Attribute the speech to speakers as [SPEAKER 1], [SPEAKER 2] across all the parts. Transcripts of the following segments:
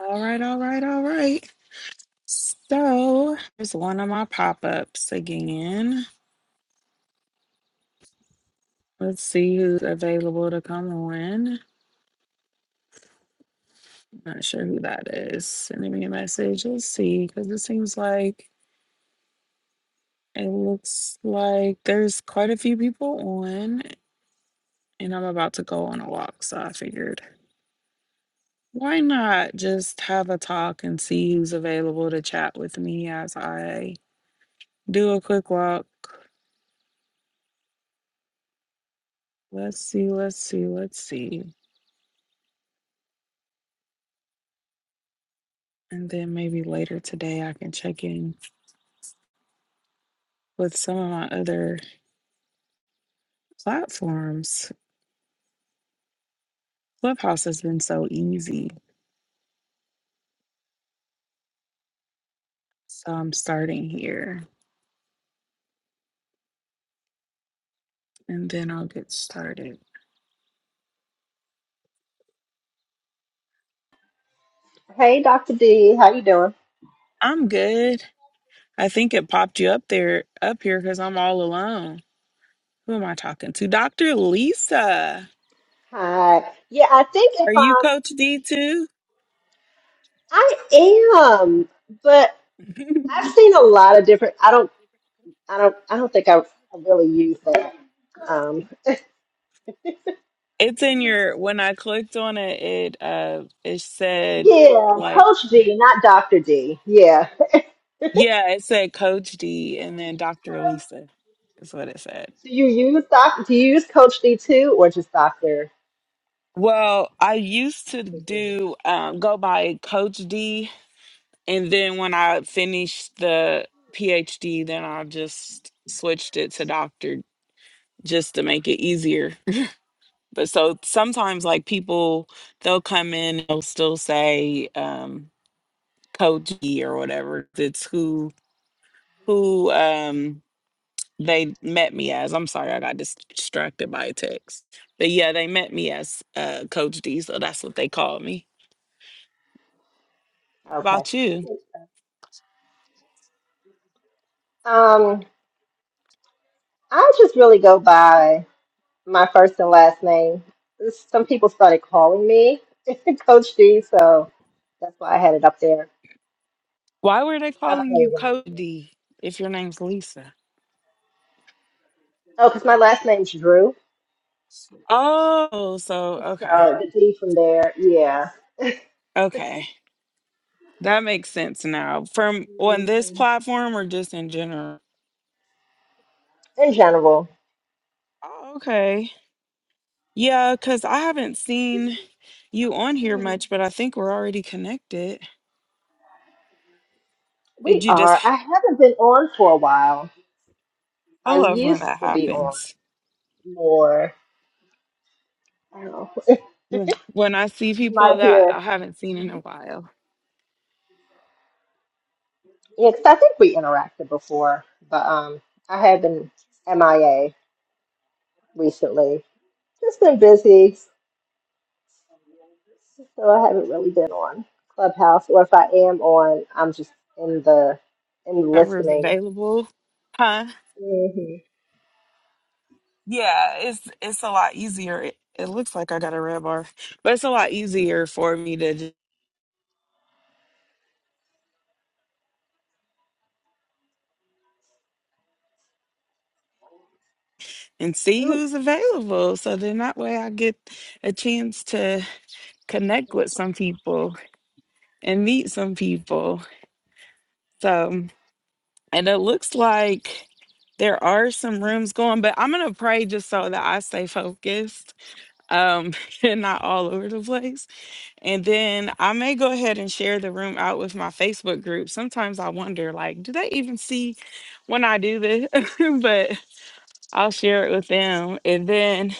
[SPEAKER 1] All right, all right, all right. So here's one of my pop-ups again. Let's see who's available to come on. Not sure who that is. Sending me a message. Let's see, because it seems like it looks like there's quite a few people on, and I'm about to go on a walk, so I figured why not just have a talk and see who's available to chat with me as I do a quick walk. Let's see, let's see, let's see. And then maybe later today, I can check in with some of my other platforms. Clubhouse has been so easy. So I'm starting here and then I'll get started.
[SPEAKER 2] Hey, Dr. D, how you doing?
[SPEAKER 1] I'm good. I think it popped you up there, up here, because I'm all alone. Who am I talking to? Dr. Lisa.
[SPEAKER 2] Hi. Yeah, I think if
[SPEAKER 1] Are you
[SPEAKER 2] um
[SPEAKER 1] Coach D too?
[SPEAKER 2] I am, but I've seen a lot of different I don't I don't I don't think I, I really use that. Um
[SPEAKER 1] it's in your, when I clicked on it, it, uh, it said,
[SPEAKER 2] yeah,
[SPEAKER 1] like.
[SPEAKER 2] Coach D, not Dr. D. Yeah.
[SPEAKER 1] Yeah, it said Coach D and then Dr.
[SPEAKER 2] Do
[SPEAKER 1] Lisa is what it said.
[SPEAKER 2] you use doc do you use Coach D too or just Dr.
[SPEAKER 1] Well, I used to
[SPEAKER 2] D?
[SPEAKER 1] do um, go by Coach D, and then when I finished the PhD, then I just switched it to Doctor just to make it easier. But so sometimes, like people, they'll come in, they'll still say um, Coach D or whatever. It's who who. Um, they met me as i'm sorry i got dis- distracted by a text but yeah they met me as uh, coach d so that's what they called me
[SPEAKER 2] Okay.
[SPEAKER 1] about you
[SPEAKER 2] Um I just really go by. my first and last name. Some people started calling me Coach D, so that's why I had it up there.
[SPEAKER 1] why were they
[SPEAKER 2] I play
[SPEAKER 1] calling you
[SPEAKER 2] around
[SPEAKER 1] coach
[SPEAKER 2] with it.
[SPEAKER 1] d if your name's lisa
[SPEAKER 2] Oh, because my last name's Drew,
[SPEAKER 1] oh so okay
[SPEAKER 2] so the D from there, yeah.
[SPEAKER 1] okay that makes sense now from on this
[SPEAKER 2] hmm
[SPEAKER 1] platform or just in general
[SPEAKER 2] In general,
[SPEAKER 1] oh, okay yeah because i haven't seen you on here much but i think we're already connected
[SPEAKER 2] we
[SPEAKER 1] did you just
[SPEAKER 2] are. I haven't been on for a while.
[SPEAKER 1] i
[SPEAKER 2] I
[SPEAKER 1] love when
[SPEAKER 2] used
[SPEAKER 1] that
[SPEAKER 2] to be on
[SPEAKER 1] happens
[SPEAKER 2] more. I don't know.
[SPEAKER 1] when when I see
[SPEAKER 2] you might
[SPEAKER 1] people that
[SPEAKER 2] hear.
[SPEAKER 1] I haven't seen in a
[SPEAKER 2] Mhm.
[SPEAKER 1] while,
[SPEAKER 2] Yeah, 'cause I think we interacted before, but um, I have been MIA recently. Just been busy. So I haven't really been on Clubhouse, or if I am on, I'm just in the in the
[SPEAKER 1] whoever is
[SPEAKER 2] listening.
[SPEAKER 1] available, huh?
[SPEAKER 2] Mm-hmm.
[SPEAKER 1] Yeah, it's it's a lot easier. It, it looks like I got a red bar, but it's a lot easier for me to j- and see
[SPEAKER 2] Ooh.
[SPEAKER 1] who's available. So then that way I get a chance to connect with some people and meet some people. So and it looks like there are some rooms going, but I'm gonna pray just so that I stay focused um, and not all over the place And then I may go ahead and share the room out with my Facebook group. Sometimes I wonder, like, do they even see when I do this? but I'll share it with them. And then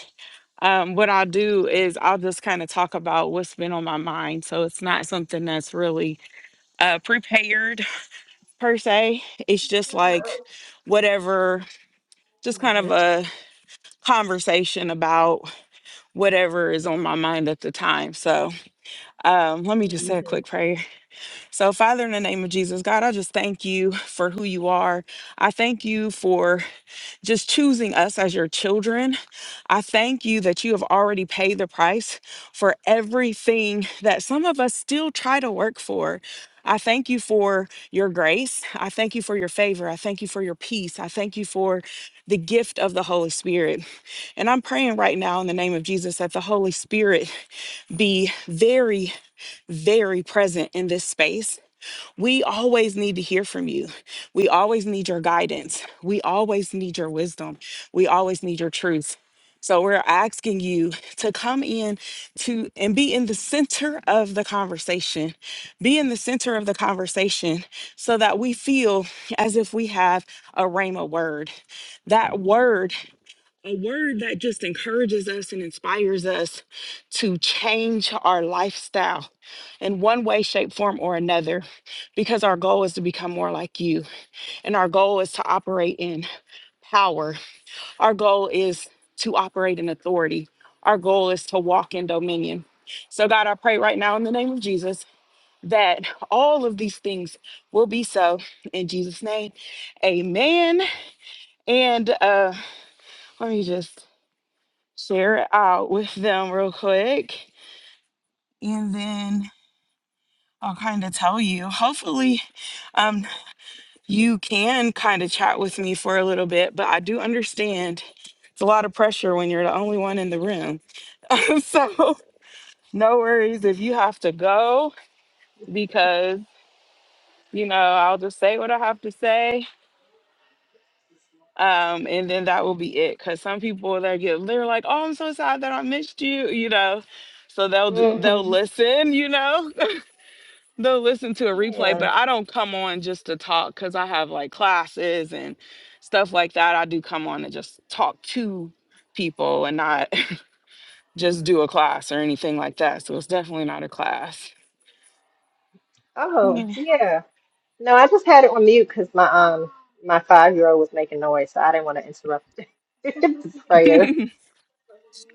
[SPEAKER 1] um, what I'll do is I'll just kind of talk about what's been on my mind. So it's not something that's really uh, prepared per se. It's just like whatever, just kind
[SPEAKER 2] hmm
[SPEAKER 1] of a conversation about whatever is on my mind at the time. So um, let me just say a quick prayer. So, Father, in the name of Jesus, God, I just thank you for who you are. I thank you for just choosing us as your children. I thank you that you have already paid the price for everything that some of us still try to work for. I thank you for your grace. I thank you for your favor. I thank you for your peace. I thank you for the gift of the Holy Spirit. And I'm praying right now in the name of Jesus that the Holy Spirit be very, very present in this space we always need to hear from you. We always need your guidance. We always need your wisdom. We always need your truth. So we're asking you to come in to and be in the center of the conversation. Be in the center of the conversation so that we feel as if we have a rhema word. That word a word that just encourages us and inspires us to change our lifestyle in one way, shape, form, or another, because our goal is to become more like you. And our goal is to operate in power. Our goal is to operate in authority. Our goal is to walk in dominion. So, God, I pray right now in the name of Jesus that all of these things will be so in Jesus' name. Amen. And uh, let me just share it out with them real quick and then I'll kind of tell you. Hopefully, um, you can kind of chat with me for a little bit, but I do understand it's a lot of pressure when you're the only one in the room. so, no worries if you have to go because, you know, I'll just say what I have to say. Um, and then that will be it. Cause some people they get they're like, oh, I'm so sad that I missed you, you know. So they'll d-
[SPEAKER 2] hmm
[SPEAKER 1] they'll
[SPEAKER 2] hmm
[SPEAKER 1] listen, you know, They'll listen to a replay,
[SPEAKER 2] Yeah.
[SPEAKER 1] but I don't come on just to talk because I have like classes and stuff like that. I do come on to just talk to people and not just do a class or anything like that. So it's definitely not a class.
[SPEAKER 2] Oh,
[SPEAKER 1] Yeah.
[SPEAKER 2] yeah. No, I just had it on mute because my um my five year old was making noise, so I didn't want to interrupt the prayer.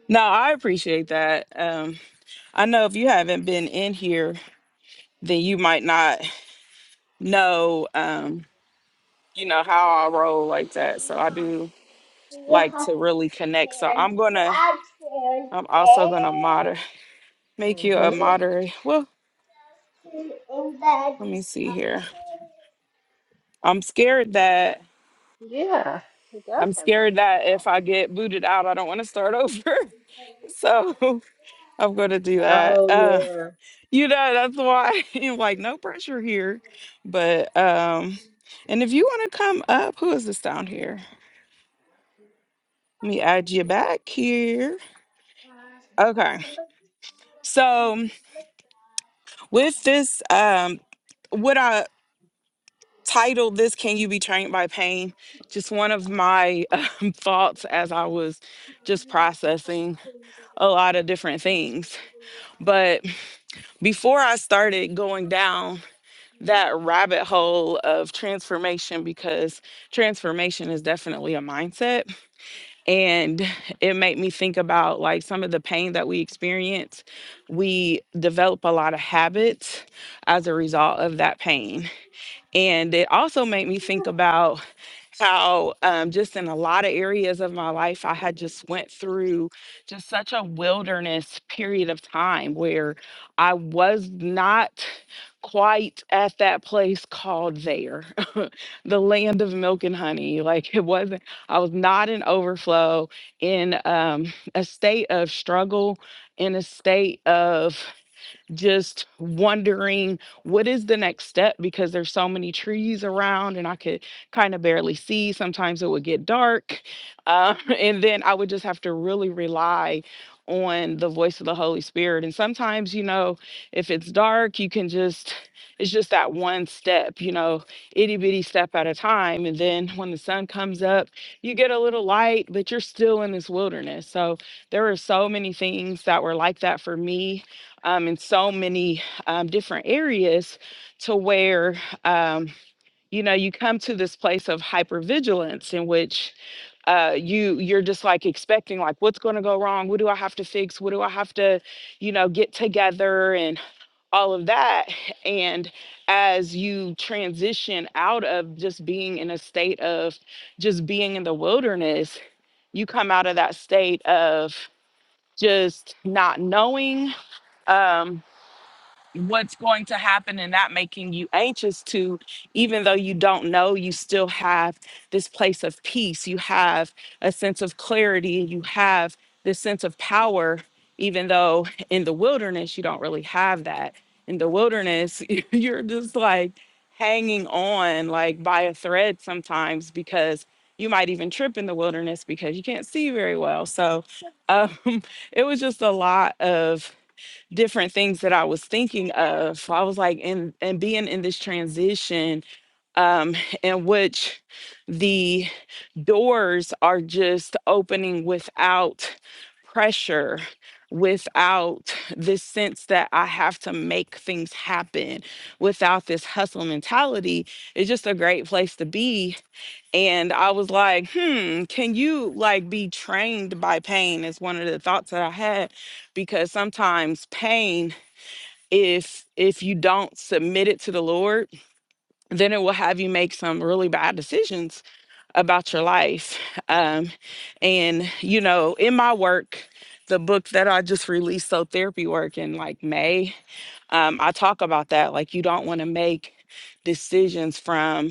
[SPEAKER 1] no, I appreciate that. Um, I know if you haven't been in here, then you might not know, um, you know, how I roll like that. So I do like to really connect. So I'm gonna, I'm also gonna moderate. make you a
[SPEAKER 2] hmm
[SPEAKER 1] moderator. Well, let me see here. I'm scared that
[SPEAKER 2] Yeah, he does
[SPEAKER 1] I'm
[SPEAKER 2] have
[SPEAKER 1] scared
[SPEAKER 2] those in his
[SPEAKER 1] that if I
[SPEAKER 2] office.
[SPEAKER 1] get booted out, I don't want to start over. So I'm going to do that.
[SPEAKER 2] Oh
[SPEAKER 1] Uh,
[SPEAKER 2] yeah.
[SPEAKER 1] you know, that's why you're like no pressure here. But um, and if you want to come up, who is this down here? Let me add you back here. Okay. So with this um what I titled this can you be trained by pain just one of my um, thoughts as i was just processing a lot of different things but before i started going down that rabbit hole of transformation because transformation is definitely a mindset and it made me think about like some of the pain that we experience we develop a lot of habits as a result of that pain and it also made me think about how um, just in a lot of areas of my life i had just went through just such a wilderness period of time where i was not quite at that place called there the land of milk and honey like it wasn't i was not in overflow in um, a state of struggle in a state of just wondering what is the next step because there's so many trees around and I could kind of barely see. Sometimes it would get dark. Uh, and then I would just have to really rely on the voice of the Holy Spirit. And sometimes, you know, if it's dark, you can just, it's just that one step, you know, itty bitty step at a time. And then when the sun comes up, you get a little light, but you're still in this wilderness. So there were so many things that were like that for me um, in so many um, different areas to where um, you know you come to this place of hypervigilance in which uh, you you're just like expecting like what's going to go wrong what do i have to fix what do i have to you know get together and all of that and as you transition out of just being in a state of just being in the wilderness you come out of that state of just not knowing um, what's going to happen and not making you anxious to even though you don't know you still have this place of peace you have a sense of clarity you have this sense of power even though in the wilderness you don't really have that in the wilderness you're just like hanging on like by a thread sometimes because you might even trip in the wilderness because you can't see very well so um, it was just a lot of different things that I was thinking of. So, I was like, and and being in this transition, um, in which the doors are just opening without pressure, without this sense that I have to make things happen, without this hustle mentality. It's just a great place to be. And I was like, hmm, can you like be trained by pain? Is one of the thoughts that I had because sometimes pain if if you don't submit it to the lord then it will have you make some really bad decisions about your life um and you know in my work the book that i just released so therapy work in like may um i talk about that like you don't want to make decisions from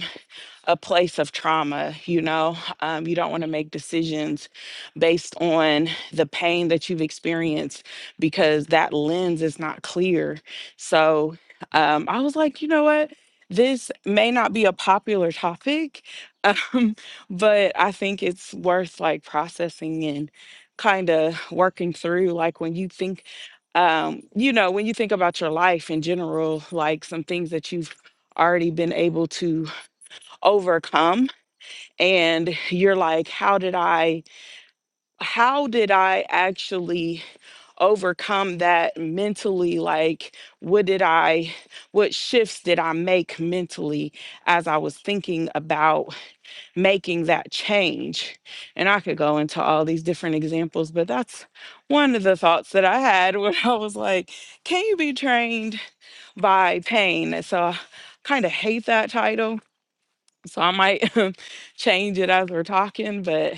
[SPEAKER 1] a place of trauma, you know. Um, you don't want to make decisions based on the pain that you've experienced because that lens is not clear. So um, I was like, you know what? This may not be a popular topic, um, but I think it's worth like processing and kind of working through. Like when you think, um, you know, when you think about your life in general, like some things that you've already been able to overcome and you're like how did i how did i actually overcome that mentally like what did i what shifts did i make mentally as i was thinking about making that change and i could go into all these different examples but that's one of the thoughts that i had when i was like can you be trained by pain so i kind of hate that title so I might change it as we're talking, but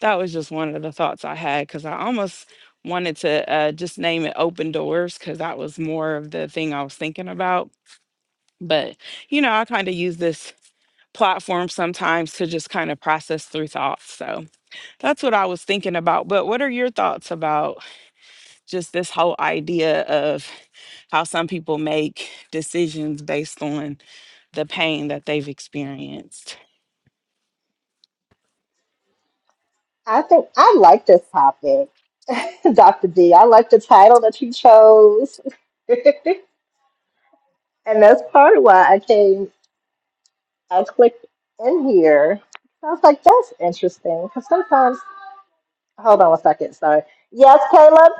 [SPEAKER 1] that was just one of the thoughts I had because I almost wanted to uh, just name it Open Doors because that was more of the thing I was thinking about. But, you know, I kind of use this platform sometimes to just kind of process through thoughts. So that's what I was thinking about. But what are your thoughts about just this whole idea of how some people make decisions based on the pain that they've experienced?
[SPEAKER 2] I think I like this topic, Dr. D. I like the title that you chose. and that's part of why I came, I clicked in here. I was like, that's interesting. Because sometimes, hold on a second. sorry. Yes, Caleb?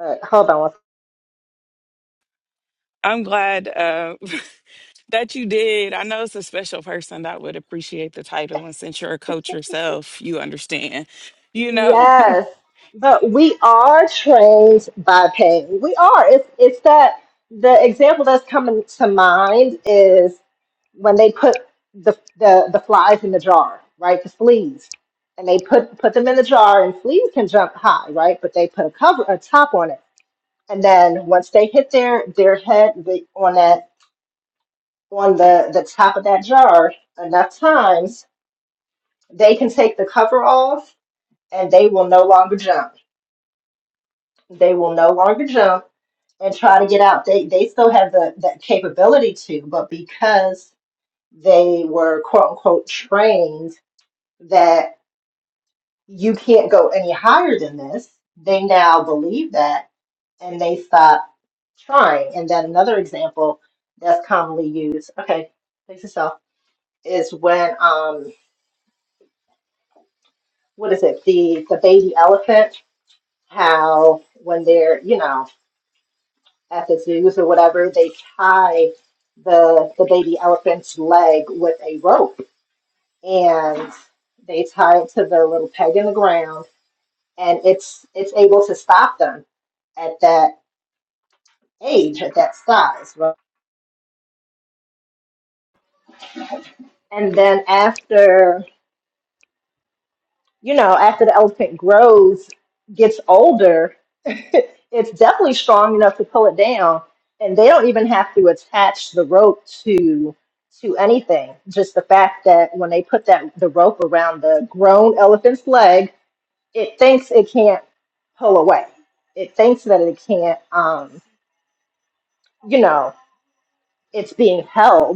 [SPEAKER 2] Uh, hold on one second.
[SPEAKER 1] I'm glad uh, that you did. I know it's a special person that would appreciate the title, and since you're a coach yourself, you understand. You know,
[SPEAKER 2] Yes, but we are trained by pain. We are. It's it's that the example that's coming to mind is when they put the the, the flies in the jar, right? The fleas. And they put put them in the jar and fleas can jump high, right? But they put a cover a top on it. And then once they hit their their head the- on that on the, the top of that jar enough times, they can take the cover off and they will no longer jump they will no longer jump and try to get out. They they still have the that capability to, but because they were quote unquote trained that you can't go any higher than this, they now believe that and they stop trying. And then another example that's commonly used, okay, face yourself, is when um what is it, the the baby elephant, how when they're, you know, at the zoos or whatever, they tie the the baby elephant's leg with a rope and they tie it to the little peg in the ground and it's it's able to stop them at that age, at that size. right? And then after you know, after the elephant grows, gets older, it's definitely strong enough to pull it down. And they don't even have to attach the rope to to anything. Just the fact that when they put that the rope around the grown elephant's leg, it thinks it can't pull away. It thinks that it can't um, you know, it's being held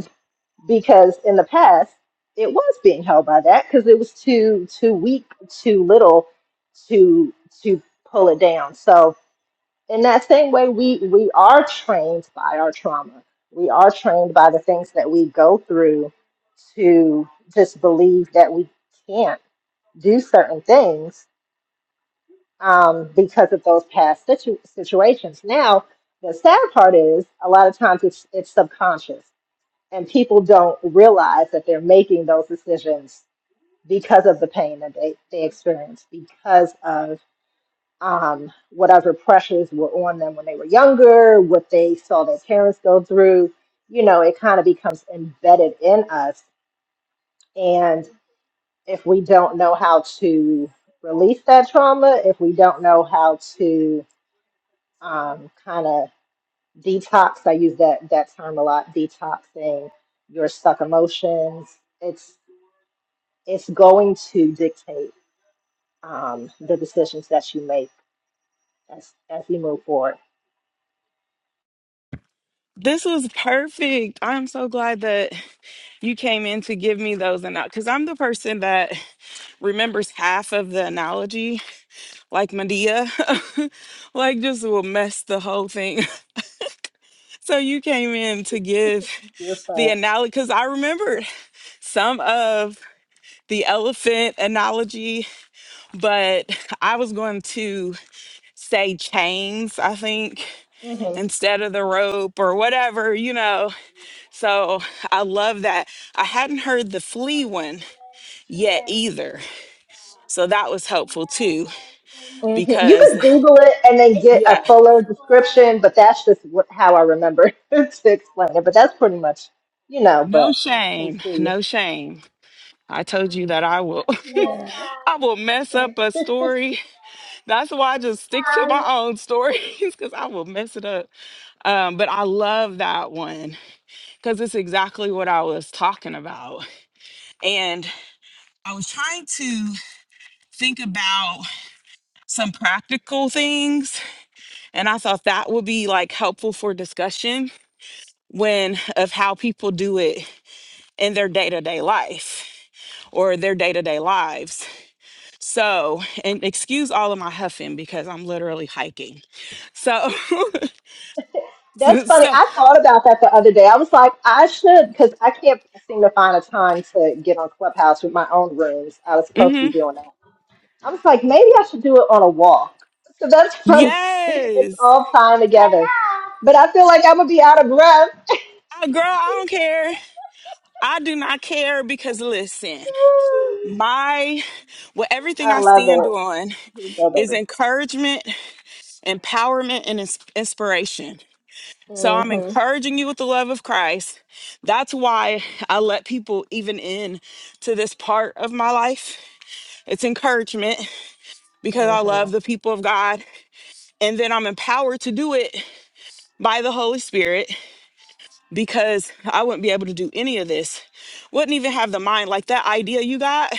[SPEAKER 2] because in the past it was being held by that because it was too too weak, too little to to pull it down. So in that same way, we we are trained by our trauma. We are trained by the things that we go through to just believe that we can't do certain things um, because of those past situ- situations. Now, the sad part is a lot of times it's it's subconscious and people don't realize that they're making those decisions because of the pain that they, they experienced because of um, whatever pressures were on them when they were younger what they saw their parents go through you know it kind of becomes embedded in us and if we don't know how to release that trauma if we don't know how to um, kind of detox i use that that term a lot detoxing your stuck emotions it's it's going to dictate um, the decisions that you make as as you move forward.
[SPEAKER 1] this was perfect. I'm so glad that you came in to give me those and because I'm the person that remembers half of the analogy, like Medea, like just will mess the whole thing. so you came in to give
[SPEAKER 2] You're
[SPEAKER 1] the
[SPEAKER 2] fine.
[SPEAKER 1] analogy because I remembered some of the elephant analogy, but I was going to say chains, I think,
[SPEAKER 2] hmm hmm
[SPEAKER 1] instead of the rope or whatever, you know. So I love that. I hadn't heard the flea one yet either. So that was helpful too,
[SPEAKER 2] You
[SPEAKER 1] because
[SPEAKER 2] could Google it and then get a
[SPEAKER 1] yeah,
[SPEAKER 2] fuller description, but that's just what, how I remember to explain it. But that's pretty much, you know.
[SPEAKER 1] no
[SPEAKER 2] But you can
[SPEAKER 1] shame,
[SPEAKER 2] see.
[SPEAKER 1] no shame. I told you that I will
[SPEAKER 2] Yeah.
[SPEAKER 1] I will mess up a story. That's why I just stick to my own stories because I will mess it up. Um, but I love that one. because it's exactly what I was talking about. And I was trying to think about some practical things, and I thought that would be like helpful for discussion when of how people do it in their day to day life or their day to day lives. So, and excuse all of my huffing because I'm literally hiking. So,
[SPEAKER 2] That's
[SPEAKER 1] so,
[SPEAKER 2] funny.
[SPEAKER 1] so
[SPEAKER 2] I thought about that the other day. I was like, I should, because I can't seem to find a time to get on Clubhouse with my own rooms. I was supposed to be
[SPEAKER 1] mhm.
[SPEAKER 2] doing that. I was like, maybe I should do it on a walk. So that's funny. It's
[SPEAKER 1] yes,
[SPEAKER 2] all time together. But I feel like I'm gonna be out of breath.
[SPEAKER 1] Uh, girl, I don't care. I do not care because listen. my well everything
[SPEAKER 2] I
[SPEAKER 1] i
[SPEAKER 2] love
[SPEAKER 1] stand
[SPEAKER 2] it.
[SPEAKER 1] on
[SPEAKER 2] Here you go,
[SPEAKER 1] is
[SPEAKER 2] baby.
[SPEAKER 1] encouragement empowerment and ins- inspiration so i'm
[SPEAKER 2] Mhm.
[SPEAKER 1] encouraging you with the love of christ that's why i let people even in to this part of my life it's encouragement because i love
[SPEAKER 2] Mhm.
[SPEAKER 1] the people of god and then i'm empowered to do it by the holy spirit because i wouldn't be able to do any of this wouldn't even have the mind like that idea you got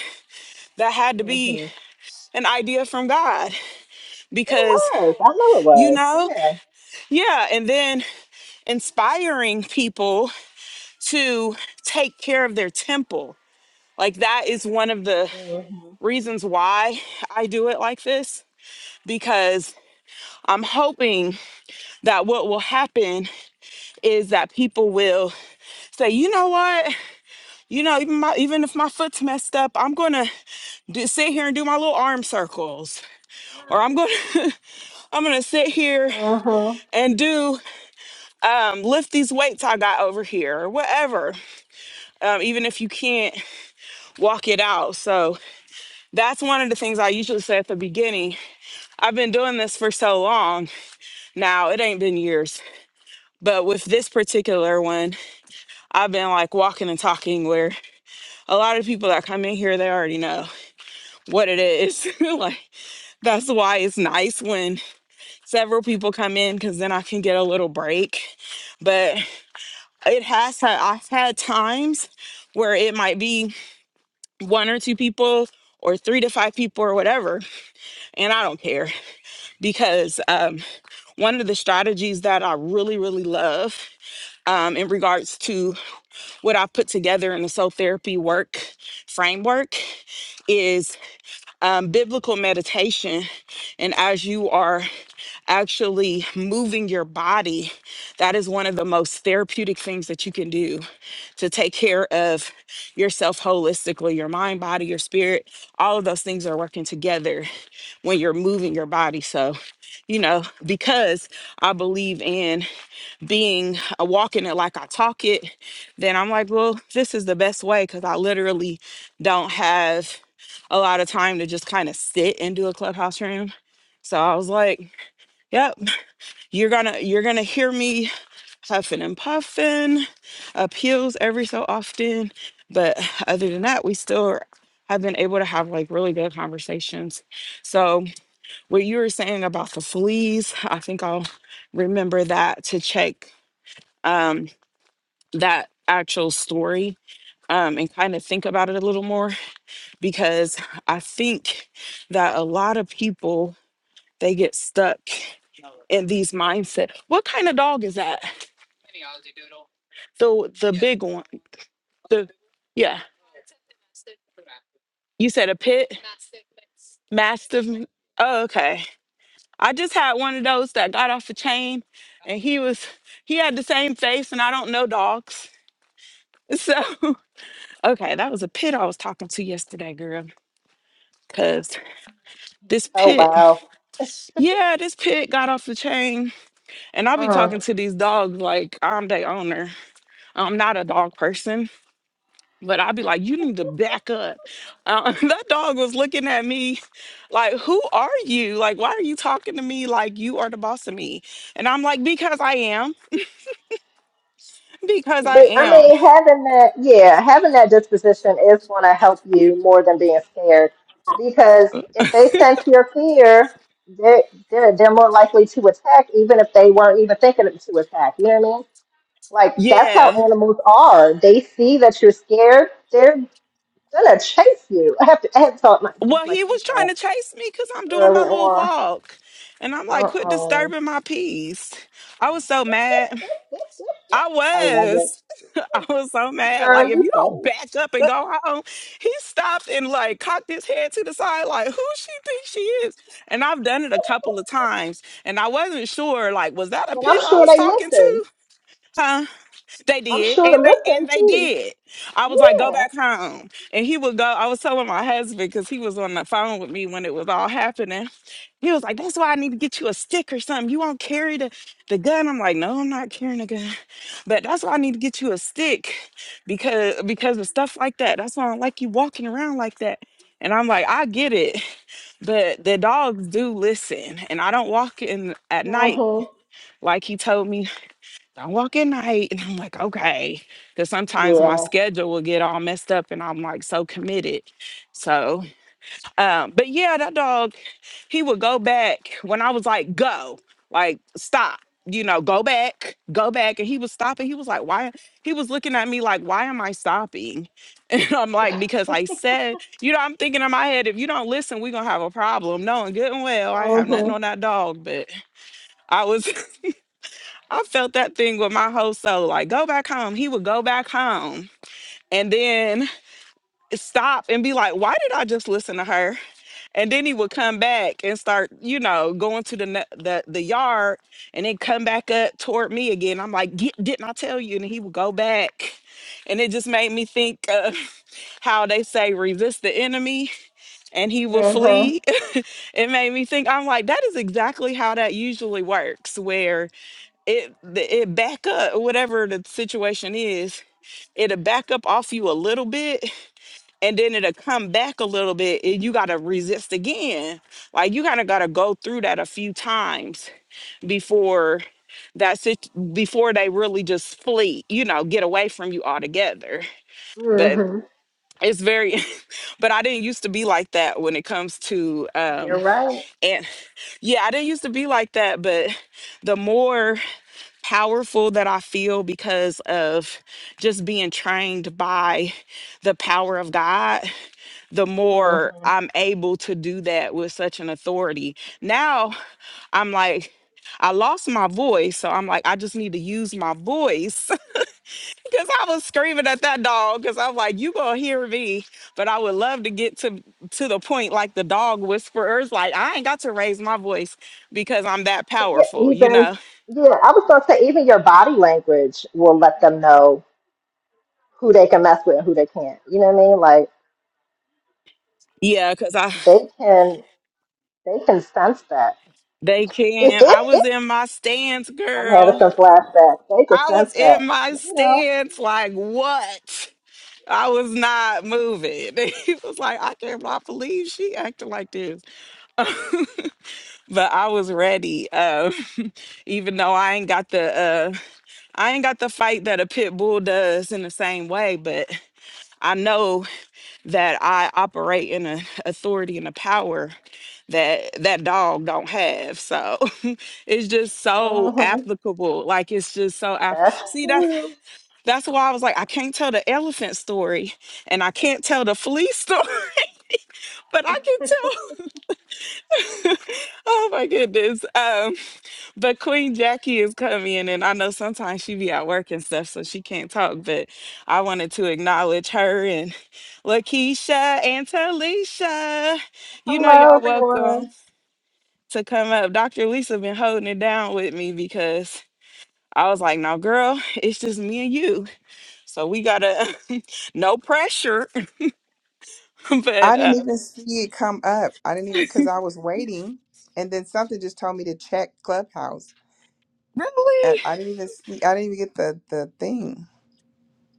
[SPEAKER 1] that had to be
[SPEAKER 2] Mhm.
[SPEAKER 1] an idea from god
[SPEAKER 2] It
[SPEAKER 1] because
[SPEAKER 2] was. I know it
[SPEAKER 1] you
[SPEAKER 2] was.
[SPEAKER 1] know?
[SPEAKER 2] Yeah.
[SPEAKER 1] Yeah. And then inspiring people to take care of their temple. Like that is one of the
[SPEAKER 2] Mhm.
[SPEAKER 1] reasons why I do it like this, because I'm hoping that what will happen is that people will say, you know what? You know, even my even if my foot's messed up, I'm gonna do, sit here and do my little arm circles. Or I'm gonna I'm gonna sit here
[SPEAKER 2] Mhm.
[SPEAKER 1] and do um lift these weights I got over here or whatever um, even if you can't walk it out. So that's one of the things I usually say at the beginning. I've been doing this for so long now, it ain't been years. But with this particular one, I've been like walking and talking where a lot of people that come in here, they already know what it is. like that's why it's nice when several people come in because then I can get a little break. But it has, had- I've had times where it might be one or two people or three to five people or whatever and I don't care because um, one of the strategies that I really, really love um, in regards to what I've put together in the soul therapy work framework is um, biblical meditation. And as you are actually moving your body, that is one of the most therapeutic things that you can do to take care of yourself holistically your mind, body, your spirit. All of those things are working together when you're moving your body. So, you know, because I believe in being a walking it like I talk it, then I'm like, well, this is the best way because I literally don't have a lot of time to just kind of sit and do a clubhouse room. So I was like, yep, you're gonna you're gonna hear me huffing and puffing, appeals every so often. But other than that, we still have been able to have like really good conversations. So what you were saying about the fleas, I think I'll remember that to check um, that actual story um, and kind of think about it a little more because I think that a lot of people they get stuck in these mindset. What kind of dog is that? The the big one. The yeah. You said a pit mastiff. Oh, okay. I just had one of those that got off a chain, and he was he had the same face, and I don't know dogs So, okay, that was a pit I was talking to yesterday, girl. Cause this
[SPEAKER 2] Oh
[SPEAKER 1] pit,
[SPEAKER 2] wow.
[SPEAKER 1] yeah, this pit got off the chain. And I'll be
[SPEAKER 2] Mm.
[SPEAKER 1] talking to these dogs like I'm their owner. I'm not a dog person, but I'll be like, you need to back up. Uh, that dog was looking at me like, who are you? Like, why are you talking to me like you are the boss of me? And I'm like, because I am, because I
[SPEAKER 2] But I
[SPEAKER 1] am.
[SPEAKER 2] mean, having that, yeah, having that disposition is going to help you more than being scared, because if they sense your fear, they're they're they're more likely to attack, even if they weren't even thinking of- to attack. You know what I mean? Like that's how
[SPEAKER 1] Yeah.
[SPEAKER 2] animals are. They see that you're scared, they're gonna chase you. I have to I had to taught my, teach
[SPEAKER 1] Well,
[SPEAKER 2] my
[SPEAKER 1] he
[SPEAKER 2] kids
[SPEAKER 1] was trying
[SPEAKER 2] that
[SPEAKER 1] to chase me because I'm doing my
[SPEAKER 2] early
[SPEAKER 1] little
[SPEAKER 2] on.
[SPEAKER 1] walk. And I'm like,
[SPEAKER 2] Uh
[SPEAKER 1] quit
[SPEAKER 2] oh,
[SPEAKER 1] disturbing my peace. I was so mad. I
[SPEAKER 2] I love it,
[SPEAKER 1] was. I was so mad. Like,
[SPEAKER 2] girl.
[SPEAKER 1] if
[SPEAKER 2] You
[SPEAKER 1] you don't
[SPEAKER 2] funny,
[SPEAKER 1] back up and go home, he stopped and like cocked his head to the side, like, who she thinks she is. And I've done it a couple of times. And I wasn't sure, like, was that a
[SPEAKER 2] and I'm
[SPEAKER 1] pit I
[SPEAKER 2] sure
[SPEAKER 1] was
[SPEAKER 2] they
[SPEAKER 1] talking
[SPEAKER 2] listen.
[SPEAKER 1] to? Huh? They
[SPEAKER 2] I'm
[SPEAKER 1] did,
[SPEAKER 2] sure it
[SPEAKER 1] and they
[SPEAKER 2] looked them
[SPEAKER 1] and they
[SPEAKER 2] too.
[SPEAKER 1] did. I was like, go
[SPEAKER 2] Yeah.
[SPEAKER 1] back home, and he would go. I was telling my husband because he was on the phone with me when it was all happening. He was like, "That's why I need to get you a stick or something. You won't carry the the gun." I'm like, "No, I'm not carrying a gun, but that's why I need to get you a stick because because of stuff like that. That's why I don't like you walking around like that." And I'm like, "I get it, but the dogs do listen, and I don't walk in at night."
[SPEAKER 2] Mhm.
[SPEAKER 1] Like he told me I walk at night. And I'm like, okay. Because sometimes my
[SPEAKER 2] Yeah.
[SPEAKER 1] schedule will get all messed up and I'm like so committed. So, um, but yeah, that dog, he would go back when I was like, go, like, stop, you know, go back, go back. And he was stopping. He was like, why? He was looking at me like, why am I stopping? And I'm like, because I said, you know, I'm thinking in my head, if you don't listen, we're going to have a problem. Knowing good and well, I have nothing
[SPEAKER 2] Mhm.
[SPEAKER 1] on that dog, but I was. I felt that thing with my whole soul. Like, go back home. He would go back home and then stop and be like, why did I just listen to her? And then he would come back and start, you know, going to the ne- the, the yard and then come back up toward me again. I'm like, Get, didn't I tell you? And he would go back. And it just made me think of how they say resist the enemy and he will
[SPEAKER 2] Mhm.
[SPEAKER 1] flee. it made me think, I'm like, that is exactly how that usually works, where it the- it back up whatever the situation is it'll back up off you a little bit and then it'll come back a little bit and you gotta resist again like you kind of gotta go through that a few times before that sit before they really just flee you know get away from you altogether but
[SPEAKER 2] Mhm.
[SPEAKER 1] it's very but i didn't used to be like that when it comes to um
[SPEAKER 2] You're right.
[SPEAKER 1] and yeah i didn't used to be like that but the more powerful that I feel because of just being trained by the power of God, the more
[SPEAKER 2] Mhm.
[SPEAKER 1] I'm able to do that with such an authority. Now I'm like, I lost my voice. So I'm like, I just need to use my voice because I was screaming at that dog because I'm like, you going to hear me. But I would love to get to, to the point like the dog whisperers, like, I ain't got to raise my voice because I'm that
[SPEAKER 2] But yeah,
[SPEAKER 1] powerful, you
[SPEAKER 2] even
[SPEAKER 1] know?
[SPEAKER 2] yeah, I was gonna say even your body language will let them know who they can mess with and who they can't. You know what I mean? Like
[SPEAKER 1] Yeah, because I
[SPEAKER 2] they can they can sense that.
[SPEAKER 1] They can. I was in my stance,
[SPEAKER 2] I'm having
[SPEAKER 1] girl.
[SPEAKER 2] some flashbacks. They can
[SPEAKER 1] I
[SPEAKER 2] sense
[SPEAKER 1] was
[SPEAKER 2] that.
[SPEAKER 1] in my
[SPEAKER 2] You know.
[SPEAKER 1] stance. Like, what? I was not moving. He was like, I cannot believe she acting like this. but I was ready. Um, even though I ain't got the uh I ain't got the fight that a pit bull does in the same way, but I know that I operate in an authority and a power that that dog don't have. So it's just so
[SPEAKER 2] Mhm.
[SPEAKER 1] applicable. Like it's just so app-
[SPEAKER 2] That's
[SPEAKER 1] see that
[SPEAKER 2] true.
[SPEAKER 1] that's why I was like I can't tell the elephant story and I can't tell the flea story, but I can tell. oh my goodness. Um, but Queen Jackie is coming, and I know sometimes she be at work and stuff, so she can't talk. But I wanted to acknowledge her and Lakeisha and Talisha. You know,
[SPEAKER 2] Hello,
[SPEAKER 1] y'all welcome
[SPEAKER 2] everyone.
[SPEAKER 1] to come up. Dr. Lisa been holding it down with me because I was like, "No, girl, it's just me and you." So we gotta no pressure,
[SPEAKER 3] I
[SPEAKER 1] but uh,
[SPEAKER 3] didn't even see it come up. I didn't even because I was waiting, and then something just told me to check Clubhouse, and
[SPEAKER 1] really,
[SPEAKER 3] I didn't even see. I didn't even get the the thing.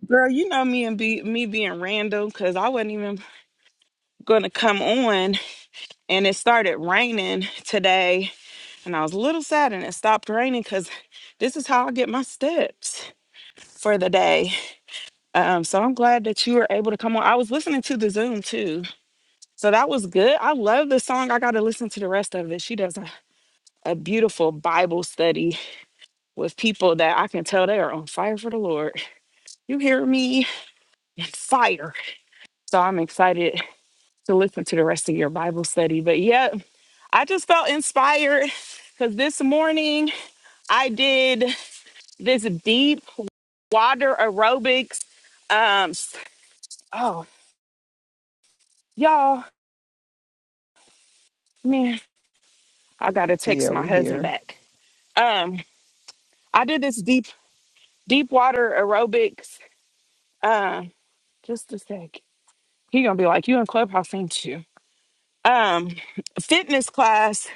[SPEAKER 1] girl, you know me and be me being random because I wasn't even going to come on and it started raining today and I was a little sad and it stopped raining cuz this is how I get my steps for the day. Um so I'm glad that you were able to come on. I was listening to the Zoom too. So that was good. I love the song. I got to listen to the rest of it. She does a, a beautiful Bible study with people that I can tell they are on fire for the Lord. You hear me? On Fire. So I'm excited to listen to the rest of your Bible study. But yeah, I just felt inspired because this morning I did this deep water aerobics. Um, s- oh, y'all, man, I gotta text
[SPEAKER 3] Yeah,
[SPEAKER 1] my
[SPEAKER 3] we
[SPEAKER 1] husband
[SPEAKER 3] here.
[SPEAKER 1] back. Um, I did this deep, deep water aerobics. Um, just a sec. He gonna be like, "You in clubhouse, ain't you?" Um, fitness class,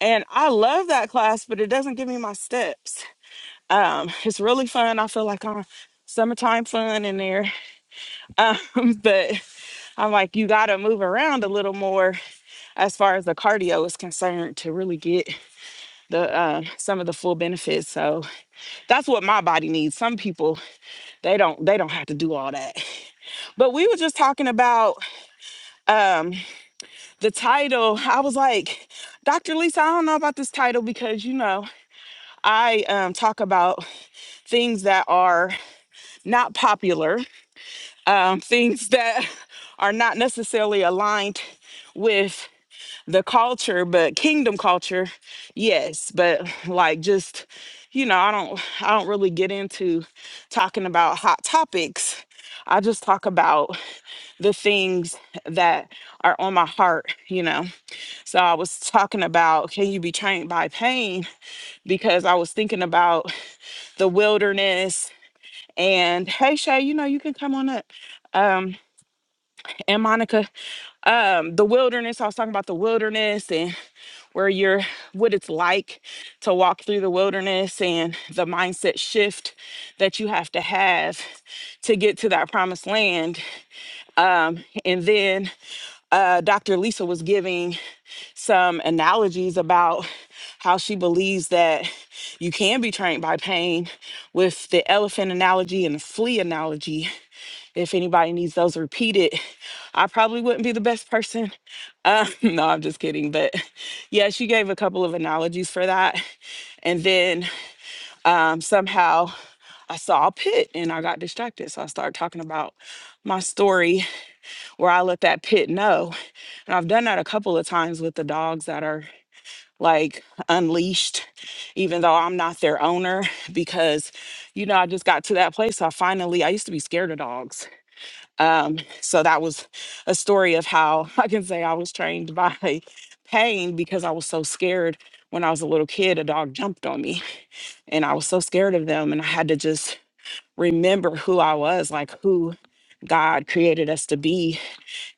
[SPEAKER 1] and I love that class, but it doesn't give me my steps. Um, it's really fun. I feel like I'm summertime fun in there Um, but I'm like, you got to move around a little more as far as the cardio is concerned to really get the uh, some of the full benefits. So that's what my body needs. Some people they don't they don't have to do all that. But we were just talking about um, the title. I was like, Dr. Lisa, I don't know about this title because you know I um, talk about things that are not popular, um, things that are not necessarily aligned with the culture, but kingdom culture, yes. But like just, you know, I don't I don't really get into talking about hot topics. I just talk about the things that are on my heart, you know. So I was talking about can you be trained by pain? Because I was thinking about the wilderness and hey Shay, you know, you can come on up. Um and Monica, um, the wilderness. I was talking about the wilderness and. where you're what it's like to walk through the wilderness and the mindset shift that you have to have to get to that promised land. Um, and then uh, Dr. Lisa was giving some analogies about how she believes that you can be trained by pain with the elephant analogy and the flea analogy if anybody needs those repeated, I probably wouldn't be the best person. Uh, no, I'm just kidding. But yeah, she gave a couple of analogies for that. And then um, somehow I saw a pit and I got distracted. So I started talking about my story where I let that pit know. And I've done that a couple of times with the dogs that are like unleashed, even though I'm not their owner, because, you know, I just got to that place. I finally, I used to be scared of dogs um, so that was a story of how I can say I was trained by pain because I was so scared when I was a little kid, a dog jumped on me and I was so scared of them. And I had to just remember who I was, like who God created us to be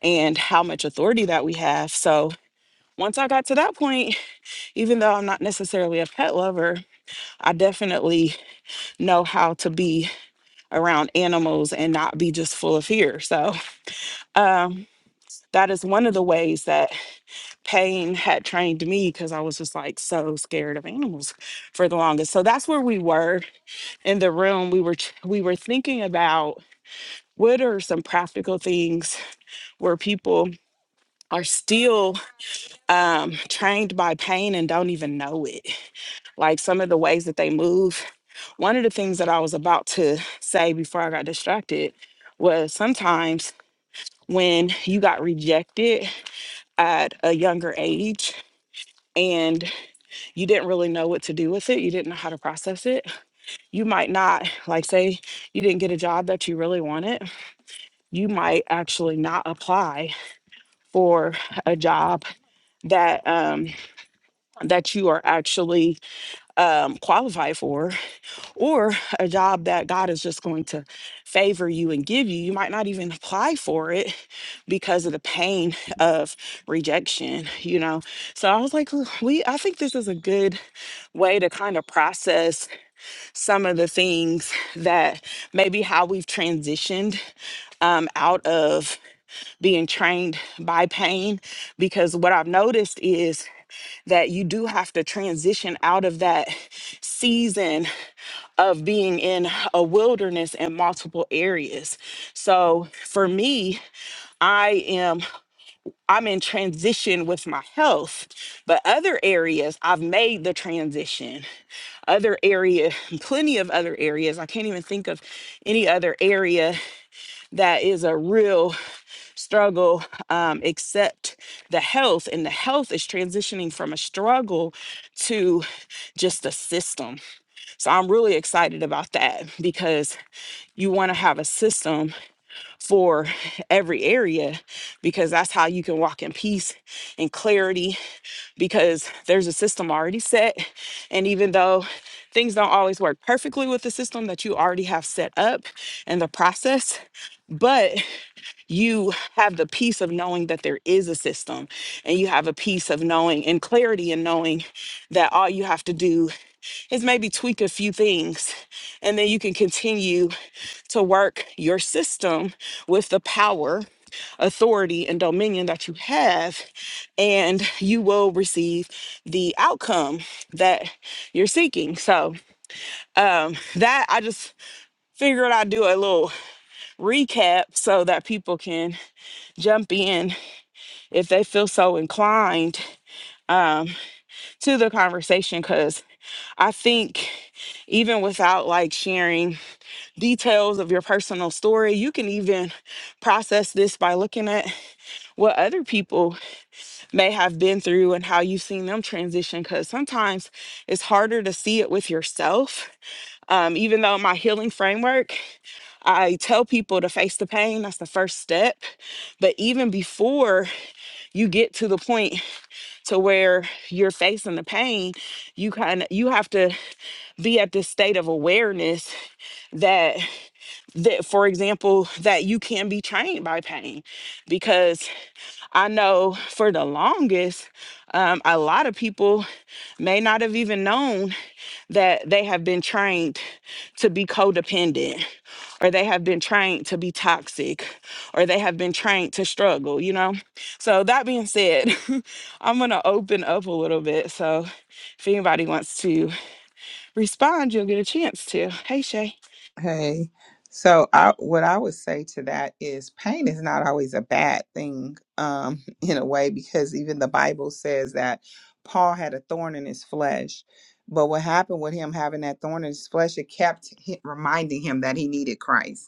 [SPEAKER 1] and how much authority that we have. So once I got to that point, even though I'm not necessarily a pet lover, I definitely know how to be around animals and not be just full of fear. So, um, that is one of the ways that pain had trained me because I was just like so scared of animals for the longest. So that's where we were in the room. We were ch- we were thinking about what are some practical things where people are still um, trained by pain and don't even know it. Like some of the ways that they move. One of the things that I was about to say before I got distracted was sometimes when you got rejected at a younger age and. you didn't really know what to do with it. You didn't know how to process it. You might not, like, say you didn't get a job that you really wanted. You might actually not apply for a job that um, that you are actually um, qualified for, or a job that God is just going to favor you and give you. You might not even apply for it because of the pain of rejection. You know, so I was like, "Ooh, we. I think this is a good way to kind of process some of the things that maybe how we've transitioned um, out of being trained by pain. Because what I've noticed is that you do have to transition out of that season of being in a wilderness in multiple areas. So for me, I am I'm in transition with my health, but other areas I've made the transition other area, plenty of other areas. I can't even think of any other area that is a real struggle um, except the health. And the health is transitioning from a struggle to just a system. So I'm really excited about that because you want to have a system for every area because that's how you can walk in peace and clarity because there's a system already set. And even though things don't always work perfectly with the system that you already have set up and the process, but you have the peace of knowing that there is a system and you have a peace of knowing and clarity and knowing that all you have to do is maybe tweak a few things and then you can continue to work your system with the power, authority, and dominion that you have, and you will receive the outcome that you're seeking. So, um, that I just figured I'd do a little recap so that people can jump in if they feel so inclined um, to the conversation. Because I think even without like sharing details of your personal story. You can even process this by looking at what other people may have been through and how you've seen them transition, because sometimes it's harder to see it with yourself. Um, even though my healing framework, I tell people to face the pain, that's the first step. But even before you get to the point to where you're facing the pain, you kind of you have to be at this state of awareness that. that for example that you can be trained by pain because i know for the longest um, a lot of people may not have even known that they have been trained to be codependent or they have been trained to be toxic or they have been trained to struggle you know so that being said i'm going to open up a little bit so if anybody wants to respond you'll get a chance to hey shay
[SPEAKER 3] Hey, so I what I would say to that is pain is not always a bad thing, um, in a way because even the Bible says that Paul had a thorn in his flesh. But what happened with him having that thorn in his flesh, it kept hi- reminding him that he needed Christ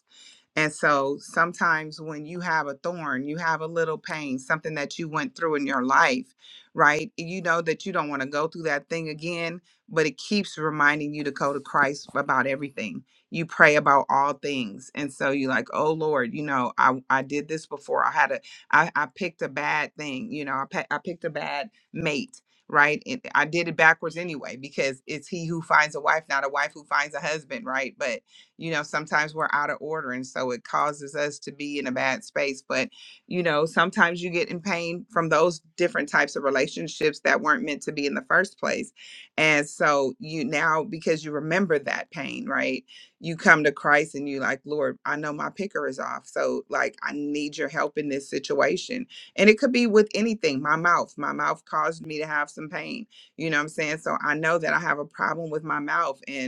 [SPEAKER 3] And so sometimes when you have a thorn, you have a little pain, something that you went through in your life, right? You know that you don't want to go through that thing again, but it keeps reminding you to go to Christ about everything. You pray about all things. And so you're like, oh Lord, you know, I, I did this before. I had a, I, I picked a bad thing, you know, I, pe- I picked a bad mate. Right. And I did it backwards anyway, because it's he who finds a wife, not a wife who finds a husband. Right. But you know sometimes we're out of order and so it causes us to be in a bad space but you know sometimes you get in pain from those different types of relationships that weren't meant to be in the first place and so you now because you remember that pain right you come to christ and you like lord i know my picker is off so like i need your help in this situation and it could be with anything my mouth my mouth caused me to have some pain you know what i'm saying so i know that i have a problem with my mouth and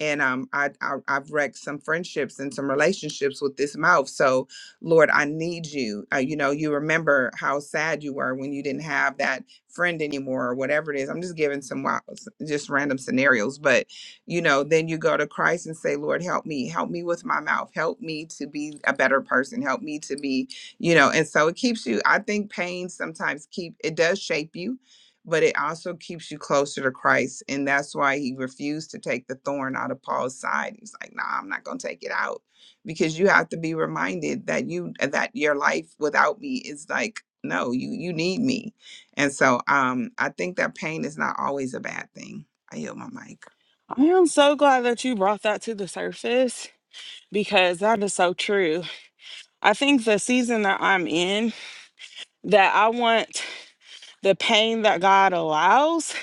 [SPEAKER 3] and um, I, I I've wrecked some friendships and some relationships with this mouth. So, Lord, I need you. Uh, you know, you remember how sad you were when you didn't have that friend anymore, or whatever it is. I'm just giving some wild, s- just random scenarios, but you know, then you go to Christ and say, Lord, help me, help me with my mouth, help me to be a better person, help me to be, you know. And so it keeps you. I think pain sometimes keep it does shape you but it also keeps you closer to Christ. And that's why he refused to take the thorn out of Paul's side. He was like, nah, I'm not gonna take it out. Because you have to be reminded that you that your life without me is like, no, you you need me. And so um I think that pain is not always a bad thing. I yield my mic.
[SPEAKER 1] i am so glad that you brought that to the surface because that is so true. I think the season that I'm in, that I want the pain that God allows,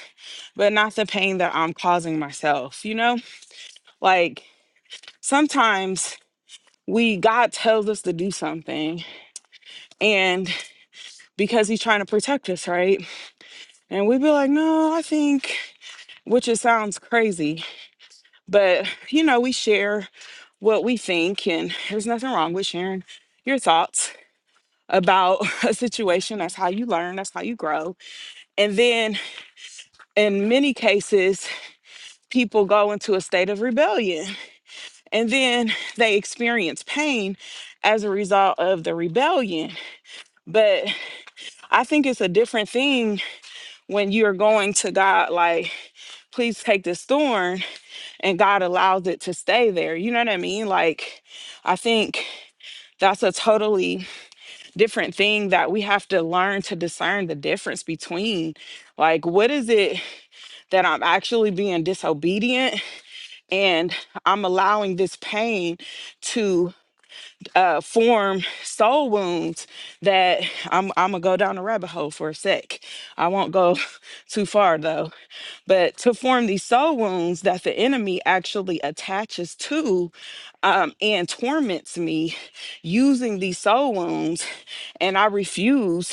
[SPEAKER 1] but not the pain that I'm causing myself, you know? Like sometimes we God tells us to do something and because he's trying to protect us, right? And we be like, "No, I think," which it sounds crazy, but you know, we share what we think and there's nothing wrong with sharing your thoughts about a situation. That's how you learn, that's how you grow. And then in many cases, people go into a state of rebellion and then they experience pain as a result of the rebellion. But I think it's a different thing when you're going to God, like, please take this thorn, and God allows it to stay there. You know what I mean? Like, I think that's a totally different thing that we have to learn to discern the difference between like what is it that I'm actually being disobedient and I'm allowing this pain to uh, form soul wounds that I'm I'm gonna go down a rabbit hole for a sec. I won't go too far though, but to form these soul wounds that the enemy actually attaches to um, and torments me using these soul wounds and I refuse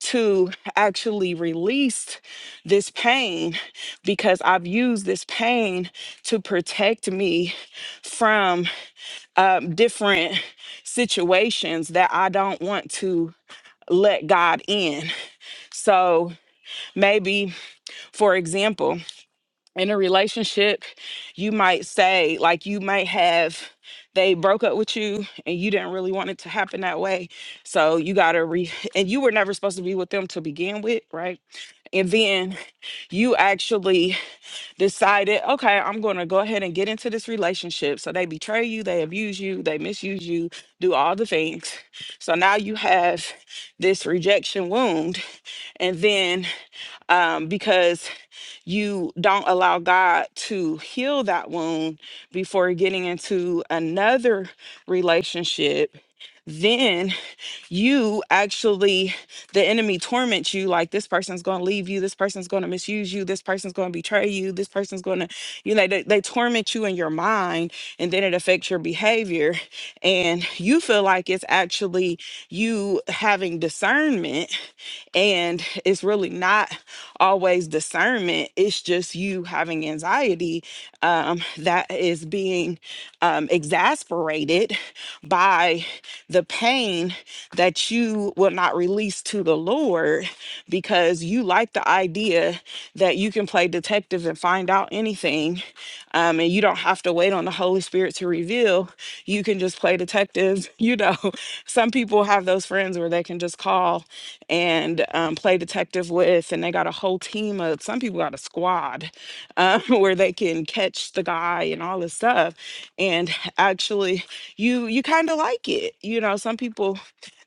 [SPEAKER 1] to actually release this pain because I've used this pain to protect me from um, different situations that I don't want to let God in. So maybe, for example, in a relationship, you might say, like, you might have they broke up with you and you didn't really want it to happen that way. So you got to re, and you were never supposed to be with them to begin with, right? And then you actually decided, okay, I'm going to go ahead and get into this relationship. So they betray you, they abuse you, they misuse you, do all the things. So now you have this rejection wound. And then um, because you don't allow God to heal that wound before getting into another relationship, then you actually, the enemy torments you like this person's going to leave you, this person's going to misuse you, this person's going to betray you, this person's going to, you know, they, they torment you in your mind and then it affects your behavior. And you feel like it's actually you having discernment and it's really not always discernment, it's just you having anxiety um, that is being um, exasperated by the pain that you will not release to the Lord because you like the idea that you can play detective and find out anything. Um, and you don't have to wait on the Holy Spirit to reveal. You can just play detective. You know, some people have those friends where they can just call and um, play detective with. And they got a whole team of some people got a squad um, where they can catch the guy and all this stuff. And actually, you you kind of like it. You know, some people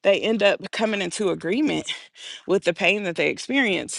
[SPEAKER 1] they end up coming into agreement with the pain that they experience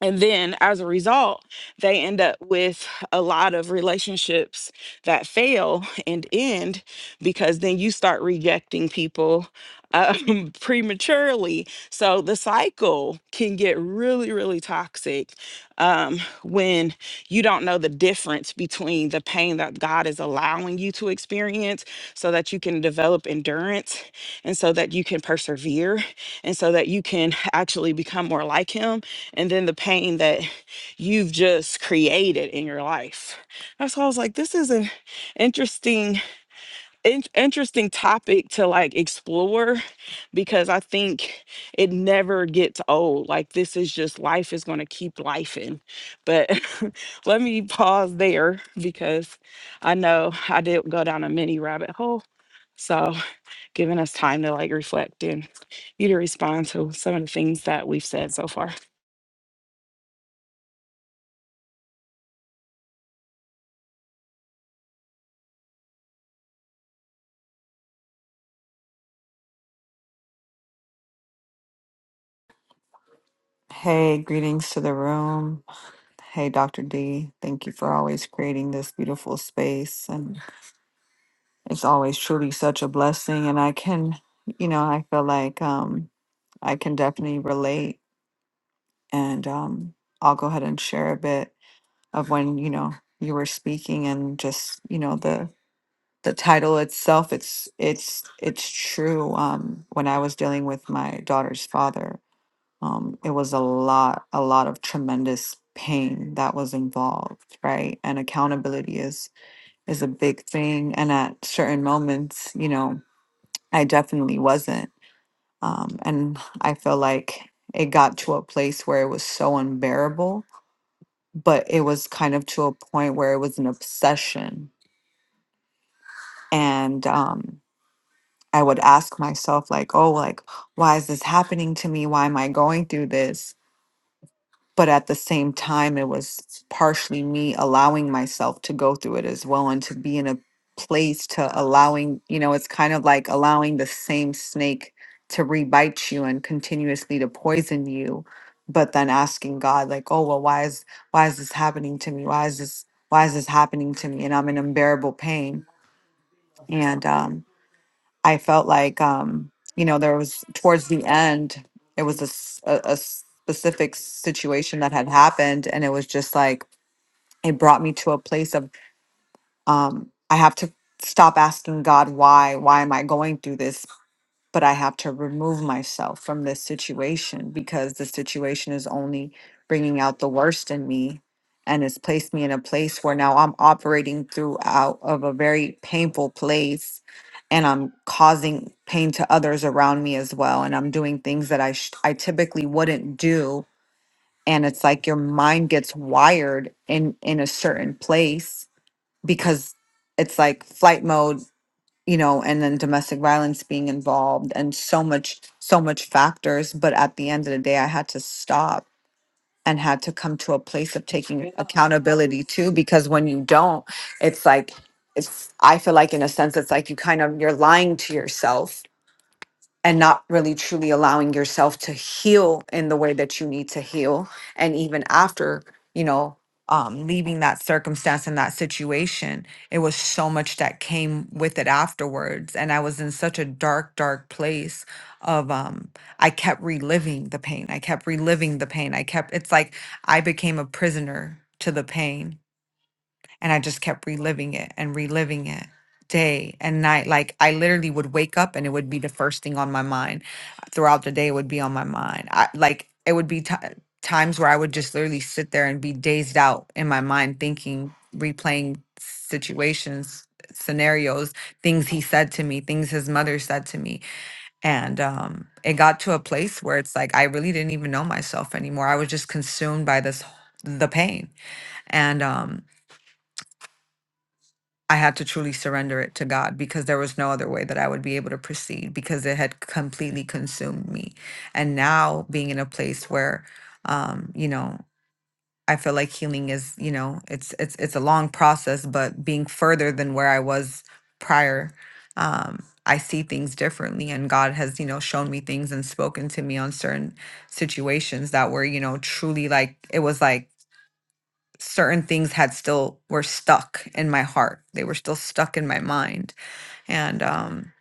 [SPEAKER 1] and then as a result, they end up with a lot of relationships that fail and end because then you start rejecting people um, prematurely. So the cycle can get really, really toxic um, when you don't know the difference between the pain that God is allowing you to experience so that you can develop endurance and so that you can persevere and so that you can actually become more like Him and then the pain that you've just created in your life. That's why I was like, this is an interesting, in- interesting topic to like explore because I think it never gets old. Like this is just life is going to keep life in. But let me pause there because I know I did go down a mini rabbit hole. So, giving us time to like reflect and you to respond to some of the things that we've said so far.
[SPEAKER 4] Hey, greetings to the room. Hey, Dr. D, thank you for always creating this beautiful space. And it's always truly such a blessing. And I can, you know, I feel like um, I can definitely relate. And um, I'll go ahead and share a bit of when, you know, you were speaking and just, you know, the, the title itself it's it's it's true um when i was dealing with my daughter's father um, it was a lot, a lot of tremendous pain that was involved, right? And accountability is is a big thing. And at certain moments, you know, I definitely wasn't. Um, and I feel like it got to a place where it was so unbearable, but it was kind of to a point where it was an obsession. And um, I would ask myself, like, oh, like, why is this happening to me? Why am I going through this? but at the same time it was partially me allowing myself to go through it as well and to be in a place to allowing you know it's kind of like allowing the same snake to rebite you and continuously to poison you but then asking god like oh well why is why is this happening to me why is this why is this happening to me and i'm in unbearable pain and um I felt like, um, you know, there was towards the end, it was a, s- a- a specific situation that had happened. And it was just like, it brought me to a place of, um, I have to stop asking God, why? Why am I going through this? but I have to remove myself from this situation because the situation is only bringing out the worst in me and it's placed me in a place where now I'm operating throughout of a very painful place and I'm causing pain to others around me as well and I'm doing things that I sh- I typically wouldn't do and it's like your mind gets wired in in a certain place because it's like flight mode you know, and then domestic violence being involved and so much, so much factors. But at the end of the day, I had to stop and had to come to a place of taking Yeah. accountability too, because when you don't, it's like, it's, I feel like in a sense, it's like you kind of, you're lying to yourself and not really truly allowing yourself to heal in the way that you need to heal and even after you know um leaving that circumstance and that situation it was so much that came with it afterwards and i was in such a dark dark place of um i kept reliving the pain i kept reliving the pain i kept it's like i became a prisoner to the pain and I just kept reliving it and reliving it day and night. Like I literally would wake up and it would be the first thing on my mind throughout the day. It would be on my mind. I like it would be ti times where I would just literally sit there and be dazed out in my mind, thinking, replaying situations, scenarios, things he said to me, things his mother said to me. And um, it got to a place where it's like I really didn't even know myself anymore. I was just consumed by this the pain. And um I had to truly surrender it to God because there was no other way that I would be able to proceed because it had completely consumed me. And now being in a place where, um, you know, I feel like healing is, you know, it's it's it's a long process, but being further than where I was prior, um, I see things differently. And God has, you know, shown me things and spoken to me on certain situations that were, you know, truly like it was like certain things had still were stuck in my heart they were still stuck in my mind and um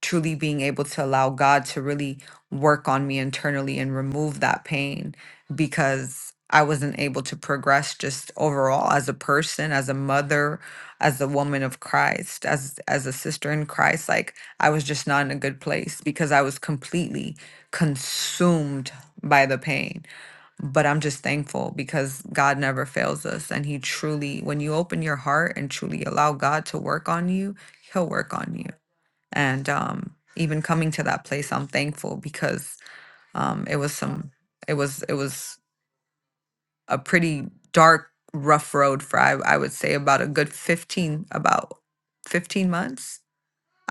[SPEAKER 4] truly being able to allow god to really work on me internally and remove that pain because i wasn't able to progress just overall as a person as a mother as a woman of christ as as a sister in christ like i was just not in a good place because i was completely consumed by the pain but I'm just thankful because God never fails us. And He truly, when you open your heart and truly allow God to work on you, He'll work on you. And um, even coming to that place, I'm thankful because um, it was some, it was, it was a pretty dark, rough road for I, I would say about a good 15, about 15 months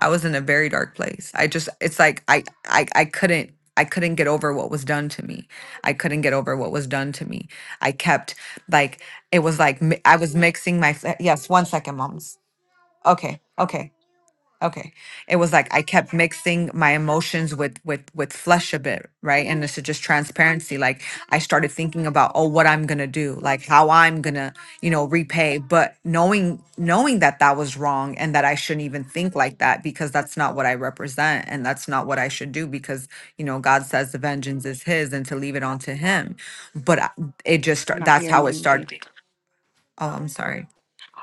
[SPEAKER 4] I was in a very dark place. I just it's like I I I couldn't I couldn't get over what was done to me. I couldn't get over what was done to me. I kept like it was like mi- I was mixing my fe- yes, one second, moms. Okay. Okay. Okay. It was like I kept mixing my emotions with with with flesh a bit, right? And this is just transparency. Like I started thinking about oh what I'm going to do, like how I'm going to, you know, repay, but knowing knowing that that was wrong and that I shouldn't even think like that because that's not what I represent and that's not what I should do because, you know, God says the vengeance is his and to leave it onto him. But I- it just
[SPEAKER 1] I'm
[SPEAKER 4] start-
[SPEAKER 1] not
[SPEAKER 4] that's how
[SPEAKER 1] hearing
[SPEAKER 4] it
[SPEAKER 1] anything.
[SPEAKER 4] started. Oh, I'm sorry.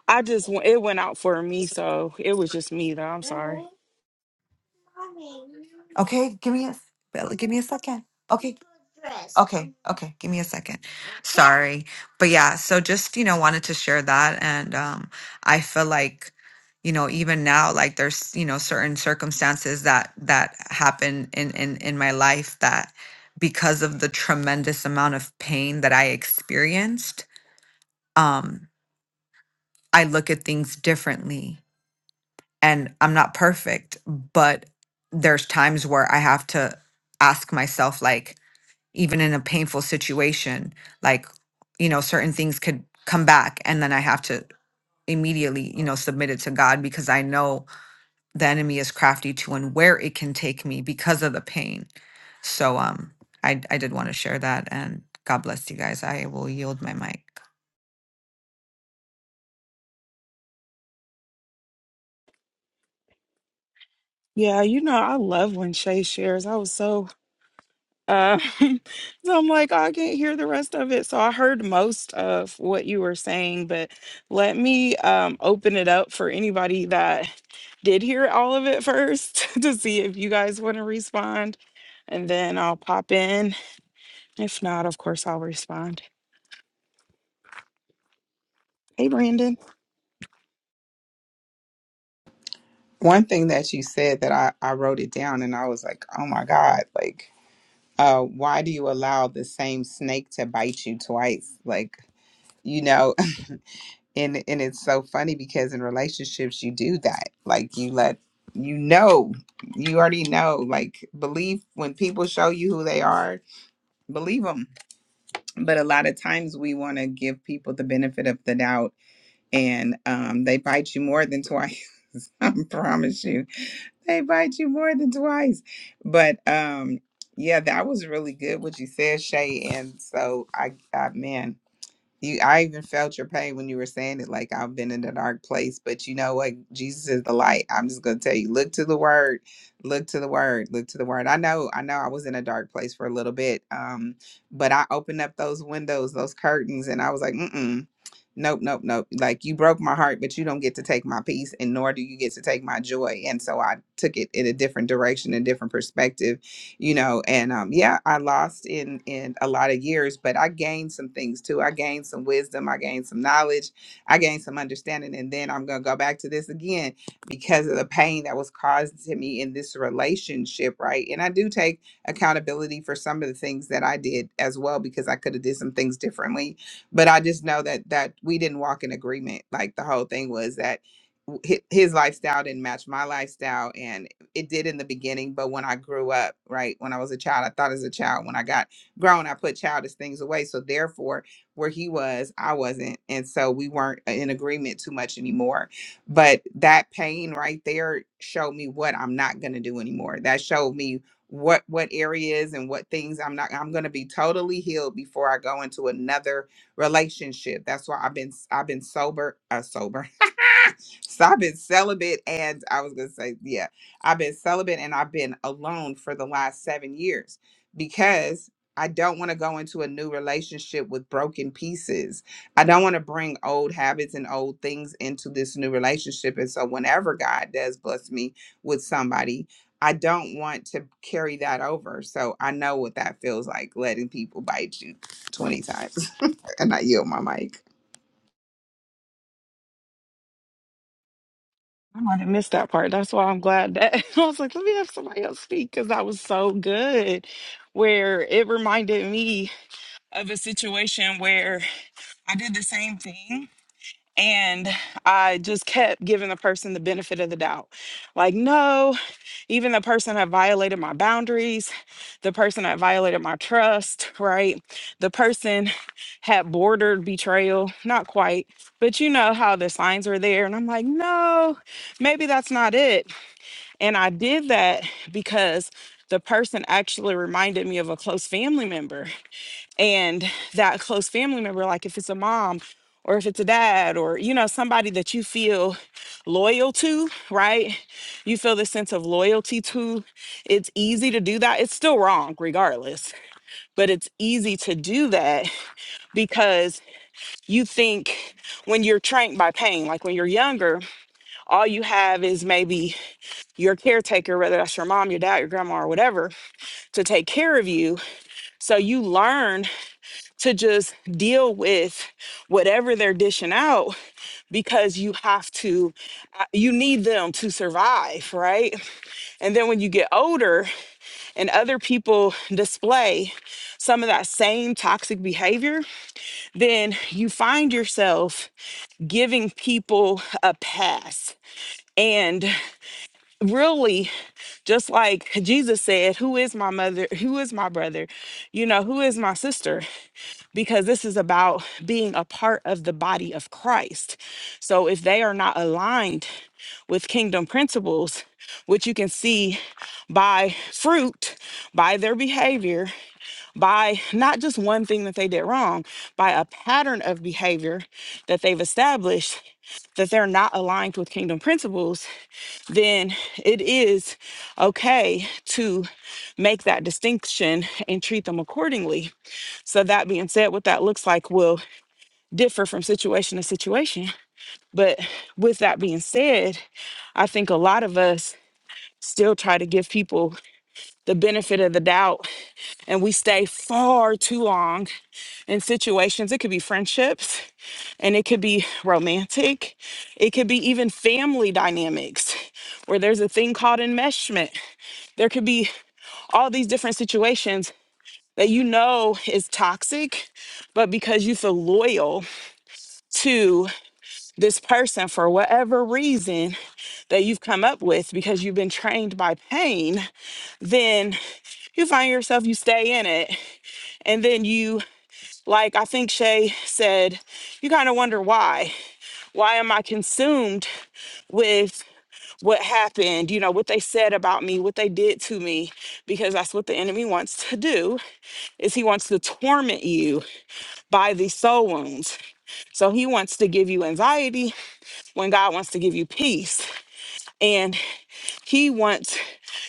[SPEAKER 1] I just wa- it went out for me, so it was just me though. I'm sorry.
[SPEAKER 4] Okay, give me a Bella, give me a second. Okay. Okay, okay, give me a second. Sorry. But yeah, so just, you know, wanted to share that and um I feel like you know, even now like there's, you know, certain circumstances that that happen in in in my life that because of the tremendous amount of pain that I experienced, um I look at things differently and I'm not perfect, but there's times where I have to ask myself, like, even in a painful situation, like, you know, certain things could come back. And then I have to immediately, you know, submit it to God because I know the enemy is crafty to and where it can take me because of the pain. So um I I did want to share that and God bless you guys. I will yield my mic.
[SPEAKER 1] Yeah, you know I love when Shay shares. I was so um so I'm like I can't hear the rest of it. So I heard most of what you were saying, but let me um open it up for anybody that did hear all of it first to see if you guys want to respond, and then I'll pop in. If not, of course I'll respond. Hey, Brandon.
[SPEAKER 3] One thing that you said that I, I wrote it down and I was like, oh my God, like, uh, why do you allow the same snake to bite you twice? Like, you know, and and it's so funny because in relationships you do that. Like you let you know, you already know. Like believe when people show you who they are, believe them. But a lot of times we want to give people the benefit of the doubt, and um, they bite you more than twice. I promise you they bite you more than twice. But um, yeah, that was really good what you said, Shay. And so I, I man, you i even felt your pain when you were saying it like i've been in a dark place but you know what jesus is the light i'm just going to tell you look to the word look to the word look to the word i know i know i was in a dark place for a little bit um but i opened up those windows those curtains and i was like mm-mm nope nope nope like you broke my heart but you don't get to take my peace and nor do you get to take my joy and so i took it in a different direction a different perspective you know and um yeah i lost in in a lot of years but i gained some things too i gained some wisdom i gained some knowledge i gained some understanding and then i'm gonna go back to this again because of the pain that was caused to me in this relationship right and i do take accountability for some of the things that i did as well because i could have did some things differently but i just know that that we didn't walk in agreement like the whole thing was that w- hi- his lifestyle didn't match my lifestyle and it did in the beginning, but when I grew up, right, when I was a child, I thought as a child. When I got grown, I put childish things away. So therefore, where he was, I wasn't. And so we weren't uh, in agreement too much anymore. But that pain right there showed me what I'm not going to do anymore. That showed me what what areas and what things I'm not I'm going to be totally healed before I go into another relationship. That's why I've been I've been sober uh, sober so I've been celibate and I was gonna say, yeah, I've been celibate and I've been alone for the last seven years because I don't want to go into a new relationship with broken pieces. I don't want to bring old habits and old things into this new relationship. And so whenever God does bless me with somebody, I don't want to carry that over. So I know what that feels like letting people bite you 20 times. And I yield my mic.
[SPEAKER 1] I might have missed that part. That's why I'm glad that I was like, let me have somebody else speak because that was so good. Where it reminded me of a situation where I did the same thing and I just kept giving the person the benefit of the doubt. Like, no, even the person that violated my boundaries, the person that violated my trust, right? The person had bordered betrayal, not quite, but you know how the signs are there. And I'm like, no, maybe that's not it. And I did that because the person actually reminded me of a close family member and that close family member like if it's a mom or if it's a dad or you know somebody that you feel loyal to right you feel this sense of loyalty to it's easy to do that it's still wrong regardless but it's easy to do that because you think when you're trained by pain like when you're younger all you have is maybe your caretaker whether that's your mom your dad your grandma or whatever to take care of you so you learn to just deal with whatever they're dishing out because you have to uh, you need them to survive right and then when you get older and other people display some of that same toxic behavior then you find yourself giving people a pass and really just like jesus said who is my mother who is my brother you know who is my sister because this is about being a part of the body of Christ. So if they are not aligned with kingdom principles, which you can see by fruit, by their behavior, by not just one thing that they did wrong, by a pattern of behavior that they've established that they're not aligned with kingdom principles, then it is okay to make that distinction and treat them accordingly. So, that being said, what that looks like will differ from situation to situation. But with that being said, I think a lot of us still try to give people the benefit of the doubt and we stay far too long in situations. It could be friendships and it could be romantic, it could be even family dynamics where there's a thing called enmeshment. There could be all these different situations that you know is toxic, but because you feel loyal to. this person for whatever reason that you've come up with because you've been trained by pain, then you find yourself, you stay in it. And then you, like I think Shay said, you kind of wonder why. Why am I consumed with what happened, you know, what they said about me, what they did to me, because that's what the enemy wants to do is he wants to torment you by these soul wounds. So he wants to give you anxiety when God wants to give you peace. and. He wants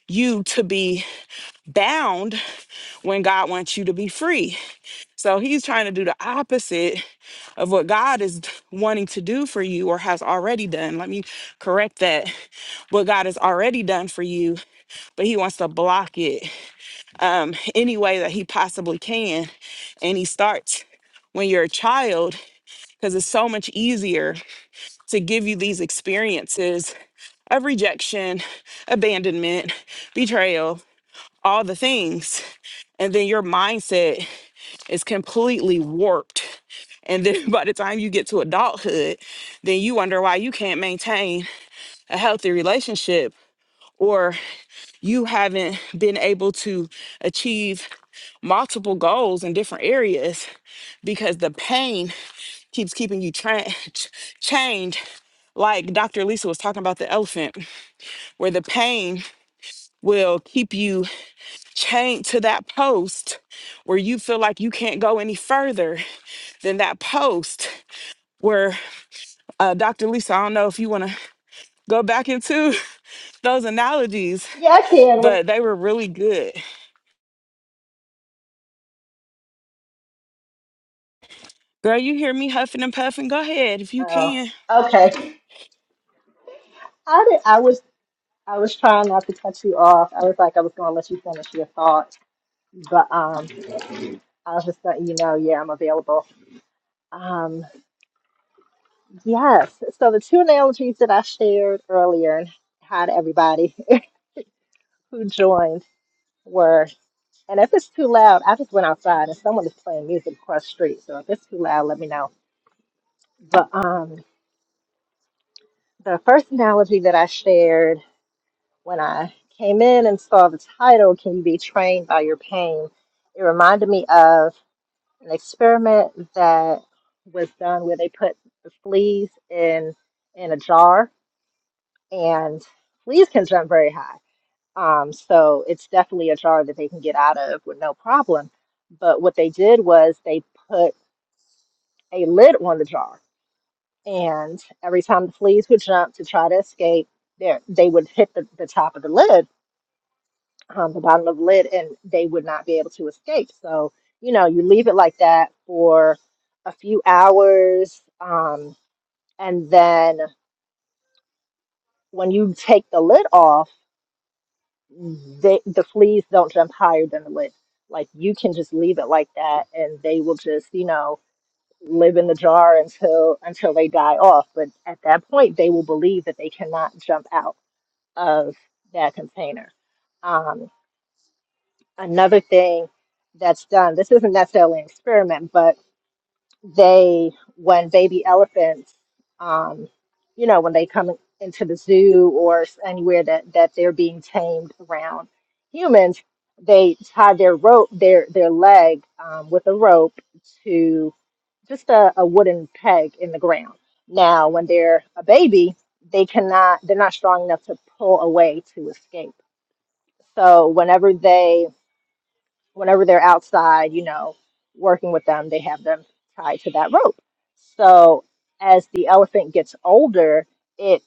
[SPEAKER 1] you to be bound when God wants you to be free. So he's trying to do the opposite of what God is wanting to do for you or has already done. Let me correct that. What God has already done for you, but he wants to block it um, any way that he possibly can. And he starts when you're a child because it's so much easier to give you these experiences of rejection, abandonment, betrayal, all the things and then your mindset is completely warped and then by the time you get to adulthood then you wonder why you can't maintain a healthy relationship or you haven't been able to achieve multiple goals in different areas because the pain keeps keeping you tra- ch- chained like dr lisa was talking about the elephant where the pain will keep you chained to that post where you feel like you can't go any further than that post where uh, dr lisa i don't know if you want to go back into those analogies
[SPEAKER 2] Yeah, I can. Well,
[SPEAKER 1] but they were really good girl you hear me huffing and puffing go ahead if you
[SPEAKER 2] Oh,
[SPEAKER 1] can
[SPEAKER 2] okay. I did. I was. I was trying not to cut you off. I was like, I was going to let you finish your thoughts, but um, I was just letting you know, yeah, I'm available. Um, yes. So the two analogies that I shared earlier and hi to everybody who joined were, and if it's too loud, I just went outside and someone is playing music across the street. So if it's too loud, let me know. But um, the first analogy that I shared when I came in and saw the title, "Can you be trained by your pain?" It reminded me of an experiment that was done where they put the fleas in in a jar, and fleas can jump very high. Um, so it's definitely a jar that they can get out of with no problem. But what they did was they put a lid on the jar, and every time the fleas would jump to try to escape, there they would hit the, the top of the lid um, the bottom of the lid and they would not be able to escape. So, you know, you leave it like that for a few hours. Um, and then when you take the lid off, they, the fleas don't jump higher than the lid. Like you can just leave it like that and they will just, you know, live in the jar until until they die off. But at that point, they will believe that they cannot jump out of that container. Um, another thing that's done this isn't necessarily an experiment but they when baby elephants um, you know when they come into the zoo or s- anywhere that that they're being tamed around humans they tie their rope their their leg um, with a rope to just a, a wooden peg in the ground now when they're a baby they cannot they're not strong enough to pull away to escape so whenever they whenever they're outside, you know, working with them, they have them tied to that rope. So as the elephant gets older, it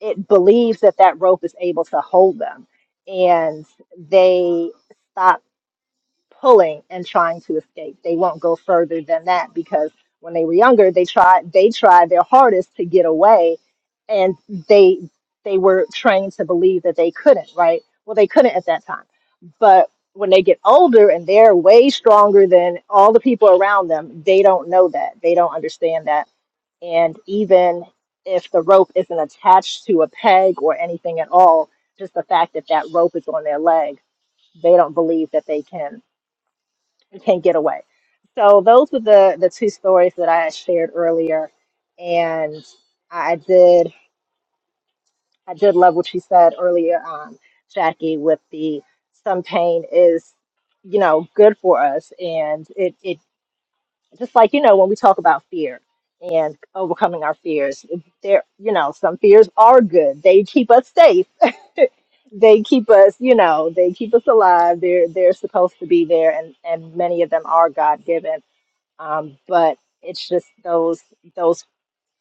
[SPEAKER 2] it believes that that rope is able to hold them, and they stop pulling and trying to escape. They won't go further than that because when they were younger, they tried they tried their hardest to get away, and they they were trained to believe that they couldn't. Right? Well, they couldn't at that time but when they get older and they're way stronger than all the people around them, they don't know that. They don't understand that. And even if the rope isn't attached to a peg or anything at all, just the fact that that rope is on their leg, they don't believe that they can can get away. So those were the the two stories that I shared earlier, and I did I did love what she said earlier, um, Jackie, with the some pain is, you know, good for us. And it, it just like, you know, when we talk about fear and overcoming our fears, there, you know, some fears are good. They keep us safe. they keep us, you know, they keep us alive. They're they're supposed to be there and, and many of them are God given. Um, but it's just those those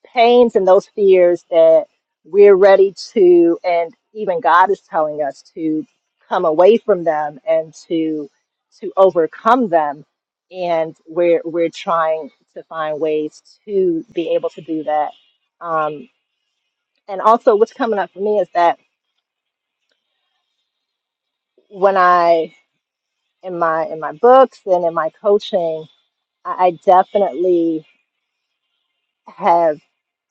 [SPEAKER 2] pains and those fears that we're ready to, and even God is telling us to come away from them and to to overcome them. And we're we're trying to find ways to be able to do that. Um, and also, what's coming up for me is that when I in my in my books and in my coaching, I, I definitely have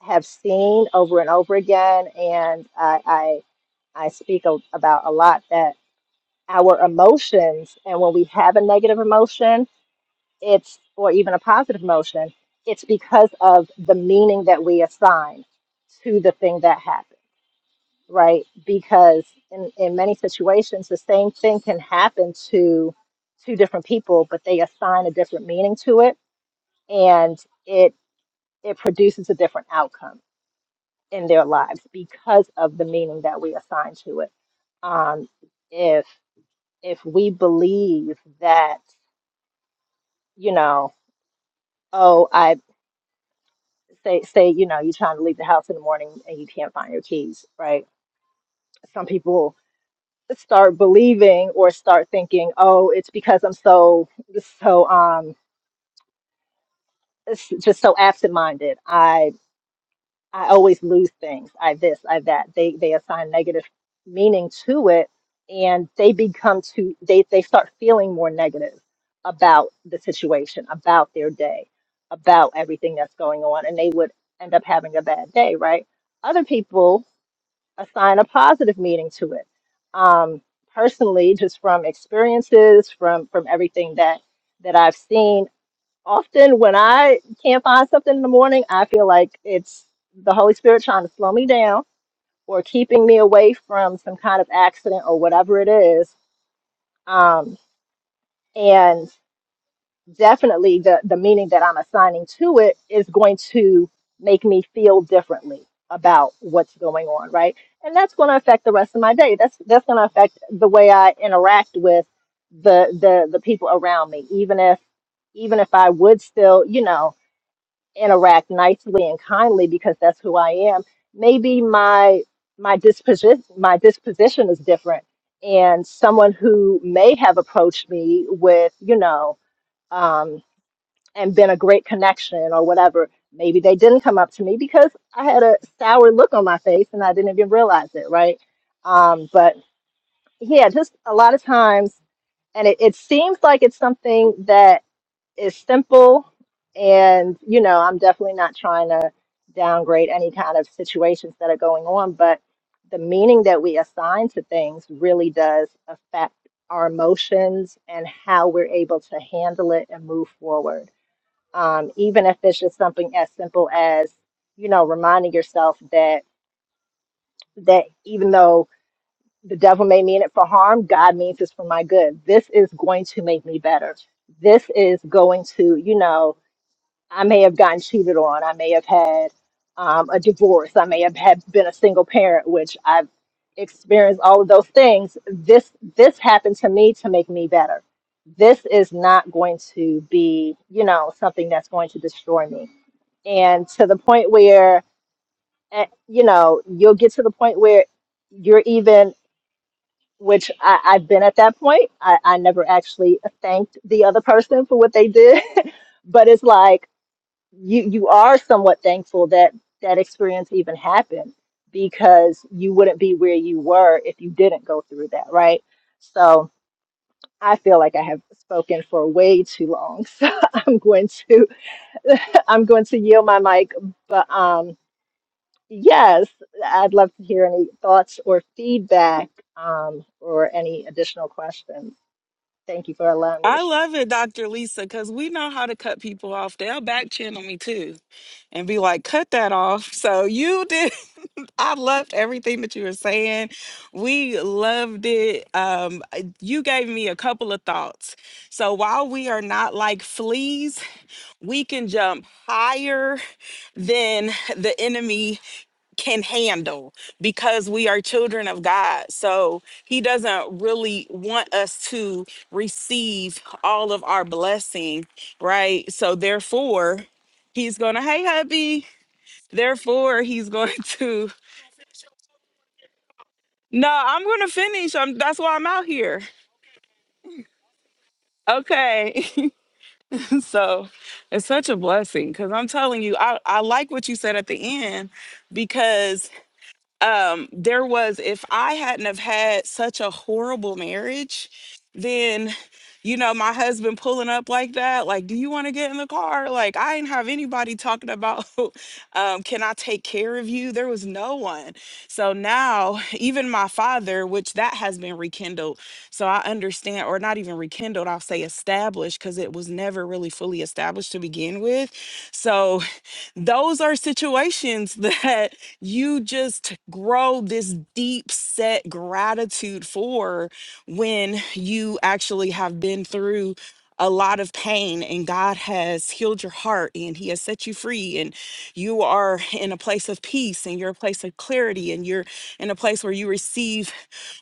[SPEAKER 2] have seen over and over again, and I. I I speak a, about a lot that our emotions, and when we have a negative emotion, it's or even a positive emotion, it's because of the meaning that we assign to the thing that happened, right? Because in, in many situations, the same thing can happen to two different people, but they assign a different meaning to it, and it it produces a different outcome in their lives because of the meaning that we assign to it. Um, if if we believe that, you know, oh, I say say, you know, you're trying to leave the house in the morning and you can't find your keys, right? Some people start believing or start thinking, oh, it's because I'm so so um it's just so absent-minded. I always lose things. I this, I that. They they assign negative meaning to it, and they become too. They they start feeling more negative about the situation, about their day, about everything that's going on, and they would end up having a bad day, right? Other people assign a positive meaning to it. Um, personally, just from experiences, from from everything that that I've seen often when I can't find something in the morning, I feel like it's the Holy Spirit trying to slow me down or keeping me away from some kind of accident or whatever it is. Um, and definitely the, the meaning that I'm assigning to it is going to make me feel differently about what's going on, right? And that's going to affect the rest of my day. That's that's going to affect the way I interact with the the the people around me, even if even if I would still, you know, interact nicely and kindly because that's who I am. Maybe my my disposition my disposition is different, and someone who may have approached me with you know um, and been a great connection or whatever, maybe they didn't come up to me because I had a sour look on my face and I didn't even realize it, right? Um, but yeah, just a lot of times, and it, it seems like it's something that is simple and you know i'm definitely not trying to downgrade any kind of situations that are going on but the meaning that we assign to things really does affect our emotions and how we're able to handle it and move forward um, even if it's just something as simple as you know reminding yourself that that even though the devil may mean it for harm god means it's for my good this is going to make me better this is going to you know I may have gotten cheated on. I may have had um, a divorce. I may have had been a single parent, which I've experienced all of those things. This this happened to me to make me better. This is not going to be, you know, something that's going to destroy me. And to the point where, eh, you know, you'll get to the point where you're even, which I, I've been at that point. I, I never actually thanked the other person for what they did, but it's like you you are somewhat thankful that that experience even happened because you wouldn't be where you were if you didn't go through that, right? So I feel like I have spoken for way too long, so I'm going to I'm going to yield my mic. But um, yes, I'd love to hear any thoughts or feedback um, or any additional questions. Thank you for allowing me to
[SPEAKER 1] I
[SPEAKER 2] share.
[SPEAKER 1] love it, Dr. Lisa, because we know how to cut people off. They'll back channel me too and be like, cut that off. So you did. I loved everything that you were saying. We loved it. Um, uh, you gave me a couple of thoughts. So while we are not like fleas, we can jump higher than the enemy can handle because we are children of God. So he doesn't really want us to receive all of our blessing, right? So therefore, he's going to, hey, hubby. Therefore, he's going to, no, I'm going to finish. I'm, that's why I'm out here. Okay. so it's such a blessing because I'm telling you, I, I like what you said at the end because um there was if i hadn't have had such a horrible marriage then you know my husband pulling up like that like do you want to get in the car like i didn't have anybody talking about um can i take care of you there was no one so now even my father which that has been rekindled so i understand or not even rekindled i'll say established because it was never really fully established to begin with so those are situations that you just grow this deep set gratitude for when you actually have been through a lot of pain and God has healed your heart and he has set you free and you are in a place of peace and you're a place of clarity and you're in a place where you receive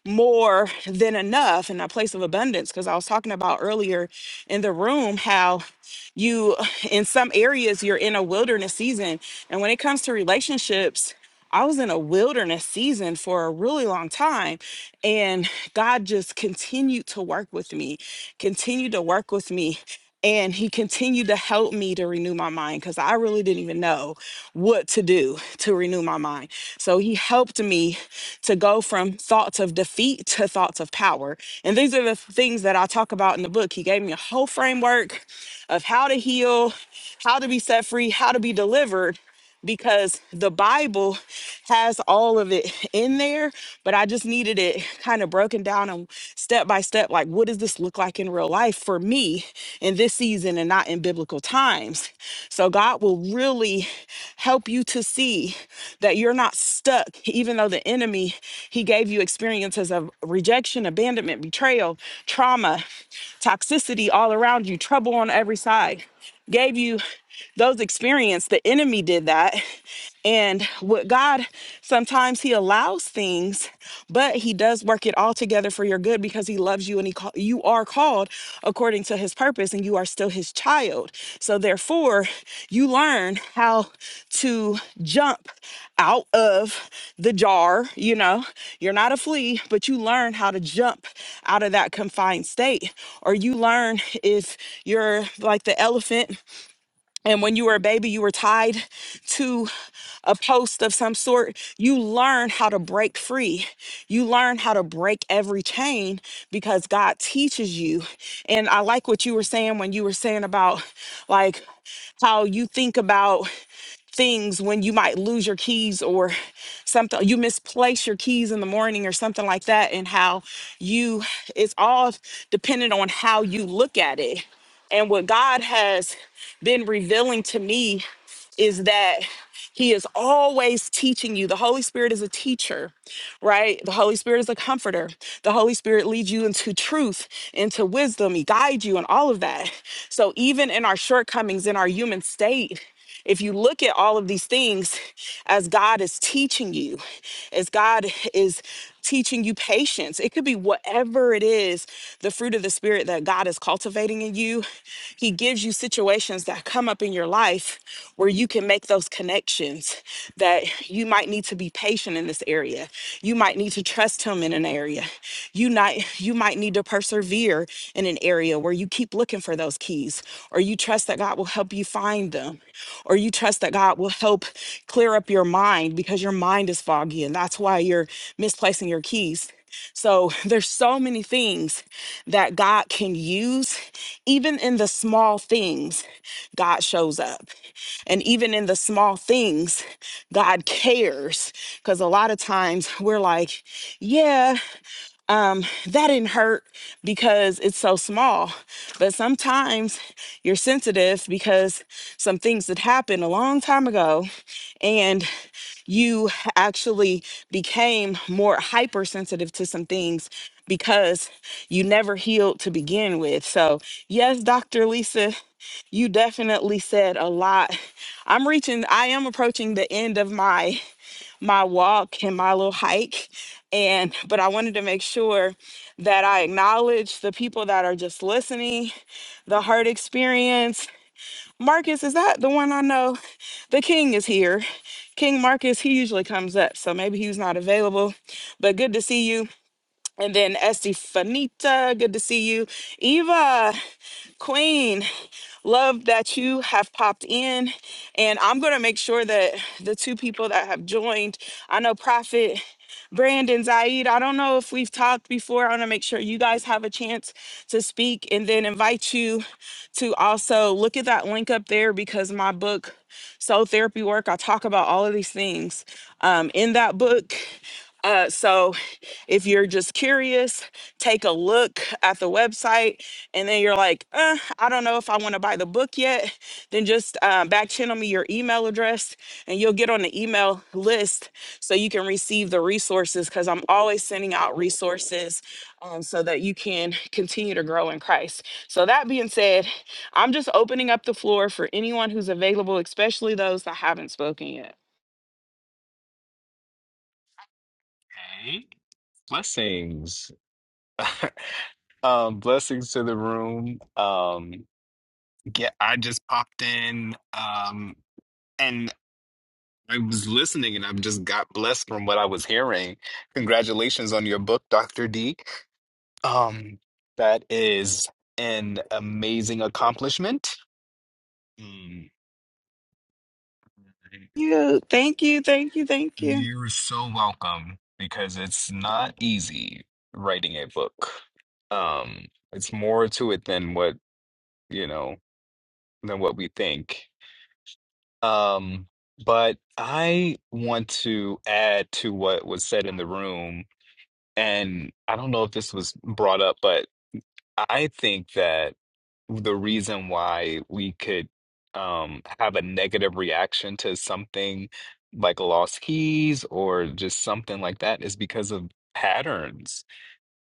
[SPEAKER 1] more than enough and a place of abundance because I was talking about earlier in the room how you in some areas you're in a wilderness season and when it comes to relationships i was in a wilderness season for a really long time and god just continued to work with me continued to work with me and he continued to help me to renew my mind because I really didn't even know what to do to renew my mind. So he helped me to go from thoughts of defeat to thoughts of power. And these are the things that I talk about in the book. He gave me a whole framework of how to heal, how to be set free, how to be delivered, because the Bible has all of it in there, but I just needed it kind of broken down and step by step like, what does this look like in real life for me in this season and not in biblical times? So, God will really help you to see that you're not stuck, even though the enemy, he gave you experiences of rejection, abandonment, betrayal, trauma, toxicity all around you, trouble on every side gave you those experience the enemy did that and what god sometimes he allows things but he does work it all together for your good because he loves you and he call, you are called according to his purpose and you are still his child so therefore you learn how to jump out of the jar you know you're not a flea but you learn how to jump out of that confined state or you learn if you're like the elephant and when you were a baby, you were tied to a post of some sort. You learn how to break free. You learn how to break every chain because God teaches you. And I like what you were saying when you were saying about like how you think about things when you might lose your keys or something you misplace your keys in the morning or something like that and how you it's all dependent on how you look at it and what god has been revealing to me is that he is always teaching you. The Holy Spirit is a teacher, right? The Holy Spirit is a comforter. The Holy Spirit leads you into truth, into wisdom. He guides you and all of that. So even in our shortcomings, in our human state, if you look at all of these things as God is teaching you, as God is teaching you patience, it could be whatever it is, the fruit of the Spirit that God is cultivating in you. He gives you situations that come up in your life where you can make those connections that you might need to be patient in this area. You might need to trust him in an area. You might you might need to persevere in an area where you keep looking for those keys or you trust that God will help you find them or you trust that God will help clear up your mind because your mind is foggy and that's why you're misplacing your keys. So there's so many things that God can use even in the small things God shows up. And even in the small things, God cares. Because a lot of times we're like, yeah, um, that didn't hurt because it's so small. But sometimes you're sensitive because some things that happened a long time ago and you actually became more hypersensitive to some things because you never healed to begin with. So, yes, Dr. Lisa, you definitely said a lot i'm reaching i am approaching the end of my my walk and my little hike and but i wanted to make sure that i acknowledge the people that are just listening the heart experience marcus is that the one i know the king is here king marcus he usually comes up so maybe he's not available but good to see you and then estefanita good to see you eva queen Love that you have popped in. And I'm going to make sure that the two people that have joined, I know Prophet Brandon Zaid, I don't know if we've talked before. I want to make sure you guys have a chance to speak and then invite you to also look at that link up there because my book, Soul Therapy Work, I talk about all of these things um, in that book. Uh, so if you're just curious, take a look at the website and then you're like, uh, I don't know if I want to buy the book yet, then just uh, back channel me your email address and you'll get on the email list so you can receive the resources because I'm always sending out resources um, so that you can continue to grow in Christ. So, that being said, I'm just opening up the floor for anyone who's available, especially those that haven't spoken yet.
[SPEAKER 5] Hey, blessings. Um, blessings to the room. Um, yeah, I just popped in, um, and I was listening, and i just got blessed from what I was hearing. Congratulations on your book, Dr. D. Um, that is an amazing accomplishment. Mm,
[SPEAKER 1] You, thank you, thank you, thank you.
[SPEAKER 5] You're so welcome because it's not easy writing a book. Um, it's more to it than what, you know, than what we think. Um, but I want to add to what was said in the room, and I don't know if this was brought up, but I think that the reason why we could um, have a negative reaction to something like lost keys or just something like that is because of patterns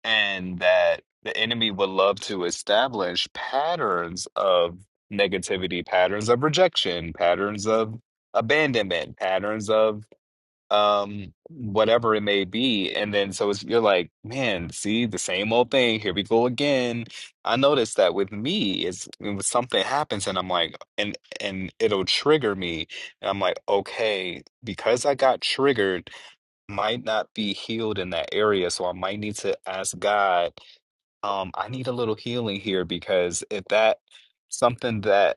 [SPEAKER 5] and that the enemy would love to establish patterns of negativity, patterns of rejection, patterns of abandonment, patterns of um whatever it may be. And then so it's, you're like, man, see the same old thing. Here we go again. I noticed that with me is when something happens and I'm like, and and it'll trigger me. And I'm like, okay, because I got triggered, might not be healed in that area. So I might need to ask God um, I need a little healing here because if that something that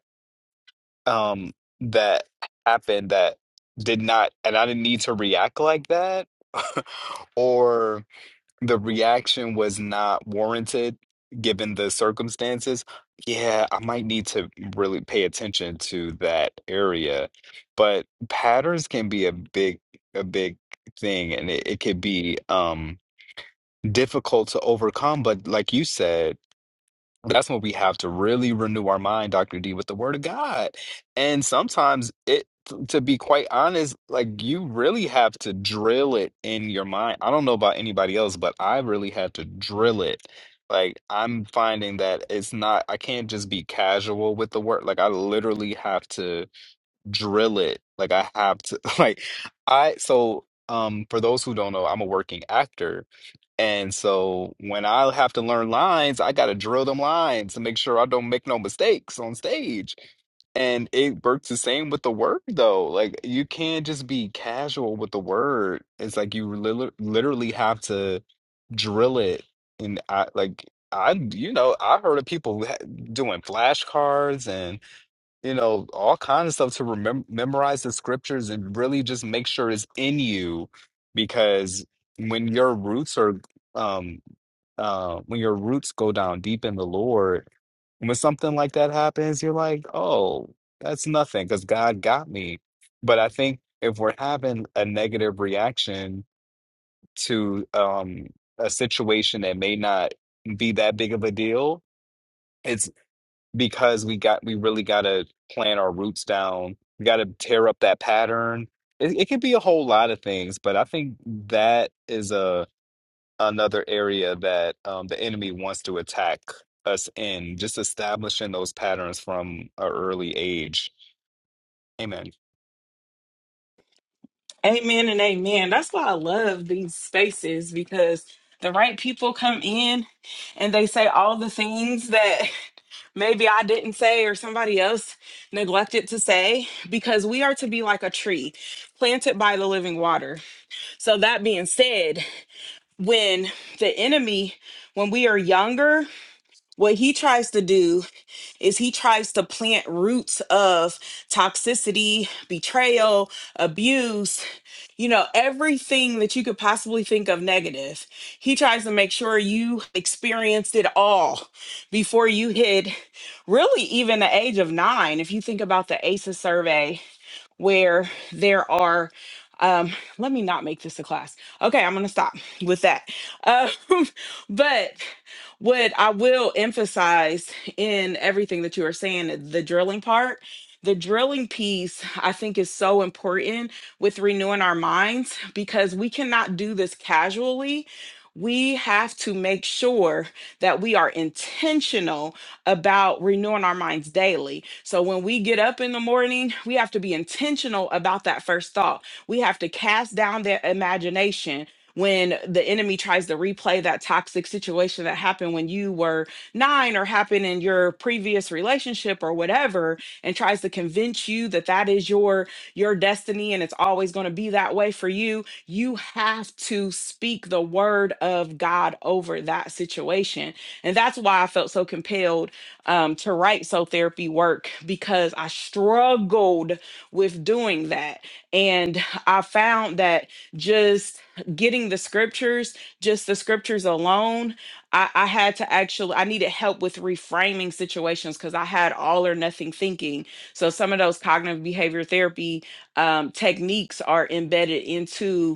[SPEAKER 5] um that happened that did not and I didn't need to react like that or the reaction was not warranted given the circumstances, yeah, I might need to really pay attention to that area. But patterns can be a big a big thing and it, it could be um difficult to overcome, but like you said that's when we have to really renew our mind, Dr. D, with the word of God. And sometimes it, to be quite honest, like you really have to drill it in your mind. I don't know about anybody else, but I really had to drill it. Like I'm finding that it's not, I can't just be casual with the word. Like I literally have to drill it. Like I have to, like I, so um for those who don't know, I'm a working actor. And so when I have to learn lines, I got to drill them lines to make sure I don't make no mistakes on stage. And it works the same with the word, though. Like you can't just be casual with the word. It's like you lit- literally have to drill it. And I like I, you know, I heard of people ha- doing flashcards and you know, all kinds of stuff to remember, memorize the scriptures and really just make sure it's in you because when your roots are, um, uh, when your roots go down deep in the Lord, when something like that happens, you're like, oh, that's nothing because God got me. But I think if we're having a negative reaction to um, a situation that may not be that big of a deal, because we got we really got to plant our roots down. We got to tear up that pattern. It, it could be a whole lot of things, but I think that is a another area that um, the enemy wants to attack us in, just establishing those patterns from an early age. Amen.
[SPEAKER 1] Amen and amen. That's why I love these spaces because the right people come in and they say all the things that maybe I didn't say or somebody else neglected to say because we are to be like a tree planted by the living water. So, that being said, when the enemy, when we are younger, what he tries to do is he tries to plant roots of toxicity, betrayal, abuse, you know, everything that you could possibly think of negative. He tries to make sure you experienced it all before you hit really even the age of nine. If you think about the ACEs survey, where there are um let me not make this a class okay i'm gonna stop with that um but what i will emphasize in everything that you are saying the drilling part the drilling piece i think is so important with renewing our minds because we cannot do this casually we have to make sure that we are intentional about renewing our minds daily. So when we get up in the morning, we have to be intentional about that first thought. We have to cast down their imagination when the enemy tries to replay that toxic situation that happened when you were nine or happened in your previous relationship or whatever and tries to convince you that that is your your destiny and it's always going to be that way for you you have to speak the word of god over that situation and that's why i felt so compelled um, to write so therapy work because I struggled with doing that. And I found that just getting the scriptures, just the scriptures alone, I, I had to actually, I needed help with reframing situations because I had all or nothing thinking. So some of those cognitive behavior therapy um, techniques are embedded into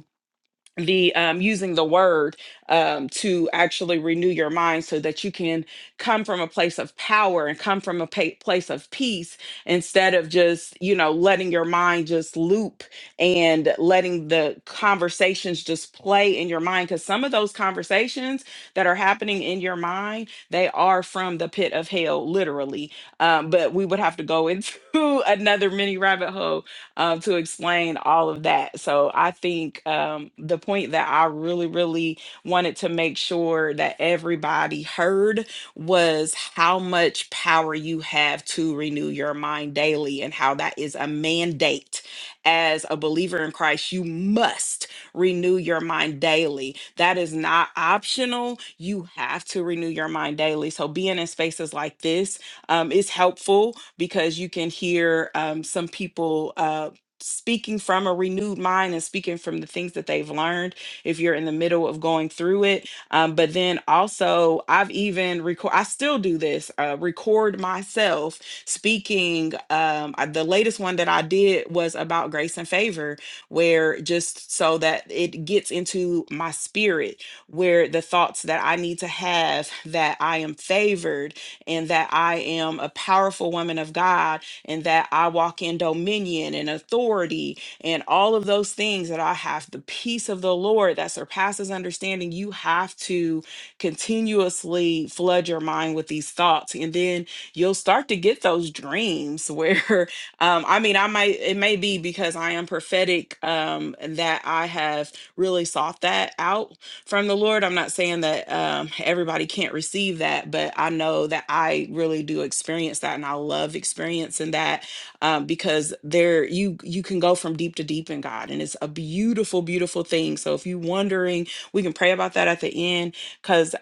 [SPEAKER 1] the um, using the word um, to actually renew your mind so that you can come from a place of power and come from a pa- place of peace instead of just you know letting your mind just loop and letting the conversations just play in your mind because some of those conversations that are happening in your mind they are from the pit of hell literally um, but we would have to go into another mini rabbit hole um, to explain all of that. So I think um, the point that I really, really wanted to make sure that everybody heard was how much power you have to renew your mind daily and how that is a mandate. As a believer in Christ, you must renew your mind daily. That is not optional. You have to renew your mind daily. So being in spaces like this, um, is helpful because you can hear um, some people. Uh, Speaking from a renewed mind and speaking from the things that they've learned, if you're in the middle of going through it, um, but then also, I've even record. I still do this. Uh, record myself speaking. Um, I- the latest one that I did was about grace and favor, where just so that it gets into my spirit, where the thoughts that I need to have that I am favored and that I am a powerful woman of God and that I walk in dominion and authority and all of those things that I have the peace of the Lord that surpasses understanding. You have to continuously flood your mind with these thoughts, and then you'll start to get those dreams where, um, I mean, I might, it may be because I am prophetic um, that I have really sought that out from the Lord. I'm not saying that um, everybody can't receive that, but I know that I really do experience that, and I love experiencing that um, because there you you can go from deep to deep in God, and it's a beautiful, beautiful thing. So if you're wondering, we can pray about that at the end because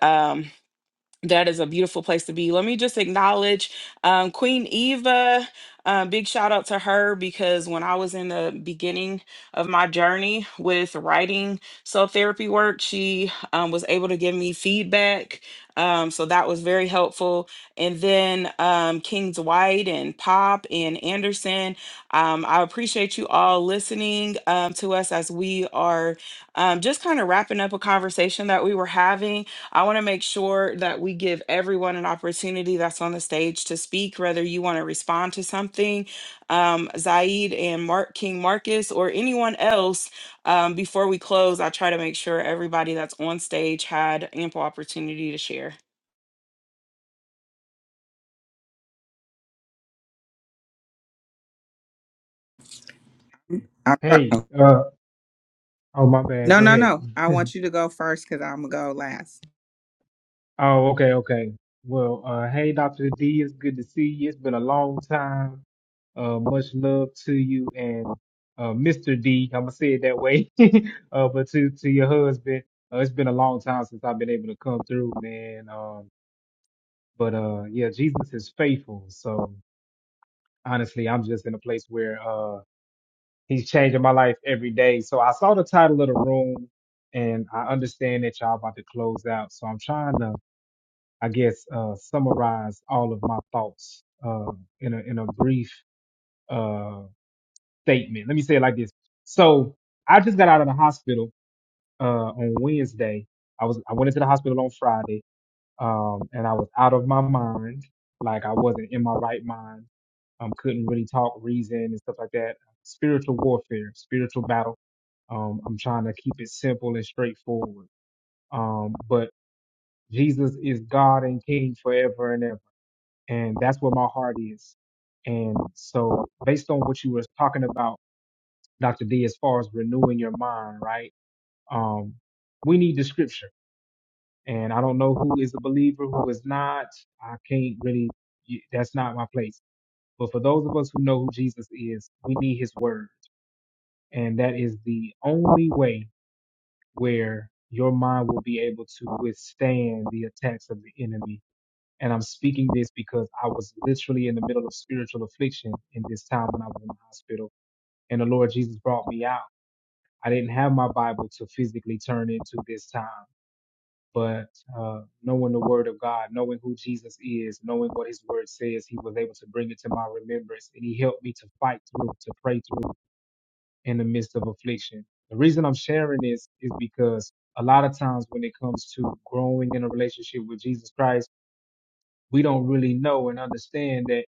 [SPEAKER 1] that is a beautiful place to be. Let me just acknowledge um, Queen Eva. Uh, big shout out to her because when I was in the beginning of my journey with writing cell therapy work, she um, was able to give me feedback. Um, so that was very helpful. And then um, Kings White and Pop and Anderson, um, I appreciate you all listening um, to us as we are um, just kind of wrapping up a conversation that we were having I want to make sure that we give everyone an opportunity that's on the stage to speak, whether you want to respond to something, um, Zaid and Mark King Marcus, or anyone else. Um, before we close, I try to make sure everybody that's on stage had ample opportunity to share.
[SPEAKER 3] I'm trying.
[SPEAKER 6] Hey, uh, oh my bad.
[SPEAKER 3] No,
[SPEAKER 6] Go
[SPEAKER 3] no,
[SPEAKER 6] ahead.
[SPEAKER 3] no. I want you to go first because I'm going to go last.
[SPEAKER 6] Oh, okay, okay. Well, uh, hey, Dr. D, it's good to see you. It's been a long time. Uh, much love to you and uh, Mr. D. I'm gonna say it that way. uh, but to to your husband, uh, it's been a long time since I've been able to come through, man. Um, but uh, yeah, Jesus is faithful. So honestly, I'm just in a place where uh, He's changing my life every day. So I saw the title of the room and I understand that y'all about to close out. So I'm trying to, I guess, uh, summarize all of my thoughts, uh, in a, in a brief, uh, statement. Let me say it like this. So I just got out of the hospital, uh, on Wednesday. I was, I went into the hospital on Friday um, and I was out of my mind. Like I wasn't in my right mind. Um, couldn't really talk reason and stuff like that. Spiritual warfare, spiritual battle. Um, I'm trying to keep it simple and straightforward. Um, but Jesus is God and King forever and ever, and that's where my heart is. And so, based on what you were talking about, Dr. D, as far as renewing your mind, right? Um, we need the scripture and I don't know who is a believer, who is not. I can't really, that's not my place. But for those of us who know who Jesus is, we need his word. And that is the only way where your mind will be able to withstand the attacks of the enemy. And I'm speaking this because I was literally in the middle of spiritual affliction in this time when I was in the hospital, and the Lord Jesus brought me out. I didn't have my Bible to physically turn into this time. but uh, knowing the word of God, knowing who Jesus is, knowing what his word says, he was able to bring it to my remembrance. And he helped me to fight through, to pray through in the midst of affliction. The reason I'm sharing this is because a lot of times when it comes to growing in a relationship with Jesus Christ, we don't really know and understand that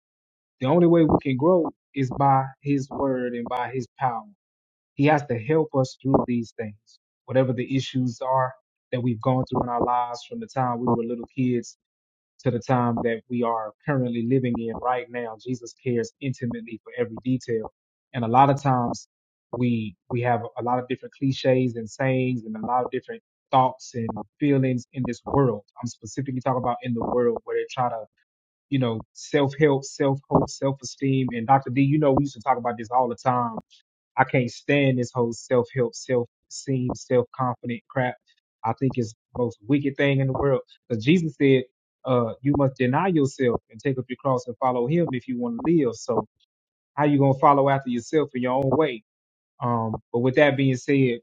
[SPEAKER 6] the only way we can grow is by his word and by his power. He has to help us through these things, whatever the issues are that we've gone through in our lives from the time we were little kids to the time that we are currently living in right now. Jesus cares intimately for every detail. And a lot of times we we have a lot of different cliches and sayings and a lot of different thoughts and feelings in this world. I'm specifically talking about in the world where they try to, you know, self-help, self-hope, self-esteem. And Dr. D, you know, we used to talk about this all the time I can't stand this whole self help, self esteem, self confident crap. I think it's the most wicked thing in the world. Because Jesus said, uh, you must deny yourself and take up your cross and follow him if you want to live. So how you gonna follow after yourself in your own way? Um, but with that being said,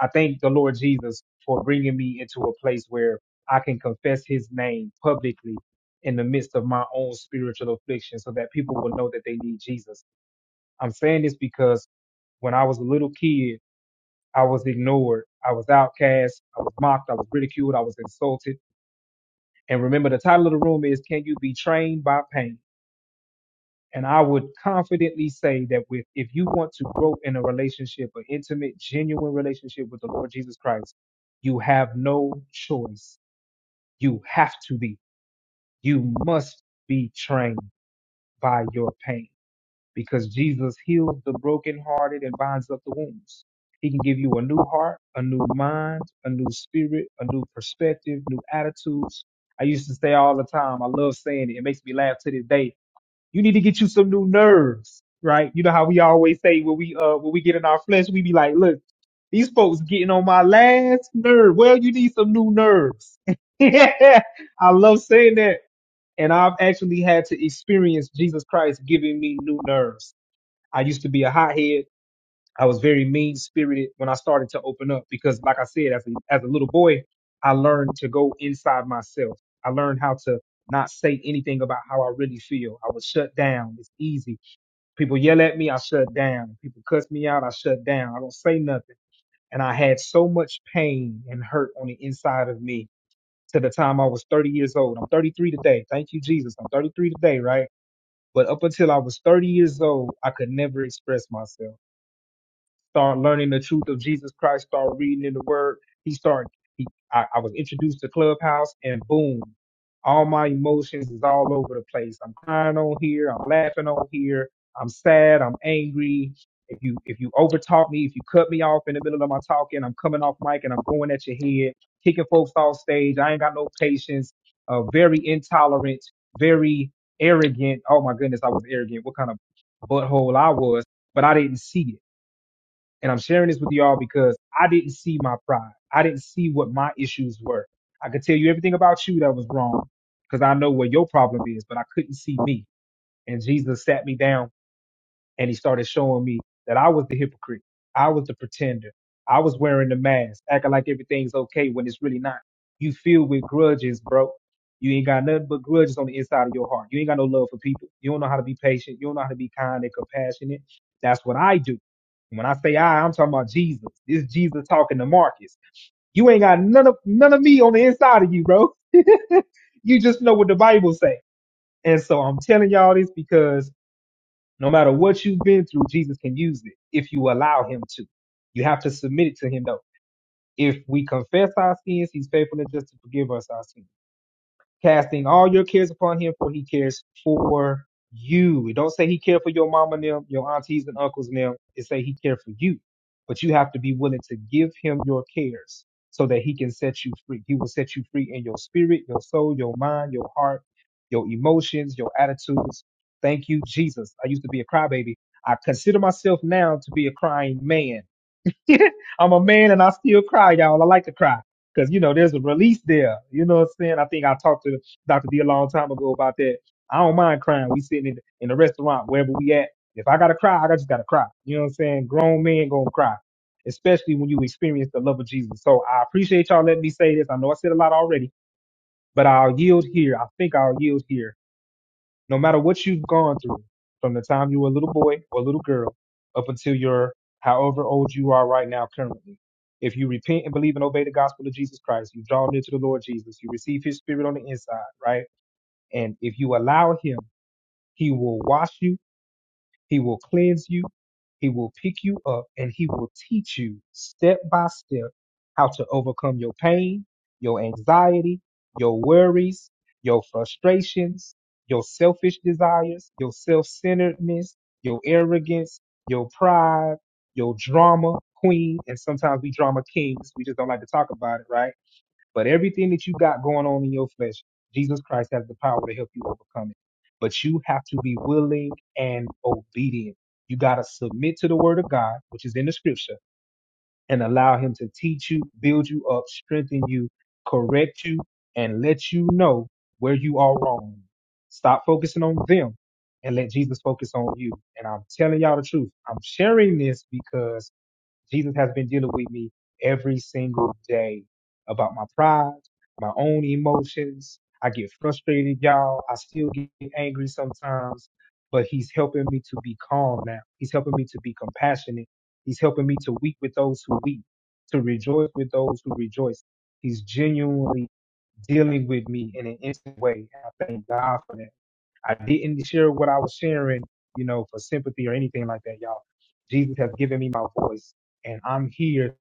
[SPEAKER 6] I thank the Lord Jesus for bringing me into a place where I can confess his name publicly in the midst of my own spiritual affliction so that people will know that they need Jesus I'm saying this because when I was a little kid, I was ignored. I was outcast. I was mocked. I was ridiculed. I was insulted. And remember, the title of the room is Can You Be Trained by Pain? And I would confidently say that with, if you want to grow in a relationship, an intimate, genuine relationship with the Lord Jesus Christ, you have no choice. You have to be. You must be trained by your pain because Jesus heals the brokenhearted and binds up the wounds. He can give you a new heart, a new mind, a new spirit, a new perspective, new attitudes. I used to say all the time, I love saying it. It makes me laugh to this day. You need to get you some new nerves, right? You know how we always say when we uh when we get in our flesh, we be like, look, these folks getting on my last nerve. Well, you need some new nerves. I love saying that. And I've actually had to experience Jesus Christ giving me new nerves I used to be a hothead. I was very mean spirited when I started to open up because, like I said, as a, as a little boy, I learned to go inside myself. I learned how to not say anything about how I really feel. I was shut down. It's easy. People yell at me, I shut down. People cuss me out, I shut down. I don't say nothing. And I had so much pain and hurt on the inside of me to the time I was 30 years old. I'm 33 today. Thank you, Jesus. I'm 33 today, right? But up until I was 30 years old, I could never express myself start learning the truth of Jesus Christ, start reading in the Word. He started. He, I, I was introduced to Clubhouse, and boom, all my emotions is all over the place. I'm crying on here. I'm laughing on here. I'm sad. I'm angry. If you if you overtalk me, if you cut me off in the middle of my talking, I'm coming off mic and I'm going at your head, kicking folks off stage. I ain't got no patience. Uh, very intolerant. Very arrogant. Oh my goodness, I was arrogant. What kind of butthole I was, but I didn't see it. And I'm sharing this with y'all because I didn't see my pride. I didn't see what my issues were. I could tell you everything about you that was wrong because I know where your problem is, but I couldn't see me. And Jesus sat me down and he started showing me that I was the hypocrite. I was the pretender. I was wearing the mask, acting like everything's okay when it's really not. You filled with grudges, bro. You ain't got nothing but grudges on the inside of your heart. You ain't got no love for people. You don't know how to be patient. You don't know how to be kind and compassionate. That's what I do. And When I say I, I'm talking about Jesus. This Jesus talking to Marcus. You ain't got none of none of me on the inside of you, bro. you just know what the Bible say. And so I'm telling y'all this because no matter what you've been through, Jesus can use it if you allow him to. You have to submit it to him though. If we confess our sins, he's faithful and just to forgive us our sins casting all your cares upon him, for he cares for you. It don't say he cared for your mama and them, your aunties and uncles and them. It say he cared for you. But you have to be willing to give him your cares so that he can set you free. He will set you free in your spirit, your soul, your mind, your heart, your emotions, your attitudes. Thank you, Jesus. I used to be a crybaby. I consider myself now to be a crying man I'm a man and I still cry, y'all. I like to cry because you know there's a release there. You know what I'm saying? I think I talked to Dr. D a long time ago about that. I don't mind crying. We sitting in the, in the restaurant wherever we at. If I gotta cry, I just gotta cry. You know what I'm saying? Grown men gonna cry, especially when you experience the love of Jesus. So I appreciate y'all letting me say this. I know I said a lot already, but I'll yield here. I think I'll yield here no matter what you've gone through, from the time you were a little boy or a little girl up until you're however old you are right now currently, if you repent and believe and obey the gospel of Jesus Christ, you draw near to the Lord Jesus, you receive his spirit on the inside, right? And if you allow him, he will wash you he will cleanse you. He will pick you up and he will teach you step by step how to overcome your pain, your anxiety, your worries, your frustrations, your selfish desires, your self centeredness, your arrogance, your pride, your drama queen. And sometimes we drama kings. We just don't like to talk about it, right? But everything that you got going on in your flesh, Jesus Christ has the power to help you overcome it. But you have to be willing and obedient. You got to submit to the word of God, which is in the scripture, and allow him to teach you, build you up, strengthen you, correct you, and let you know where you are wrong. Stop focusing on them and let Jesus focus on you. And I'm telling y'all the truth. I'm sharing this because Jesus has been dealing with me every single day about my pride, my own emotions. I get frustrated, y'all. I still get angry sometimes, but he's helping me to be calm now. He's helping me to be compassionate. He's helping me to weep with those who weep, to rejoice with those who rejoice. He's genuinely dealing with me in an instant way. And I thank God for that. I didn't share what I was sharing, you know, for sympathy or anything like that, y'all. Jesus has given me my voice, and I'm here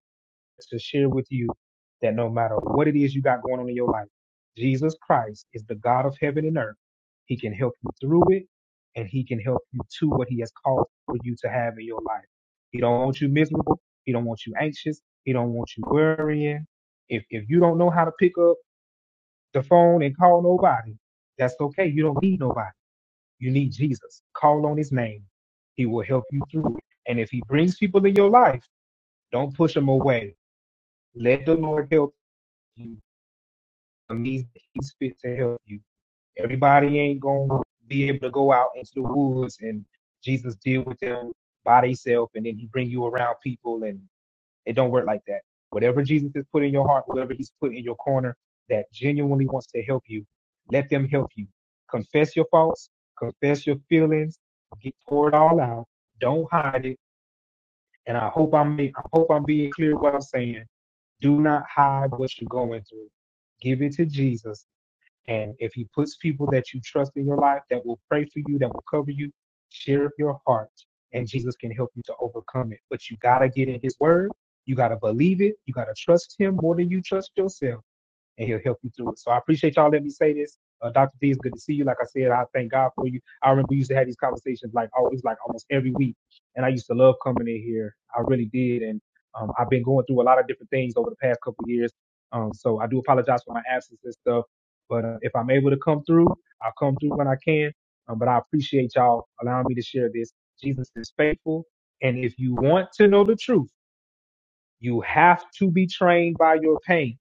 [SPEAKER 6] to share with you that no matter what it is you got going on in your life, Jesus Christ is the God of heaven and earth. He can help you through it, and He can help you to what He has called for you to have in your life. He don't want you miserable. He don't want you anxious. He don't want you worrying. If if you don't know how to pick up the phone and call nobody, that's okay. You don't need nobody you need Jesus. Call on his name. He will help you through it. And if he brings people in your life, don't push them away. Let the Lord help you. It means he's fit to help you. Everybody ain't going to be able to go out into the woods and Jesus deal with them by themselves and then he bring you around people and. It don't work like that. Whatever Jesus has put in your heart, whatever he's put in your corner that genuinely wants to help you, let them help you. Confess your faults, confess your feelings, get pour it all out. Don't hide it. And I hope I'm I hope I'm being clear what I'm saying. Do not hide what you're going through. Give it to Jesus and if He puts people that you trust in your life that will pray for you, that will cover you, share your heart, and Jesus can help you to overcome it. But you got to get in His Word. You got to believe it. You got to trust Him more than you trust yourself and he'll help you through it. So I appreciate y'all letting me say this. Uh, Dr. P, it's good to see you. Like I said, I thank God for you. I remember we used to have these conversations like always, like almost every week. And I used to love coming in here. I really did. And um, I've been going through a lot of different things over the past couple of years. Um, so I do apologize for my absence and stuff. But uh, if I'm able to come through, I'll come through when I can. Um, but I appreciate y'all allowing me to share this. Jesus is faithful. And if you want to know the truth, you have to be trained by your pain.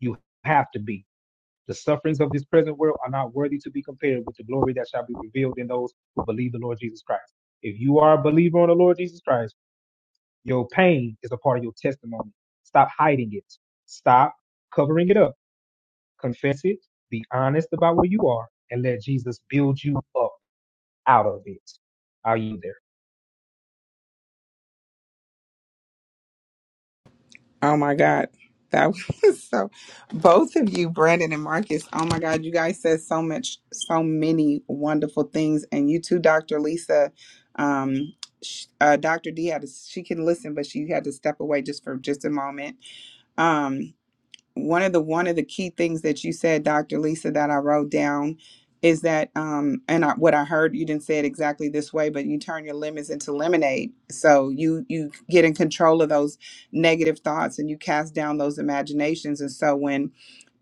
[SPEAKER 6] You have to be. The sufferings of this present world are not worthy to be compared with the glory that shall be revealed in those who believe the Lord Jesus Christ. If you are a believer on the Lord Jesus Christ, your pain is a part of your testimony. Stop hiding it. Stop covering it up. Confess it. Be honest about where you are and let Jesus build you up out of it. Are you there?
[SPEAKER 3] Oh my God. That was so, both of you, Brandon and Marcus, oh my God, you guys said so much, so many wonderful things. And you too, Dr. Lisa, um, sh- uh, Dr. D had to, she can listen, but she had to step away just for just a moment. Um, one of the one of the key things that you said, Dr. Lisa, that I wrote down is that um and I, what I heard you didn't say it exactly this way, but you turn your lemons into lemonade. So you you get in control of those negative thoughts and you cast down those imaginations. And so when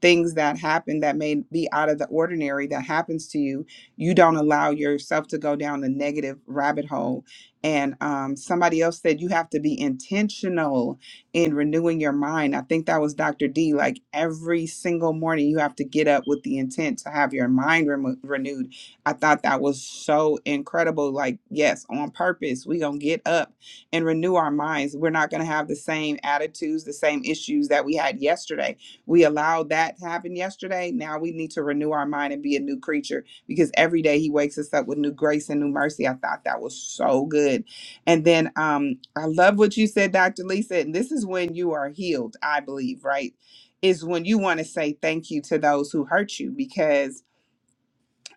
[SPEAKER 3] things that happen that may be out of the ordinary that happens to you, you don't allow yourself to go down the negative rabbit hole. And um, somebody else said you have to be intentional and renewing your mind. I think that was Dr. D. Like every single morning, you have to get up with the intent to have your mind remo- renewed. I thought that was so incredible. Like, yes, on purpose, we going to get up and renew our minds. We're not going to have the same attitudes, the same issues that we had yesterday. We allowed that to happen yesterday. Now we need to renew our mind and be a new creature because every day he wakes us up with new grace and new mercy. I thought that was so good. And then um, I love what you said, Dr. Lisa. And this is when you are healed, I believe, right? Is when you want to say thank you to those who hurt you because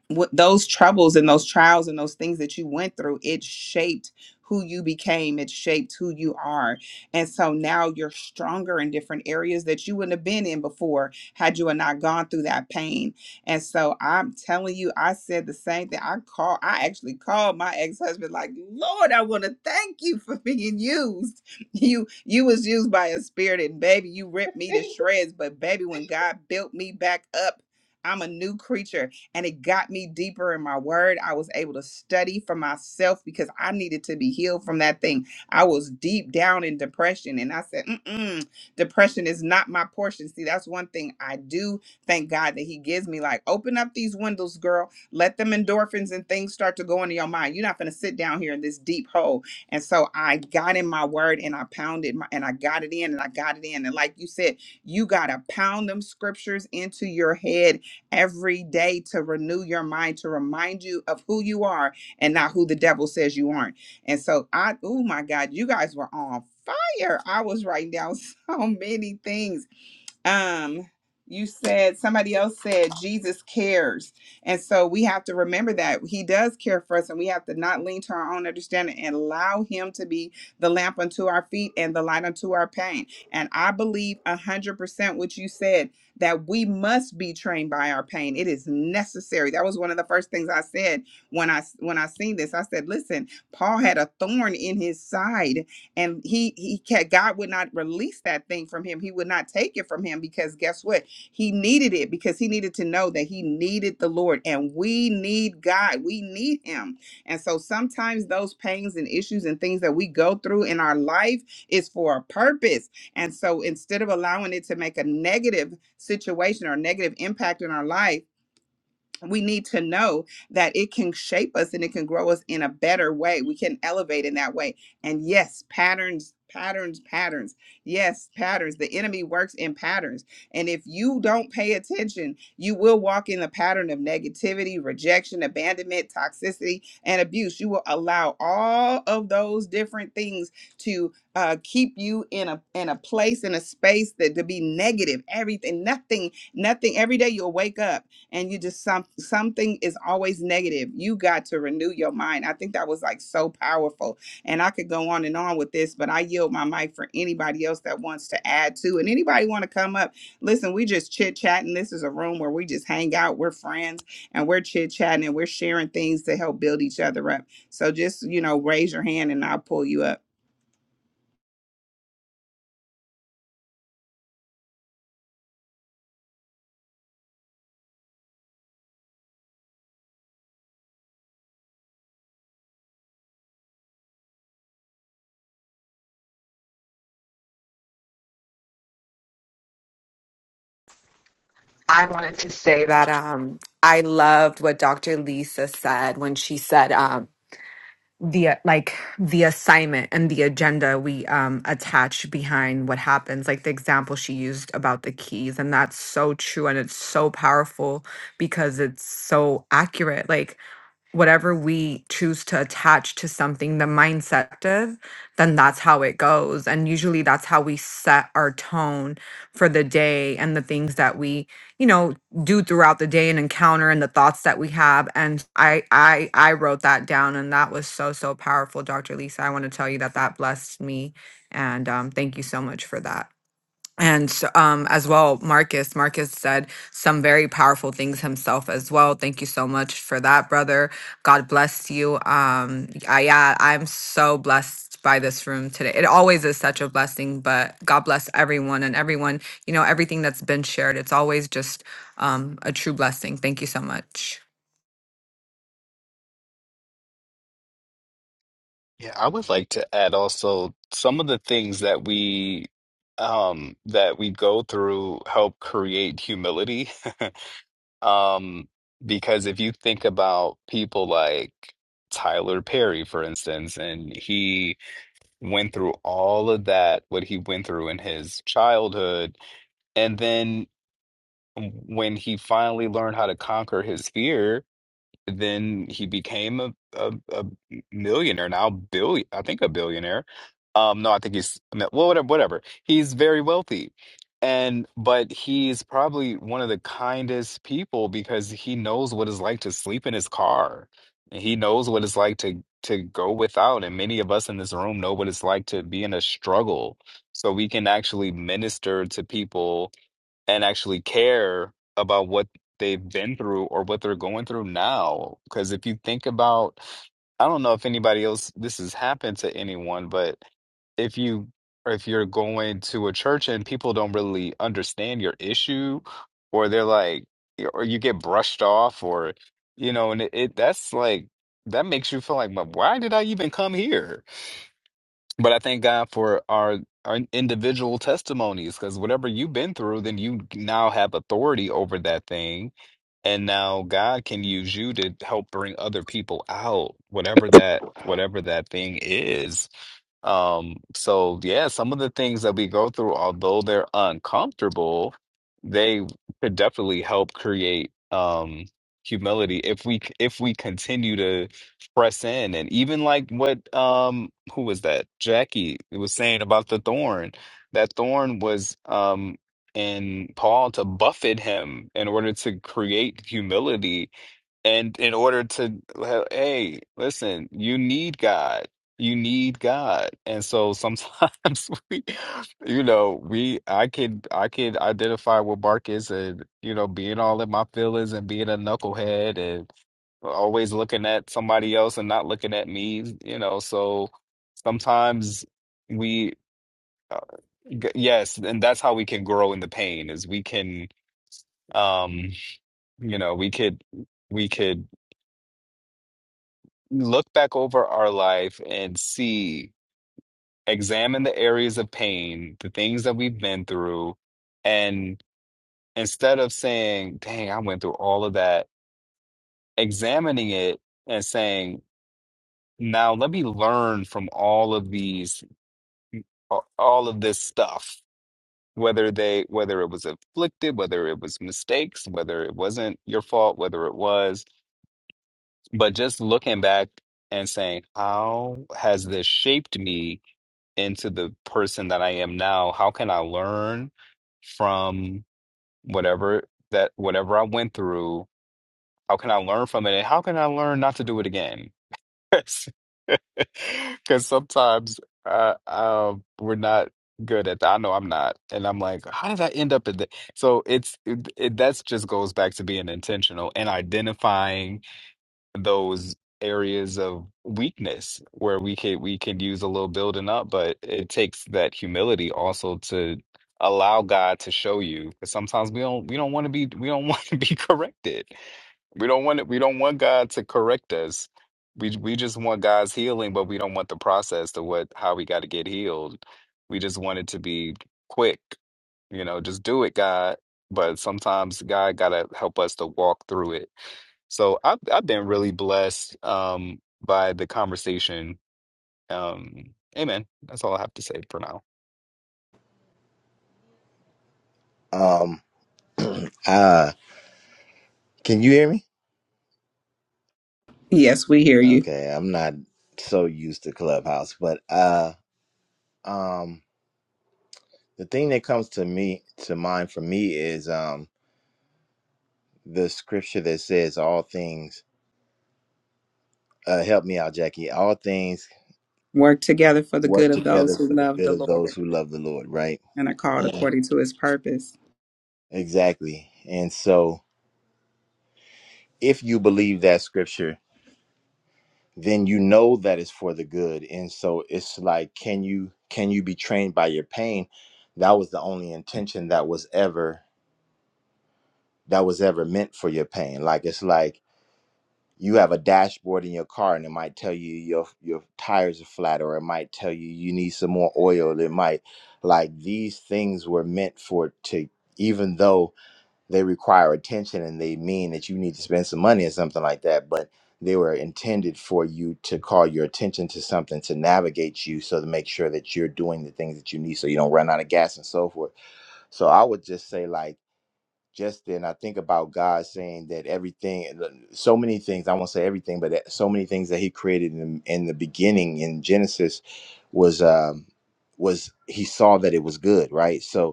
[SPEAKER 3] what those troubles and those trials and those things that you went through it shaped who you became it shaped who you are and so now you're stronger in different areas that you wouldn't have been in before had you had not gone through that pain and so i'm telling you i said the same thing i call i actually called my ex-husband like lord i want to thank you for being used you you was used by a spirit and baby you ripped me to shreds but baby when god built me back up i'm a new creature and it got me deeper in my word. I was able to study for myself because I needed to be healed from that thing. I was deep down in depression, and I said, Mm-mm, depression is not my portion. See, that's one thing I do thank God that He gives me. Like, open up these windows, girl. Let them endorphins and things start to go into your mind. You're not going to sit down here in this deep hole. And so I got in my word and I pounded my, and I got it in and I got it in. And like you said, you got to pound them scriptures into your head every day to renew your mind, to remind you of who you are and not who the devil says you aren't. And so I, oh my God, you guys were on fire. I was writing down so many things um you said somebody else said jesus cares and so we have to remember that he does care for us and we have to not lean to our own understanding and allow him to be the lamp unto our feet and the light unto our pain and i believe 100% what you said that we must be trained by our pain it is necessary that was one of the first things i said when i when i seen this i said listen paul had a thorn in his side and he he can't, God would not release that thing from him. He would not take it from him because guess what? He needed it because he needed to know that he needed the Lord, and we need God. We need Him, and so sometimes those pains and issues and things that we go through in our life is for a purpose. And so instead of allowing it to make a negative situation or negative impact in our life we need to know that it can shape us and it can grow us in a better way we can elevate in that way and yes patterns patterns patterns yes patterns the enemy works in patterns and if you don't pay attention you will walk in the pattern of negativity rejection abandonment toxicity and abuse you will allow all of those different things to uh, keep you in a in a place in a space that to be negative everything nothing nothing every day you'll wake up and you just some something is always negative you got to renew your mind i think that was like so powerful and i could go on and on with this but i yield my mic for anybody else that wants to add to and anybody want to come up listen we just chit chatting this is a room where we just hang out we're friends and we're chit chatting and we're sharing things to help build each other up so just you know raise your hand and i'll pull you up
[SPEAKER 4] I wanted to say that um, I loved what Dr. Lisa said when she said. um. the uh, like the assignment and the agenda we um attach behind what happens like the example she used about the keys and that's so true and it's so powerful because it's so accurate like whatever we choose to attach to something, the mindset of, then that's how it goes. And usually that's how we set our tone for the day and the things that we, you know, do throughout the day and encounter and the thoughts that we have. And I, I, I wrote that down and that was so, so powerful, Dr. Lisa. I want to tell you that that blessed me. And um, thank you so much for that and so, um, as well, Marcus. Marcus said some very powerful things himself as well. Thank you so much for that, brother. God bless you. Um, I, yeah, I'm so blessed by this room today. It always is such a blessing, but God bless everyone and everyone. You know, everything that's been shared. It's always just um, a true blessing. Thank you so much.
[SPEAKER 5] Yeah, I would like to add also some of the things that we um that we go through help create humility Um, because if you think about people like Tyler Perry, for instance, and he went through all of that, what he went through in his childhood, and then when he finally learned how to conquer his fear, then he became a, a, a millionaire now billion i think a billionaire um no i think he's no, well whatever whatever he's very wealthy and but he's probably one of the kindest people because he knows what it's like to sleep in his car he knows what it's like to to go without and many of us in this room know what it's like to be in a struggle so we can actually minister to people and actually care about what they've been through or what they're going through now. Because if you think about, I don't know if anybody else this has happened to anyone, but if you or if you're going to a church and people don't really understand your issue, or they're like, or you get brushed off, or you know, and it, it that's like that makes you feel like, "Well, why did I even come here? But I thank God for our our individual testimonies because whatever you've been through, then you now have authority over that thing. And now God can use you to help bring other people out, whatever that whatever that thing is. Um, so yeah, some of the things that we go through, although they're uncomfortable, they could definitely help create um humility if we if we continue to press in and even like what um who was that? Jackie was saying about the thorn. That thorn was um in Paul to buffet him in order to create humility and in order to, well, hey, listen, you need God. You need God. And so sometimes we, you know, we, I could, I could identify with Marcus and, you know, being all in my feelings and being a knucklehead and always looking at somebody else and not looking at me, you know. So sometimes we, uh, g- yes, and that's how we can grow in the pain is we can, um, you know, we could. We could look back over our life and see, examine the areas of pain, the things that we've been through, and instead of saying, dang, I went through all of that, examining it and saying, now let me learn from all of these, all of this stuff. Whether they, whether it was afflicted, whether it was mistakes, whether it wasn't your fault, whether it was, but just looking back and saying, how has this shaped me? into the person that I am now? How can I learn from whatever that whatever I went through? How can I learn from it? And how can I learn not to do it again? Because sometimes uh, uh, we're not good at that. I know I'm not, and I'm like, how did I end up at that? So it's it, it, that's just goes back to being intentional and identifying those areas of weakness where we could we could use a little building up, but it takes that humility also to allow God to show you. you. 'Cause sometimes we don't we don't want to be we don't want to be corrected. We don't want it. we don't want God to correct us. We we just want God's healing, but we don't want the process to what how we got to get healed. We just want it to be quick, you know, just do it, God. But sometimes God gotta help us to walk through it so I've I've been really blessed um by the conversation. Um, amen. That's all I have to say for now.
[SPEAKER 7] Um, uh, can you hear me?
[SPEAKER 3] yes we hear you
[SPEAKER 7] Okay, I'm not so used to Clubhouse, but uh, um, the thing that comes to me to mind for me is um the scripture that says all things. Uh, help me out, Jackie. All things
[SPEAKER 3] work together for the good
[SPEAKER 7] work
[SPEAKER 3] of those
[SPEAKER 7] together
[SPEAKER 3] who
[SPEAKER 7] for the
[SPEAKER 3] love
[SPEAKER 7] good
[SPEAKER 3] the
[SPEAKER 7] of those
[SPEAKER 3] lord
[SPEAKER 7] who love the Lord, right?
[SPEAKER 3] and are called
[SPEAKER 7] Mm.
[SPEAKER 3] according to his purpose
[SPEAKER 7] Exactly. And so, if you believe that scripture, then you know that it's for the good and so it's like can you can you be trained by your pain that was the only intention that was ever that was ever meant for your pain like it's like you have a dashboard in your car and it might tell you your your tires are flat or it might tell you you need some more oil it might like these things were meant for to even though they require attention and they mean that you need to spend some money or something like that but they were intended for you to call your attention to something to navigate you so to make sure that you're doing the things that you need so you don't run out of gas and so forth so i would just say like just then i think about god saying that everything uh, so many things i won't say everything but that- so many things that he created in, in the beginning in genesis was um was he saw that it was good right so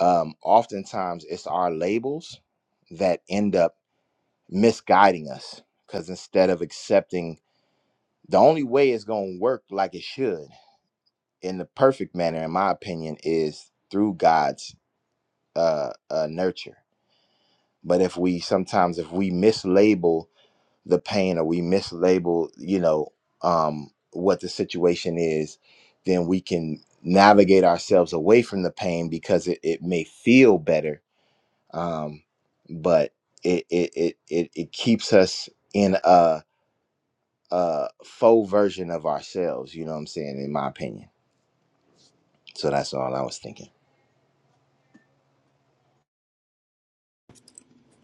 [SPEAKER 7] um, oftentimes it's our labels that end up misguiding us because instead of accepting the only way it's going to work like it should in the perfect manner in my opinion is through god's uh, uh nurture but if we sometimes if we mislabel the pain or we mislabel you know um what the situation is then we can navigate ourselves away from the pain because it, it may feel better um, but it it, it it it keeps us in a, a faux version of ourselves. You know what I'm saying? In my opinion. So that's all I was thinking.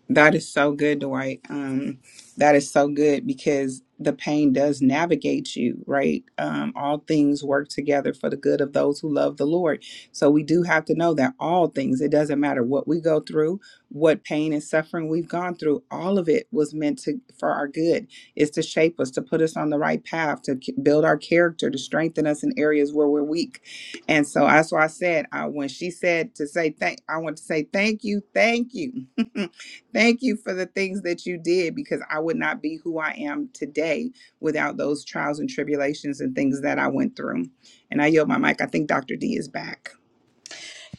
[SPEAKER 3] That is so good, Dwight. Um, that is so good because the pain does navigate you, right? Um, all things work together for the good of those who love the Lord. So we do have to know that all things, it doesn't matter what we go through, what pain and suffering we've gone through, all of it was meant to for our good, It's to shape us, to put us on the right path, to k- build our character, to strengthen us in areas where we're weak. And so that's why I said, uh, when she said to say thank, I want to say thank you, thank you. Thank you for the things that you did because I would not be who I am today without those trials and tribulations and things that I went through. And I yield my mic. I think Dr. D is back.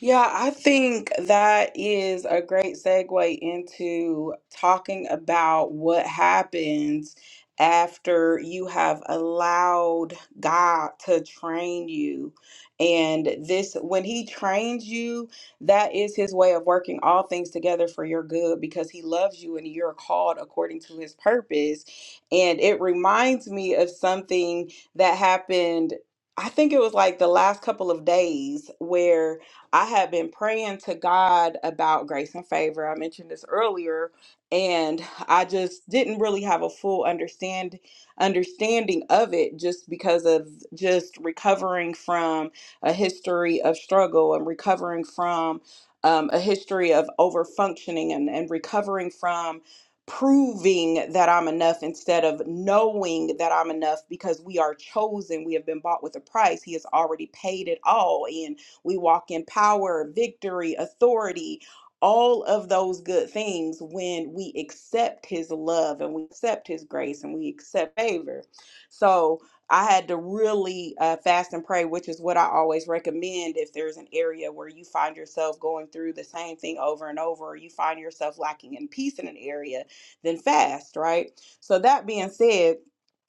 [SPEAKER 1] Yeah, I think that is a great segue into talking about what happens after you have allowed God to train you. And this, when He trains you, that is His way of working all things together for your good because He loves you and you're called according to His purpose. And it reminds me of something that happened. I think it was like the last couple of days where I have been praying to God about grace and favor. I mentioned this earlier, and I just didn't really have a full understand understanding of it just because of just recovering from a history of struggle and recovering from um, a history of over functioning and, and recovering from proving that I'm enough instead of knowing that I'm enough because we are chosen. We have been bought with a price. He has already paid it all. And we walk in power, victory, authority, all of those good things when we accept his love and we accept his grace and we accept favor. So I had to really uh, fast and pray, which is what I always recommend if there's an area where you find yourself going through the same thing over and over, or you find yourself lacking in peace in an area, then fast, right? So, that being said,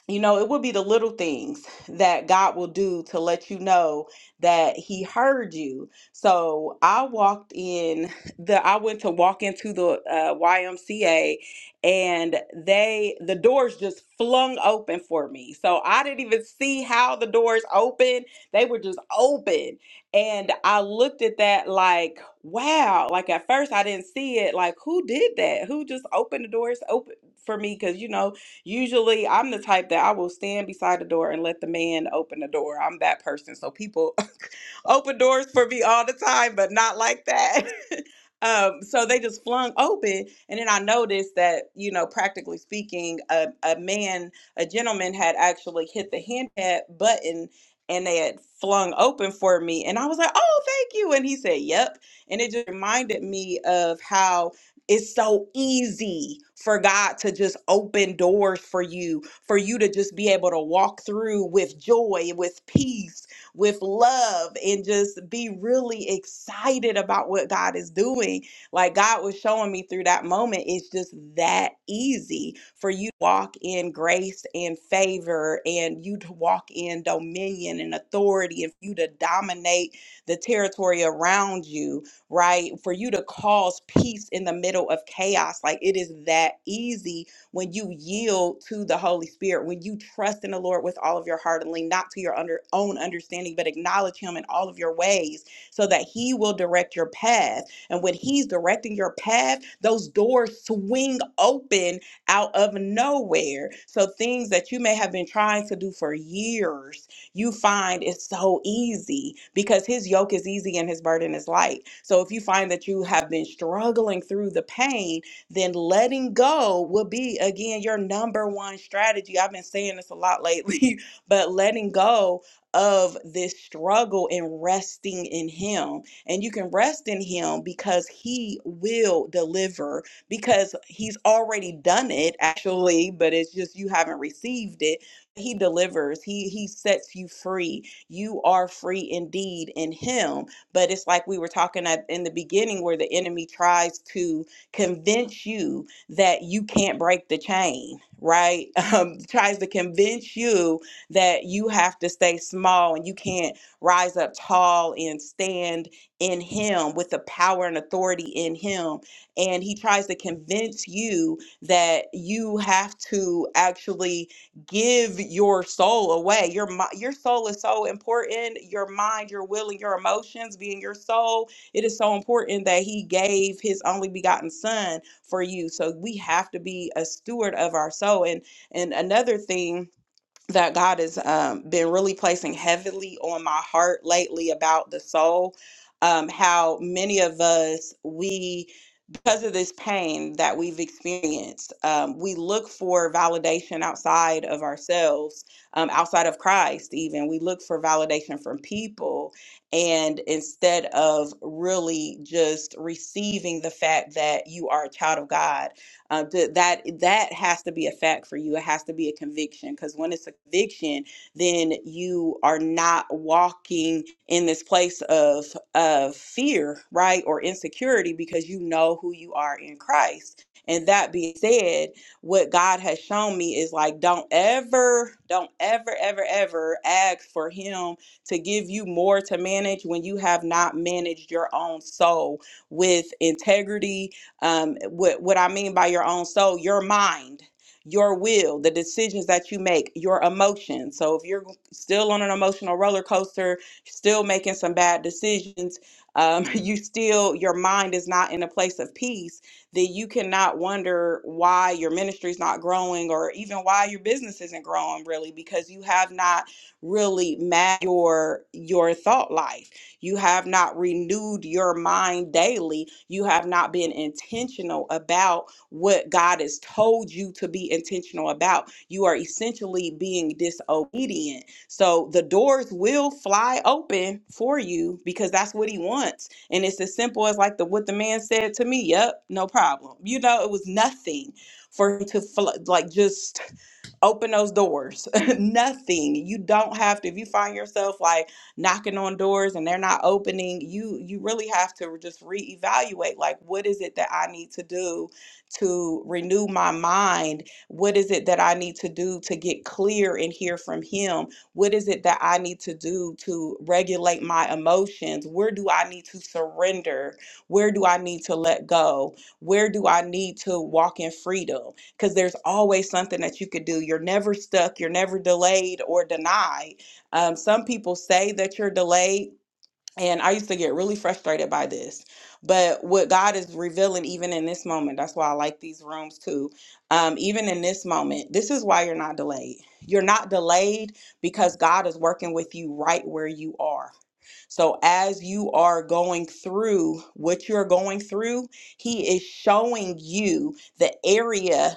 [SPEAKER 1] you know, it will be the little things that God will do to let you know that he heard you. So I walked in the I went to walk into the uh, YMCA and they the doors just flung open for me. So I didn't even see how the doors opened. They were just open. And I looked at that like, wow. Like at first I didn't see it. Like who did that? Who just opened the doors open for me? Cause you know, Usually, I'm the type that I will stand beside the door and let the man open the door. I'm that person. So people open doors for me all the time, but not like that. Um, so they just flung open, and then I noticed that, you know, practically speaking, a, a man, a gentleman had actually hit the hand button and they had flung open for me. And I was like, oh, thank you. And he said, yep. And it just reminded me of how it's so easy for God to just open doors for you, for you to just be able to walk through with joy, with peace, with love, and just be really excited about what God is doing. Like God was showing me through that moment, it's just that easy for you to walk in grace and favor, and you to walk in dominion and authority, and you to dominate the territory around you right? For you to cause peace in the middle of chaos. Like it is that easy when you yield to the Holy Spirit, when you trust in the Lord with all of your heart and lean not to your under, own understanding, but acknowledge Him in all of your ways so that He will direct your path. And when He's directing your path, those doors swing open out of nowhere. So things that you may have been trying to do for years you find it's so easy because his yoke is easy and his burden is light. So if you find that you have been struggling through the pain, then letting go will be again your number one strategy. I've been saying this a lot lately, but letting go of this struggle and resting in him. And you can rest in him because he will deliver because he's already done it actually, but it's just you haven't received it he delivers he he sets you free you are free indeed in him but it's like we were talking at in the beginning where the enemy tries to convince you that you can't break the chain right um, tries to convince you that you have to stay small and you can't rise up tall and stand in him with the power and authority in him and he tries to convince you that you have to actually give your soul away. Your mi- your soul is so important. Your mind, your will, and your emotions being your soul. It is so important that He gave His only begotten Son for you. So we have to be a steward of our soul. And and another thing that God has um, been really placing heavily on my heart lately about the soul, um, how many of us we because of this pain that we've experienced, um, we look for validation outside of ourselves, um, outside of Christ, even. We look for validation from people. And instead of really just receiving the fact that you are a child of God, uh, th- that that has to be a fact for you. It has to be a conviction because when it's a conviction, then you are not walking in this place of of fear, right? Or insecurity because you know who you are in Christ. And that being said, what God has shown me is like don't ever, don't ever, ever, ever ask for him to give you more to manage when you have not managed your own soul with integrity. Um, what what I mean by your own soul, your mind your will, the decisions that you make, your emotions. So if you're still on an emotional roller coaster, still making some bad decisions, um, you still your mind is not in a place of peace. Then you cannot wonder why your ministry is not growing, or even why your business isn't growing, really, because you have not really met your your thought life. You have not renewed your mind daily. You have not been intentional about what God has told you to be intentional about. You are essentially being disobedient. So the doors will fly open for you because that's what he wants. And it's as simple as like the what the man said to me, yep, no problem. You know, it was nothing for him to fl- like just open those doors. Nothing. You don't have to. If you find yourself like knocking on doors and they're not opening, you you really have to just reevaluate. Like, what is it that I need to do to renew my mind? What is it that I need to do to get clear and hear from Him? What is it that I need to do to regulate my emotions? Where do I need to surrender? Where do I need to let go? Where do I need to walk in freedom? because there's always something that you could do. You're never stuck, you're never delayed or denied. Um, some people say that you're delayed and I used to get really frustrated by this. But what God is revealing, even in this moment, that's why I like these rooms too. Um, even in this moment, this is why you're not delayed. You're not delayed because God is working with you right where you are. So, as you are going through what you're going through, He is showing you the area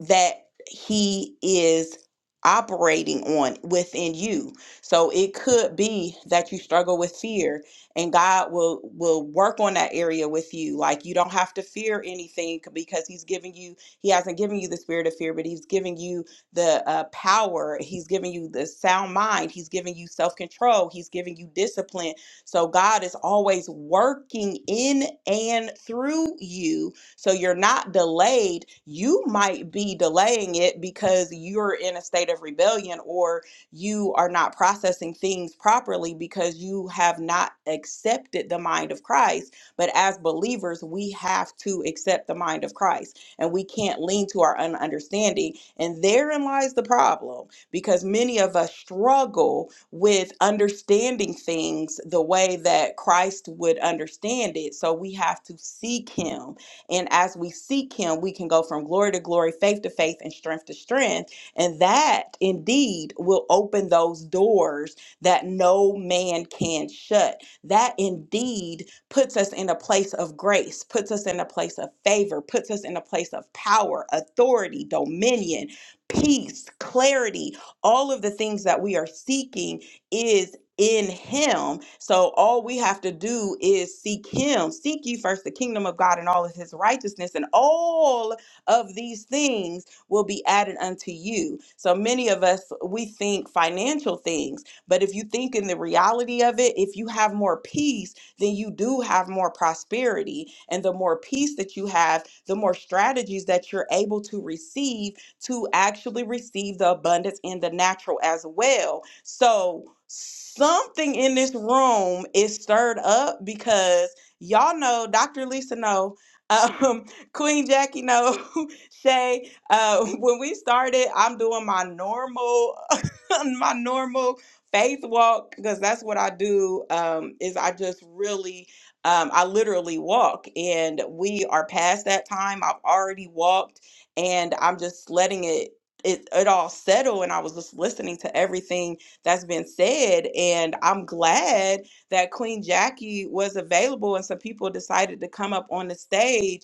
[SPEAKER 1] that He is operating on within you. So, it could be that you struggle with fear and God will will work on that area with you. Like you don't have to fear anything because He's giving you. He hasn't given you the spirit of fear, but He's giving you the uh, power. He's giving you the sound mind. He's giving you self control. He's giving you discipline. So God is always working in and through you. So you're not delayed. You might be delaying it because you're in a state of rebellion or you are not processing things properly because you have not accepted the mind of Christ. But as believers, we have to accept the mind of Christ and we can't lean to our own understanding. And therein lies the problem because many of us struggle with understanding things the way that Christ would understand it. So we have to seek Him. And as we seek Him, we can go from glory to glory, faith to faith, and strength to strength and that indeed will open those doors that no man can shut. That indeed puts us in a place of grace, puts us in a place of favor, puts us in a place of power, authority, dominion, peace, clarity, all of the things that we are seeking is in him. So all we have to do is seek him. Seek ye first the kingdom of God and all of his righteousness and all of these things will be added unto you. So many of us, we think financial things, but if you think in the reality of it, if you have more peace, then you do have more prosperity. And the more peace that you have, the more strategies that you're able to receive to actually receive the abundance in the natural as well. So, something in this room is stirred up because y'all know Dr. Lisa know um Queen Jackie know Shay uh, when we started, I'm doing my normal, my normal faith walk because that's what I do. Um, is I just really, um, I literally walk, and we are past that time. I've already walked, and I'm just letting it. It, it all settle and i was just listening to everything that's been said and i'm glad that Queen Jackie was available and some people decided to come up on the stage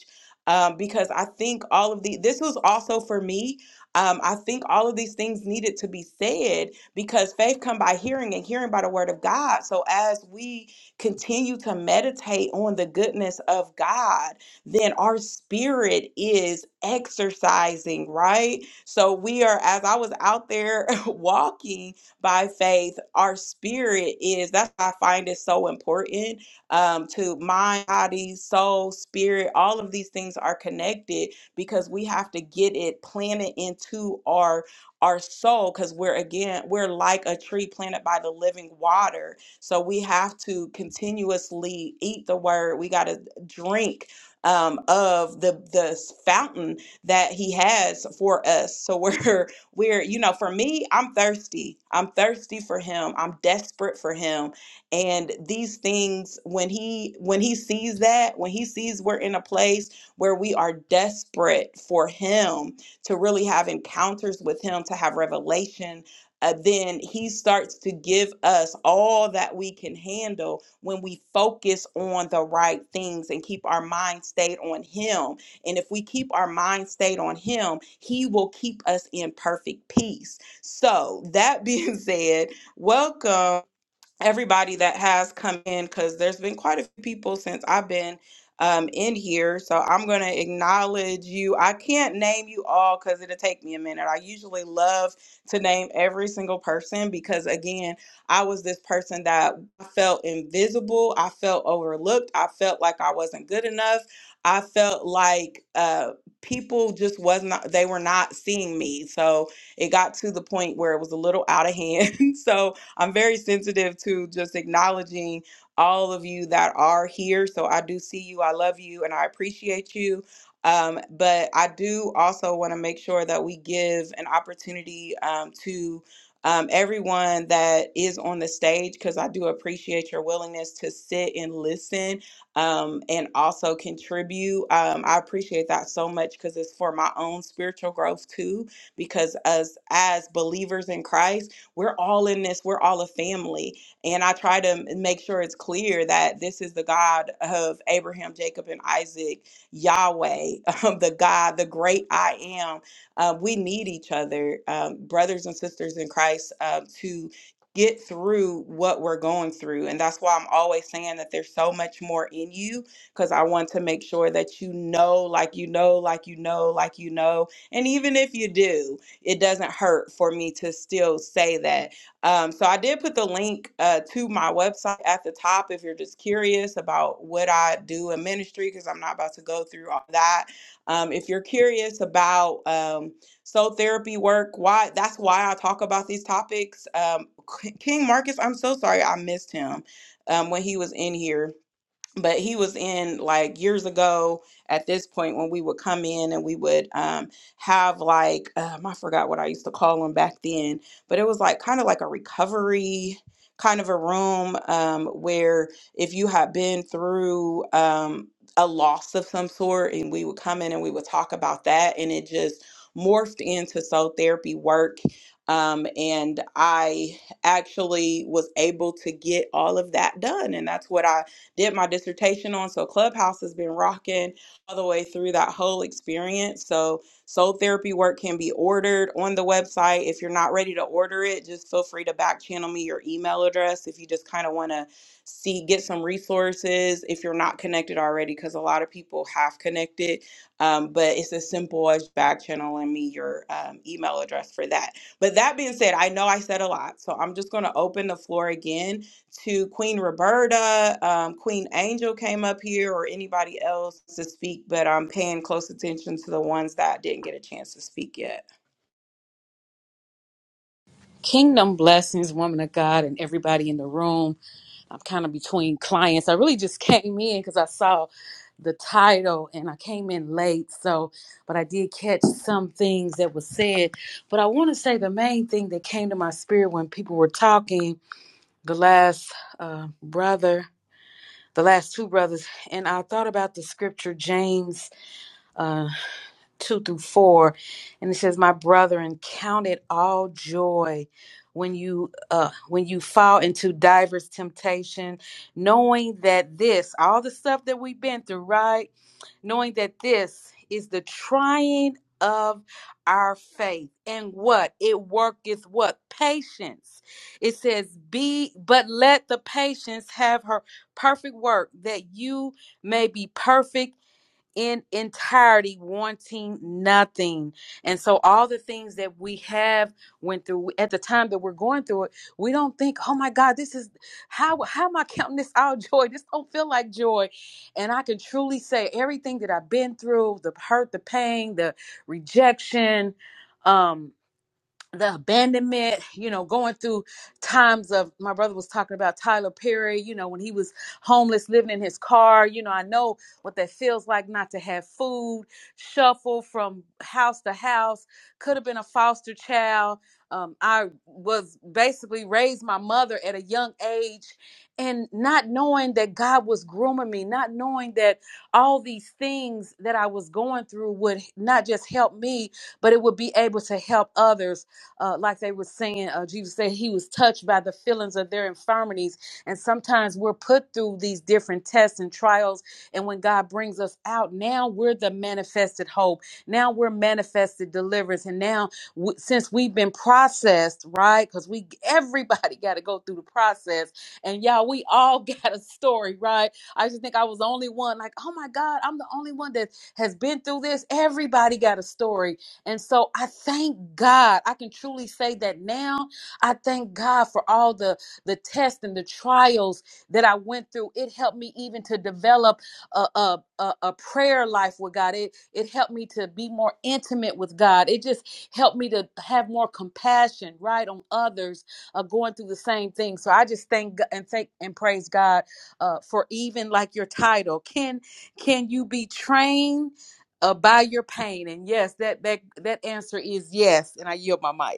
[SPEAKER 1] um, because I think all of the this was also for me. Um, I think all of these things needed to be said because faith come by hearing and hearing by the word of God. So as we continue to meditate on the goodness of God, then our spirit is exercising, right? So we are as I was out there walking by faith, our spirit is that's why I find it so important um, to mind, body, soul, spirit. All of these things are connected because we have to get it planted into our our soul because we're again we're like a tree planted by the living water so we have to continuously eat the word we got to drink um, of the the fountain that he has for us so we're we're you know for me i'm thirsty i'm thirsty for him i'm desperate for him and these things when he when he sees that when he sees we're in a place where we are desperate for him to really have encounters with him to have revelation uh, then he starts to give us all that we can handle when we focus on the right things and keep our mind stayed on him and if we keep our mind stayed on him he will keep us in perfect peace so that being said welcome everybody that has come in because there's been quite a few people since I've been um, in here. So I'm going to acknowledge you. I can't name you all because it'll take me a minute. I usually love to name every single person because, again, I was this person that felt invisible. I felt overlooked. I felt like I wasn't good enough. I felt like uh, people just was not, they were not seeing me. So it got to the point where it was a little out of hand. so, I'm very sensitive to just acknowledging all of you that are here. So I do see you. I love you and I appreciate you. Um, but I do also want to make sure that we give an opportunity um, to um, everyone that is on the stage because I do appreciate your willingness to sit and listen um, and also contribute. Um, I appreciate that so much because it's for my own spiritual growth too. Because as as believers in Christ we're all in this, we're all a family. And I try to make sure it's clear that this is the God of Abraham, Jacob, and Isaac, Yahweh, um, the God, the great I am. Uh, we need each other, um, brothers and sisters in Christ, uh, to get through what we're going through. And that's why I'm always saying that there's so much more in you because I want to make sure that you know, like you know, like you know, like you know. And even if you do it doesn't hurt for me to still say that. Um, so I did put the link uh, to my website at the top if you're just curious about what I do in ministry, because I'm not about to go through all that. Um, if you're curious about um, soul therapy work, why that's why I talk about these topics. Um, K- King Marcus, I'm so sorry I missed him um, when he was in here but he was in like years ago at this point when we would come in and we would um, have like um, i forgot what i used to call them back then but it was like kind of like a recovery kind of a room um, where if you had been through um, a loss of some sort and we would come in and we would talk about that and it just morphed into soul therapy work um, and i actually was able to get all of that done and that's what i did my dissertation on. So Clubhouse has been rocking all the way through that whole experience. So soul therapy work can be ordered on the website. If you're not ready to order it, just feel free to back channel me your email address if you just kind of want to see get some resources if you're not connected already because a lot of people have connected um, but it's as simple as back channeling me your um, email address for that but that being said i know i said a lot so i'm just going to open the floor again to Queen Roberta. Um, Queen Angel came up here, or anybody else to speak, but I'm paying close attention to the ones that didn't get a chance to speak yet.
[SPEAKER 8] Kingdom blessings, woman of God, and everybody in the room. I'm kind of between clients. I really just came in because I saw the title and I came in late. So, but I did catch some things that was said. But I want to say the main thing that came to my spirit when people were talking, the last uh, brother, the last two brothers, and I thought about the scripture, James uh, 2 through 4 and it says my brethren count it all joy when you uh when you fall into diverse temptation knowing that this all the stuff that we've been through right knowing that this is the trying of our faith and what it worketh what patience it says be but let the patience have her perfect work that you may be perfect in entirety wanting nothing and so all the things that we have went through at the time that we're going through it we don't think oh my god this is how how am i counting this out joy this don't feel like joy and i can truly say everything that i've been through the hurt the pain the rejection um the abandonment, you know, going through times of my brother was talking about Tyler Perry, you know, when he was homeless living in his car, you know, I know what that feels like not to have food, shuffle from house to house, could have been a foster child. Um, I was basically raised my mother at a young age and not knowing that God was grooming me, not knowing that all these things that I was going through would not just help me, but it would be able to help others uh, like they were saying, uh, Jesus said he was touched by the feelings of their infirmities. And sometimes we're put through these different tests and trials. And when God brings us out, now we're the manifested hope. Now we're manifested deliverance. And now, w- since we've been processed, right? Because we everybody got to go through the process. And y'all, we all got a story, right? I just think I was the only one. Like, oh my God, I'm the only one that has been through this. Everybody got a story and so I thank God. I can truly say that now. I thank God for all the the tests and the trials that I went through. It helped me even to develop a a, a, a prayer life with God. It it helped me to be more intimate with God. It just helped me to have more compassion, right, on others uh, going through the same thing. So I just thank Go- and thank and praise God uh, for even like your title. Can can you be trained? uh, by your pain. And yes, that that that answer is yes. And I yield my mic.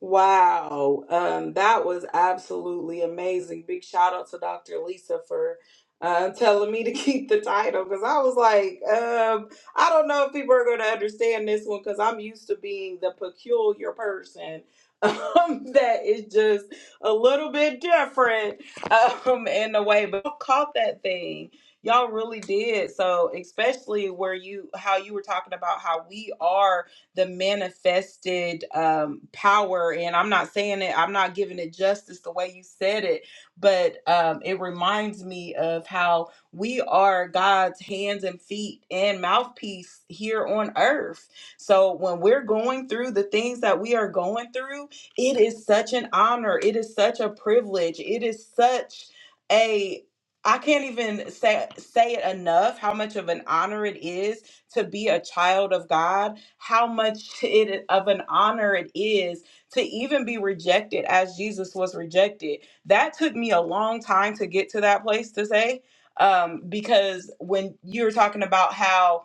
[SPEAKER 1] Wow, um, that was absolutely amazing. Big shout out to Dr. Lisa for uh, telling me to keep the title because I was like, um, I don't know if people are going to understand this one because I'm used to being the peculiar person um, that is just a little bit different um, in a way, but y'all caught that thing. Y'all really did. So, especially where you, how you were talking about how we are the manifested um, power. And I'm not saying it, I'm not giving it justice the way you said it, but um, it reminds me of how we are God's hands and feet and mouthpiece here on earth. So when we're going through the things that we are going through, it is such an honor. It is such a privilege. It is such a I can't even say say it enough how much of an honor it is to be a child of God, how much it of an honor it is to even be rejected as Jesus was rejected. That took me a long time to get to that place to say um, because when you were talking about how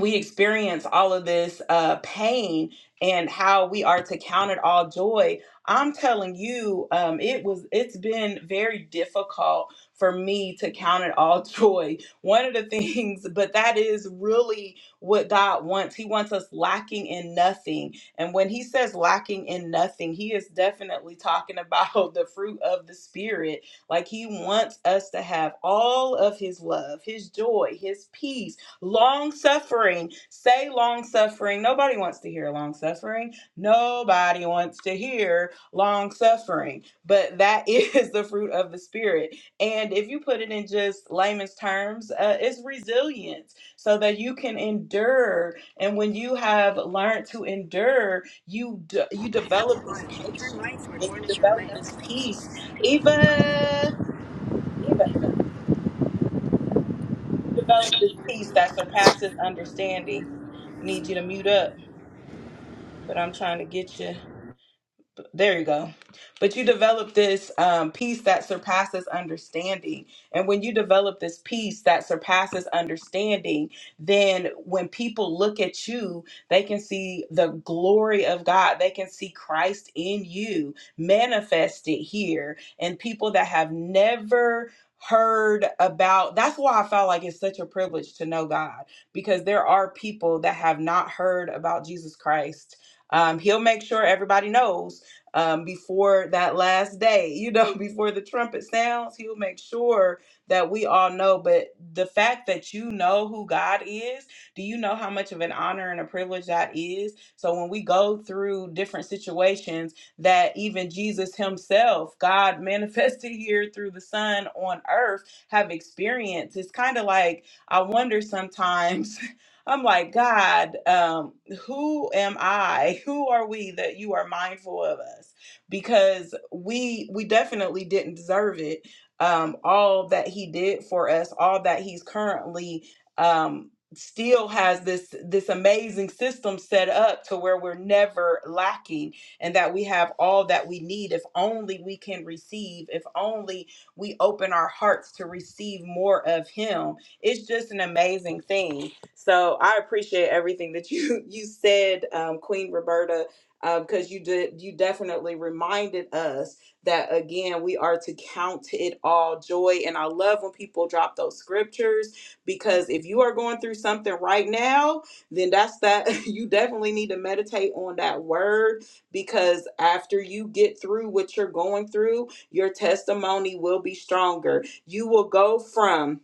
[SPEAKER 1] we experience all of this uh, pain and how we are to count it all joy i'm telling you um, it was it's been very difficult for me to count it all joy one of the things but that is really what god wants he wants us lacking in nothing and when he says lacking in nothing he is definitely talking about the fruit of the spirit like he wants us to have all of his love his joy his peace Long suffering. Say long suffering. Nobody wants to hear long suffering. Nobody wants to hear long suffering. But that is the fruit of the Spirit. And if you put it in just layman's terms, uh, it's resilience so that you can endure. And when you have learned to endure, you, d- you develop this
[SPEAKER 9] Turn right
[SPEAKER 1] patience
[SPEAKER 9] toward
[SPEAKER 1] and you
[SPEAKER 9] Warnisher
[SPEAKER 1] develop
[SPEAKER 9] Way.
[SPEAKER 1] this peace. Eva. Eva to develop this peace that surpasses understanding. I need you to mute up, but I'm trying to get you there you go but you develop this um, peace that surpasses understanding and when you develop this peace that surpasses understanding then when people look at you they can see the glory of god they can see christ in you manifested here and people that have never heard about that's why i felt like it's such a privilege to know god because there are people that have not heard about jesus christ um, he'll make sure everybody knows um, before that last day, you know, before the trumpet sounds, he'll make sure that we all know. But the fact that you know who God is, do you know how much of an honor and a privilege that is? So when we go through different situations, that even Jesus himself, God manifested here through the Son on earth, have experienced, it's kind of like I wonder sometimes I'm like, God, um, who am I? Who are we that you are mindful of us? Because we we definitely didn't deserve it. Um, all that He did for us, all that He's currently um, still has this this amazing system set up to where we're never lacking, and that we have all that we need. If only we can receive. If only we open our hearts to receive more of Him. It's just an amazing thing so I appreciate everything that you you said, um, Queen Roberta, because you did you definitely reminded us that again we are to count it all joy. And I love when people drop those scriptures because if you are going through something right now, then that's that you definitely need to meditate on that word because after you get through what you're going through, your testimony will be stronger. You will go from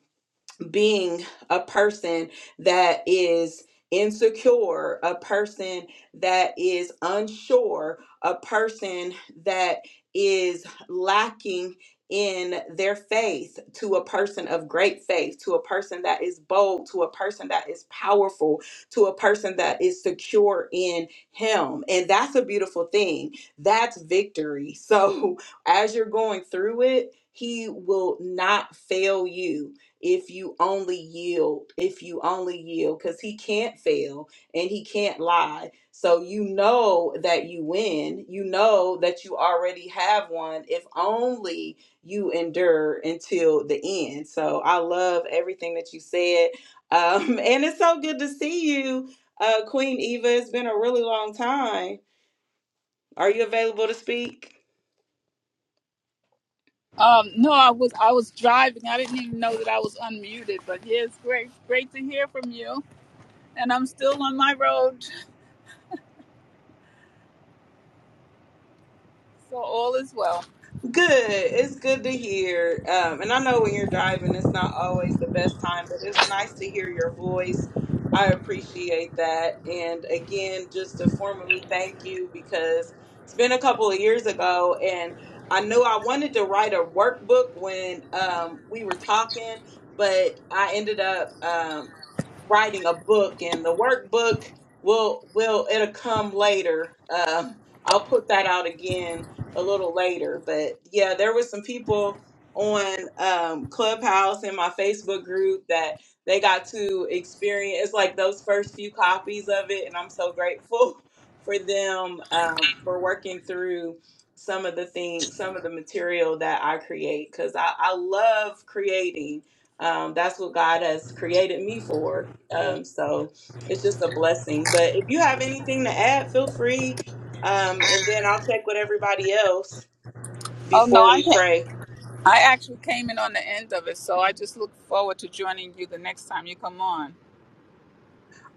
[SPEAKER 1] being a person that is insecure, a person that is unsure, a person that is lacking in their faith to a person of great faith, to a person that is bold, to a person that is powerful, to a person that is secure in Him. And that's a beautiful thing. That's victory. So as you're going through it, He will not fail you if you only yield, if you only yield, because he can't fail and he can't lie. So you know that you win. You know that you already have one if only you endure until the end. So I love everything that you said. Um, and it's so good to see you, uh, Queen Eva. It's been a really long time. Are you available to speak?
[SPEAKER 9] Um, no, I was I was driving. I didn't even know that I was unmuted. But yeah, it's great, great to hear from you. And I'm still on my road, so all is well.
[SPEAKER 1] Good. It's good to hear. Um, and I know when you're driving, it's not always the best time, but it's nice to hear your voice. I appreciate that. And again, just to formally thank you because it's been a couple of years ago and I knew I wanted to write a workbook when um, we were talking, but I ended up. um, writing a book and the workbook will will it'll come later um i'll put that out again a little later but yeah there were some people on um clubhouse and my facebook group that they got to experience like those first few copies of it and i'm so grateful for them um, for working through some of the things some of the material that i create because I, I love creating um, that's what God has created me for. Um, so it's just a blessing. But if you have anything to add, feel free. Um, and then I'll check with everybody else
[SPEAKER 9] Oh no,
[SPEAKER 1] before we
[SPEAKER 9] I ca-
[SPEAKER 1] pray.
[SPEAKER 9] I actually came in on the end of it, so I just look forward to joining you the next time you come on.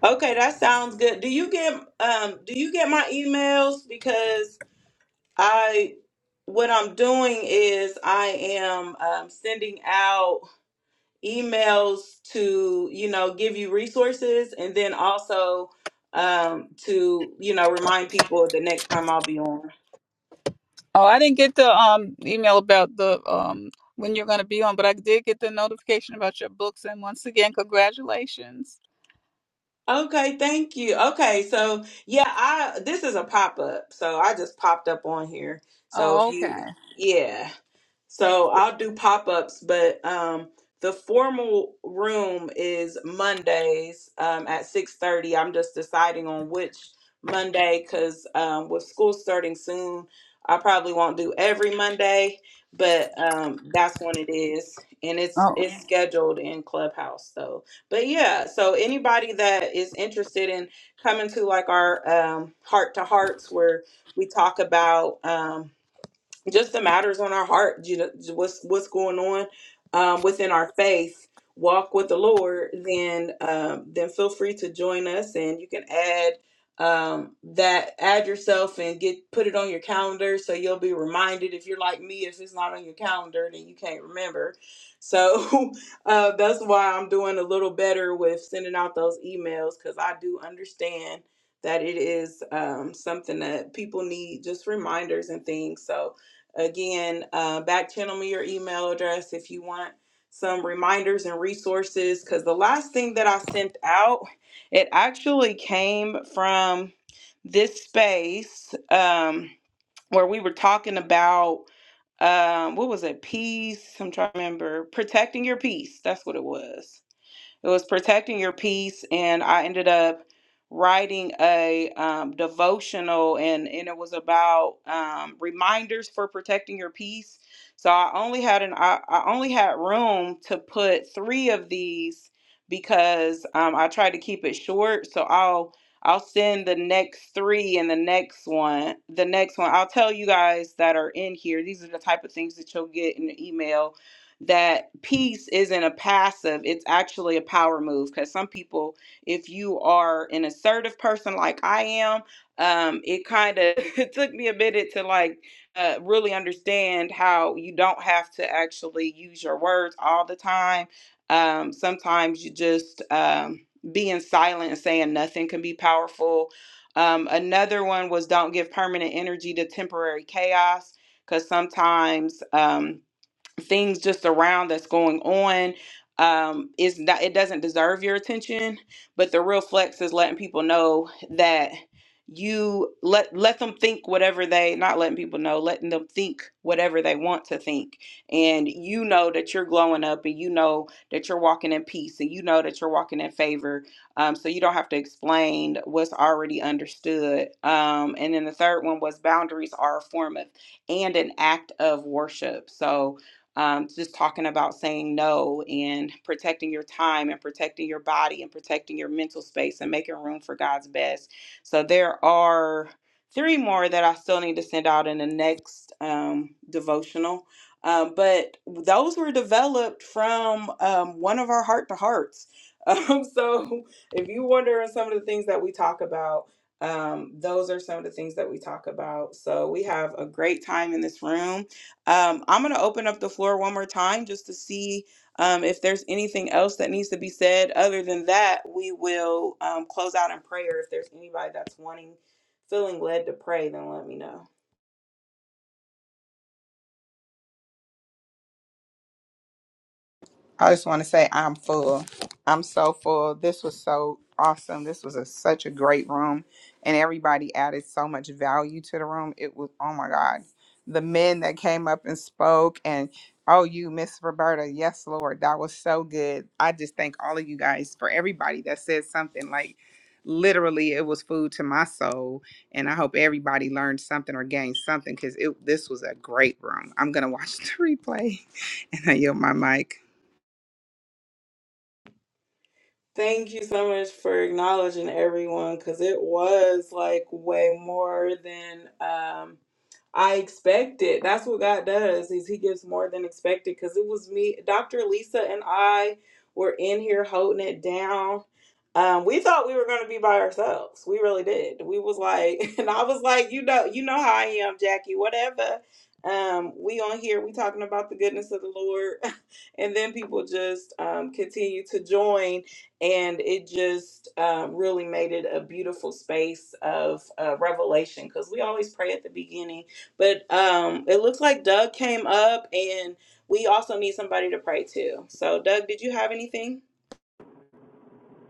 [SPEAKER 1] Okay, that sounds good. Do you get um do you get my emails because I what I'm doing is I am um, sending out emails to you know give you resources and then also um to you know remind people the next time I'll be on.
[SPEAKER 9] Oh, I didn't get the um email about the um when you're going to be on, but I did get the notification about your books. And once again, congratulations.
[SPEAKER 1] Okay, thank you. Okay, so yeah, I this is a pop-up. So I just popped up on here. So if
[SPEAKER 9] Oh,
[SPEAKER 1] you
[SPEAKER 9] okay.
[SPEAKER 1] yeah. So I'll do pop ups, but um, the formal room is Mondays um, at six thirty. I'm just deciding on which Monday because um, with school starting soon, I probably won't do every Monday, but um, that's when it is, and it's
[SPEAKER 9] Oh.
[SPEAKER 1] it's scheduled in Clubhouse. So, but yeah, so anybody that is interested in coming to like our um, heart to hearts where we talk about. Um, just the matters on our heart, you know, what's what's going on um, within our faith walk with the Lord, then um, then feel free to join us, and you can add um, that add yourself and get put it on your calendar so you'll be reminded. If you're like me, if it's not on your calendar, then you can't remember. So uh, that's why I'm doing a little better with sending out those emails because I do understand. That it is um, something that people need, just reminders and things. So, Again, uh, back channel me your email address if you want some reminders and resources. Because the last thing that I sent out, it actually came from this space um, where we were talking about um, what was it? Peace. I'm trying to remember. Protecting your peace. That's what it was it was protecting your peace, and I ended up writing a um, devotional, and and it was about um, reminders for protecting your peace. So I only had an I, I only had room to put three of these because um, I tried to keep it short. So I'll I'll send the next three and the next one. The next one I'll tell you guys that are in here. These are the type of things that you'll get in the email that peace isn't a passive, it's actually a power move. Because some people, if you are an assertive person like I am, um, it kind of it took me a minute to like uh, really understand how you don't have to actually use your words all the time. Um, sometimes you just um, being silent and saying nothing can be powerful. Um, another one was don't give permanent energy to temporary chaos because sometimes. Um, things just around that's going on um is not it doesn't deserve your attention but the real flex is letting people know that you let let them think whatever they not letting people know letting them think whatever they want to think and you know that you're glowing up and you know that you're walking in peace and you know that you're walking in favor um so you don't have to explain what's already understood um and then the third one was boundaries are a form of and an act of worship so um, just talking about saying no and protecting your time and protecting your body and protecting your mental space and making room for God's best. So there are three more that I still need to send out in the next um, devotional. Um, but those were developed from um, one of our heart to hearts. Um, so if you wonder on some of the things that we talk about, um, those are some of the things that we talk about. So we have a great time in this room. Um, I'm going to open up the floor one more time just to see um, if there's anything else that needs to be said. Other than that, we will um, close out in prayer. If there's anybody that's wanting, feeling led to pray, then let me know.
[SPEAKER 3] I just want to say I'm full. I'm so full. This was so awesome. This was a, such a great room, and everybody added so much value to the room. It was oh my god, the men that came up and spoke, and oh you, Miss Roberta, yes Lord, that was so good. I just thank all of you guys for everybody that said something like. Literally, it was food to my soul, and I hope everybody learned something or gained something because it this was a great room. I'm gonna watch the replay and I yield my mic.
[SPEAKER 1] Thank you so much for acknowledging everyone because it was like way more than um, I expected. That's what God does is he gives more than expected because it was me, Dr. Lisa and I were in here holding it down. Um, we thought we were going to be by ourselves. We really did. We was like, and I was like, you know, you know how I am, Jackie, whatever. Um, we on here, we talking about the goodness of the Lord. and then people just um, continue to join and it just um, really made it a beautiful space of uh, revelation because we always pray at the beginning but um, it looks like doug came up and we also need somebody to pray to so doug did you have anything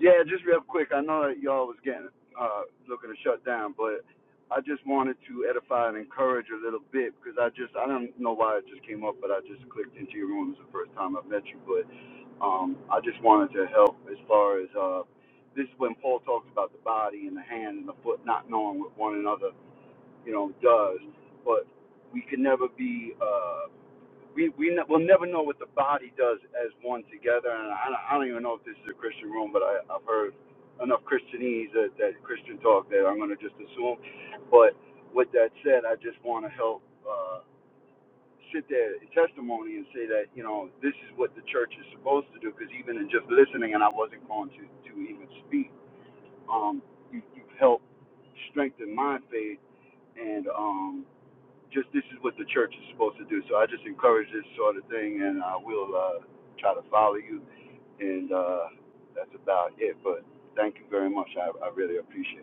[SPEAKER 10] Yeah, just real quick. I know that y'all was getting uh, looking to shut down, but I just wanted to edify and encourage a little bit because I just I don't know why it just came up, but I just clicked into your room. It's the first time I've met you, but um, I just wanted to help as far as uh, this is when Paul talks about the body and the hand and the foot not knowing what one another you know does, but we can never be. Uh, we we ne- will never know what the body does as one together. And I, don't- I don't even know if this is a Christian room, but I, I've heard enough Christianese that, that Christian talk that I'm going to just assume. But with that said, I just want to help uh, sit there in testimony and say that you know this is what the church is supposed to do. Because even in just listening, and I wasn't going to to even speak. Um, you, you've helped strengthen my faith and um just this is what the church is supposed to do. So I just encourage this sort of thing, and I will uh, try to follow you. And uh, that's about it. But thank you very much. I, I really appreciate it.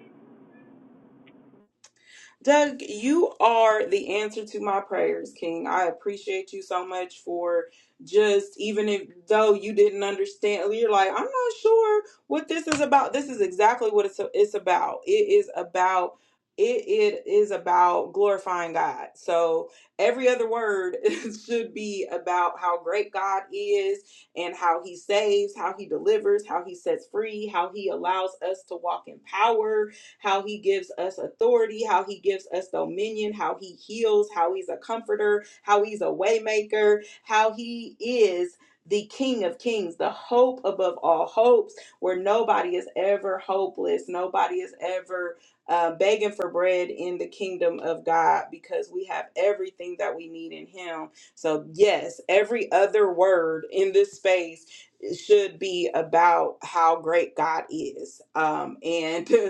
[SPEAKER 1] Doug, you are the answer to my prayers, King. I appreciate you so much for just even if though you didn't understand, you're like, I'm not sure what this is about. This is exactly what it's it's about. It is about it, it is about glorifying God. So every other word should be about how great God is and how he saves, how he delivers, how he sets free, how he allows us to walk in power, how he gives us authority, how he gives us dominion, how he heals, how he's a comforter, how he's a waymaker, how he is the King of Kings, the hope above all hopes, where nobody is ever hopeless, nobody is ever uh, begging for bread in the kingdom of God because we have everything that we need in Him. So, yes, every other word in this space should be about how great God is. Um, and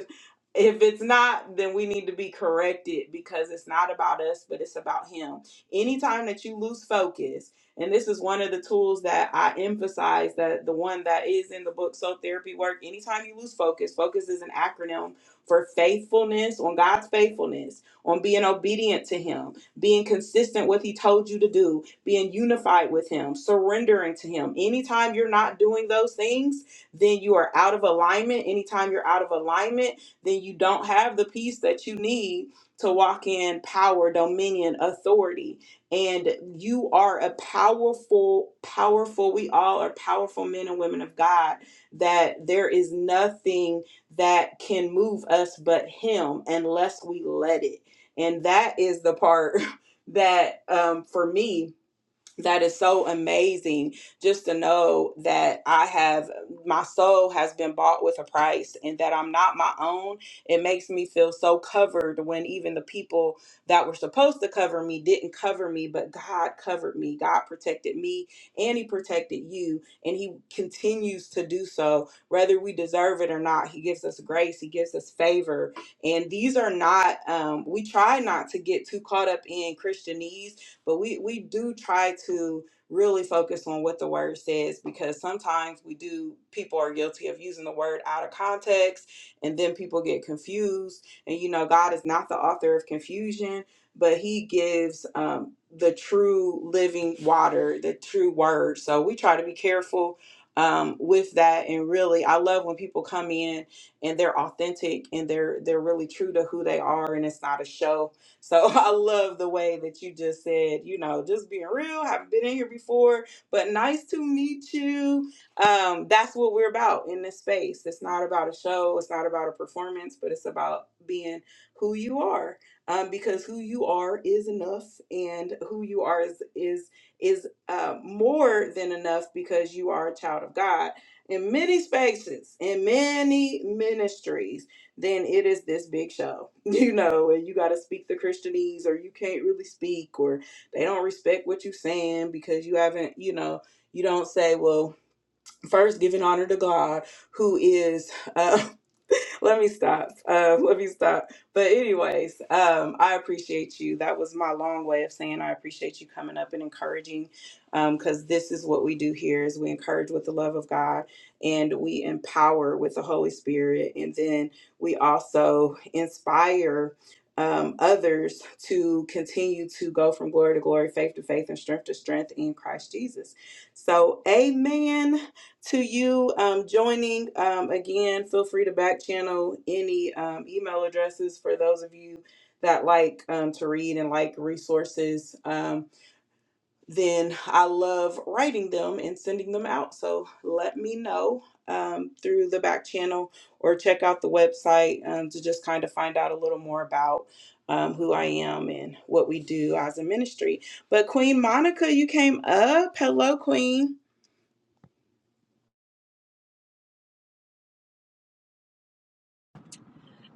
[SPEAKER 1] if it's not, then we need to be corrected because it's not about us, but it's about Him. Anytime that you lose focus, and this is one of the tools that I emphasize that the one that is in the book, So Therapy Work, anytime you lose focus, focus is an acronym for faithfulness, on God's faithfulness, on being obedient to Him, being consistent with He told you to do, being unified with Him, surrendering to Him. Anytime you're not doing those things, then you are out of alignment. Anytime you're out of alignment, then you don't have the peace that you need to walk in power, dominion, authority. And you are a powerful, powerful, we all are powerful men and women of God, that there is nothing that can move us but Him unless we let it. And that is the part that um, for me, that is so amazing just to know that I have my soul has been bought with a price and that I'm not my own. It makes me feel so covered when even the people that were supposed to cover me didn't cover me, but God covered me. God protected me and He protected you, and He continues to do so, whether we deserve it or not. He gives us grace, He gives us favor. And these are not, um, we try not to get too caught up in Christianese but we we do try to really focus on what the word says because sometimes we do people are guilty of using the word out of context and then people get confused and you know God is not the author of confusion but he gives um, the true living water the true word so we try to be careful um, with that and really I love when people come in and they're authentic and they're they're really true to who they are and it's not a show so I love the way that you just said, you know, just being real, haven't been in here before, but nice to meet you. Um, that's what we're about in this space. It's not about a show, it's not about a performance, but it's about being who you are. Um, because who you are is enough and who you are is is is uh, more than enough because you are a child of God in many spaces, in many ministries then it is this big show, you know, and you got to speak the Christianese or you can't really speak or they don't respect what you're saying because you haven't, you know, you don't say, well, first giving honor to God who is uh, let me stop. Um, let me stop. But anyways, um, I appreciate you. That was my long way of saying I appreciate you coming up and encouraging, because this is what we do here: is we encourage with the love of God, and we empower with the Holy Spirit, and then we also inspire. Um, others to continue to go from glory to glory, faith to faith, and strength to strength in Christ Jesus. So, amen to you um, joining um, again feel free to back channel any um, email addresses for those of you that like um, to read and like resources um, then i love writing them and sending them out so let me know um, through the back channel or check out the website um, to just kind of find out a little more about um, who i am and what we do as a ministry but queen monica you came up hello queen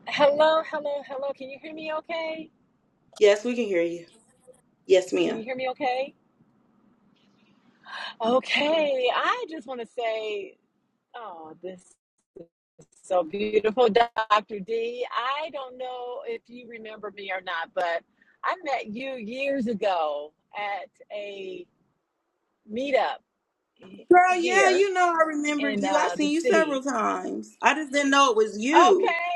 [SPEAKER 11] Hello, hello, hello. Can you hear me okay?
[SPEAKER 1] yes we can hear you yes ma'am
[SPEAKER 11] Can you hear me okay? Okay, I just want to say, oh, this is so beautiful, Dr. D. I don't know if you remember me or not, but I met you years ago at a meetup he-
[SPEAKER 1] Girl, yeah,
[SPEAKER 11] here
[SPEAKER 1] you know I remember
[SPEAKER 11] in
[SPEAKER 1] you. I've
[SPEAKER 11] uh, the
[SPEAKER 1] seen you several
[SPEAKER 11] city.
[SPEAKER 1] times. I just didn't know it was you.
[SPEAKER 11] Okay,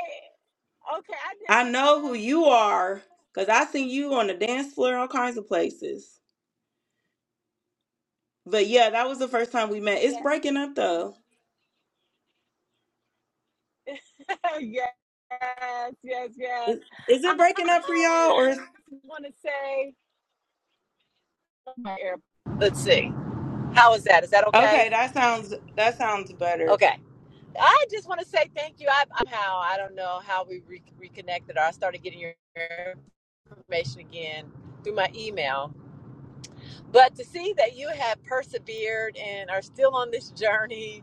[SPEAKER 11] okay, I didn't
[SPEAKER 1] I
[SPEAKER 11] know.
[SPEAKER 1] know who you are because I seen you on the dance floor, all kinds of places. But yeah, that was the first time we met.
[SPEAKER 11] Yeah,
[SPEAKER 1] It's breaking up though.
[SPEAKER 11] yes, yes, yes.
[SPEAKER 1] Is, is it breaking up for
[SPEAKER 11] I
[SPEAKER 1] y'all or is,
[SPEAKER 11] just want to say, oh, my air- let's see. How is that? Is that
[SPEAKER 1] okay?
[SPEAKER 11] okay?
[SPEAKER 1] That sounds that sounds better.
[SPEAKER 11] Okay. I just want to say thank you. I, I'm how I don't know how we re- reconnected or I started getting your information again through my email. But to see that you have persevered and are still on this journey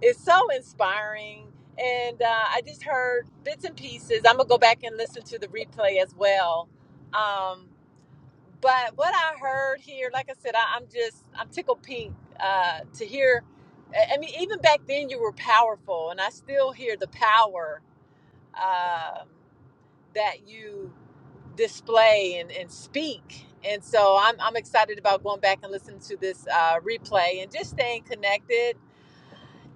[SPEAKER 11] it's so inspiring. And uh, I just heard bits and pieces. I'm gonna go back and listen to the replay as well. Um, but what I heard here, like I said, I, I'm just I'm tickled pink uh, to hear. I I mean, even back then you were powerful, and I still hear the power um that you display and, and speak. And so I'm I'm excited about going back and listening to this uh, replay and just staying connected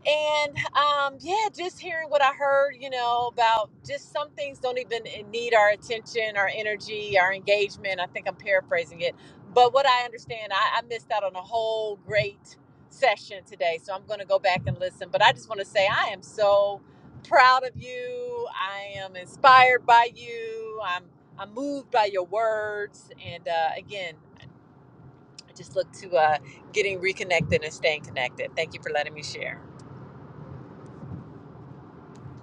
[SPEAKER 11] and um, yeah, just hearing what I heard, you know, about just some things don't even eh, need our attention, our energy, our engagement. I think I'm paraphrasing it. But what I understand, I, I missed out on a whole great session today. So I'm going to go back and listen. But I just want to say I am so proud of you. I am inspired by you. I'm, I'm moved by your words. And uh, again, I just look to uh, getting reconnected and staying connected. Thank you for letting me share.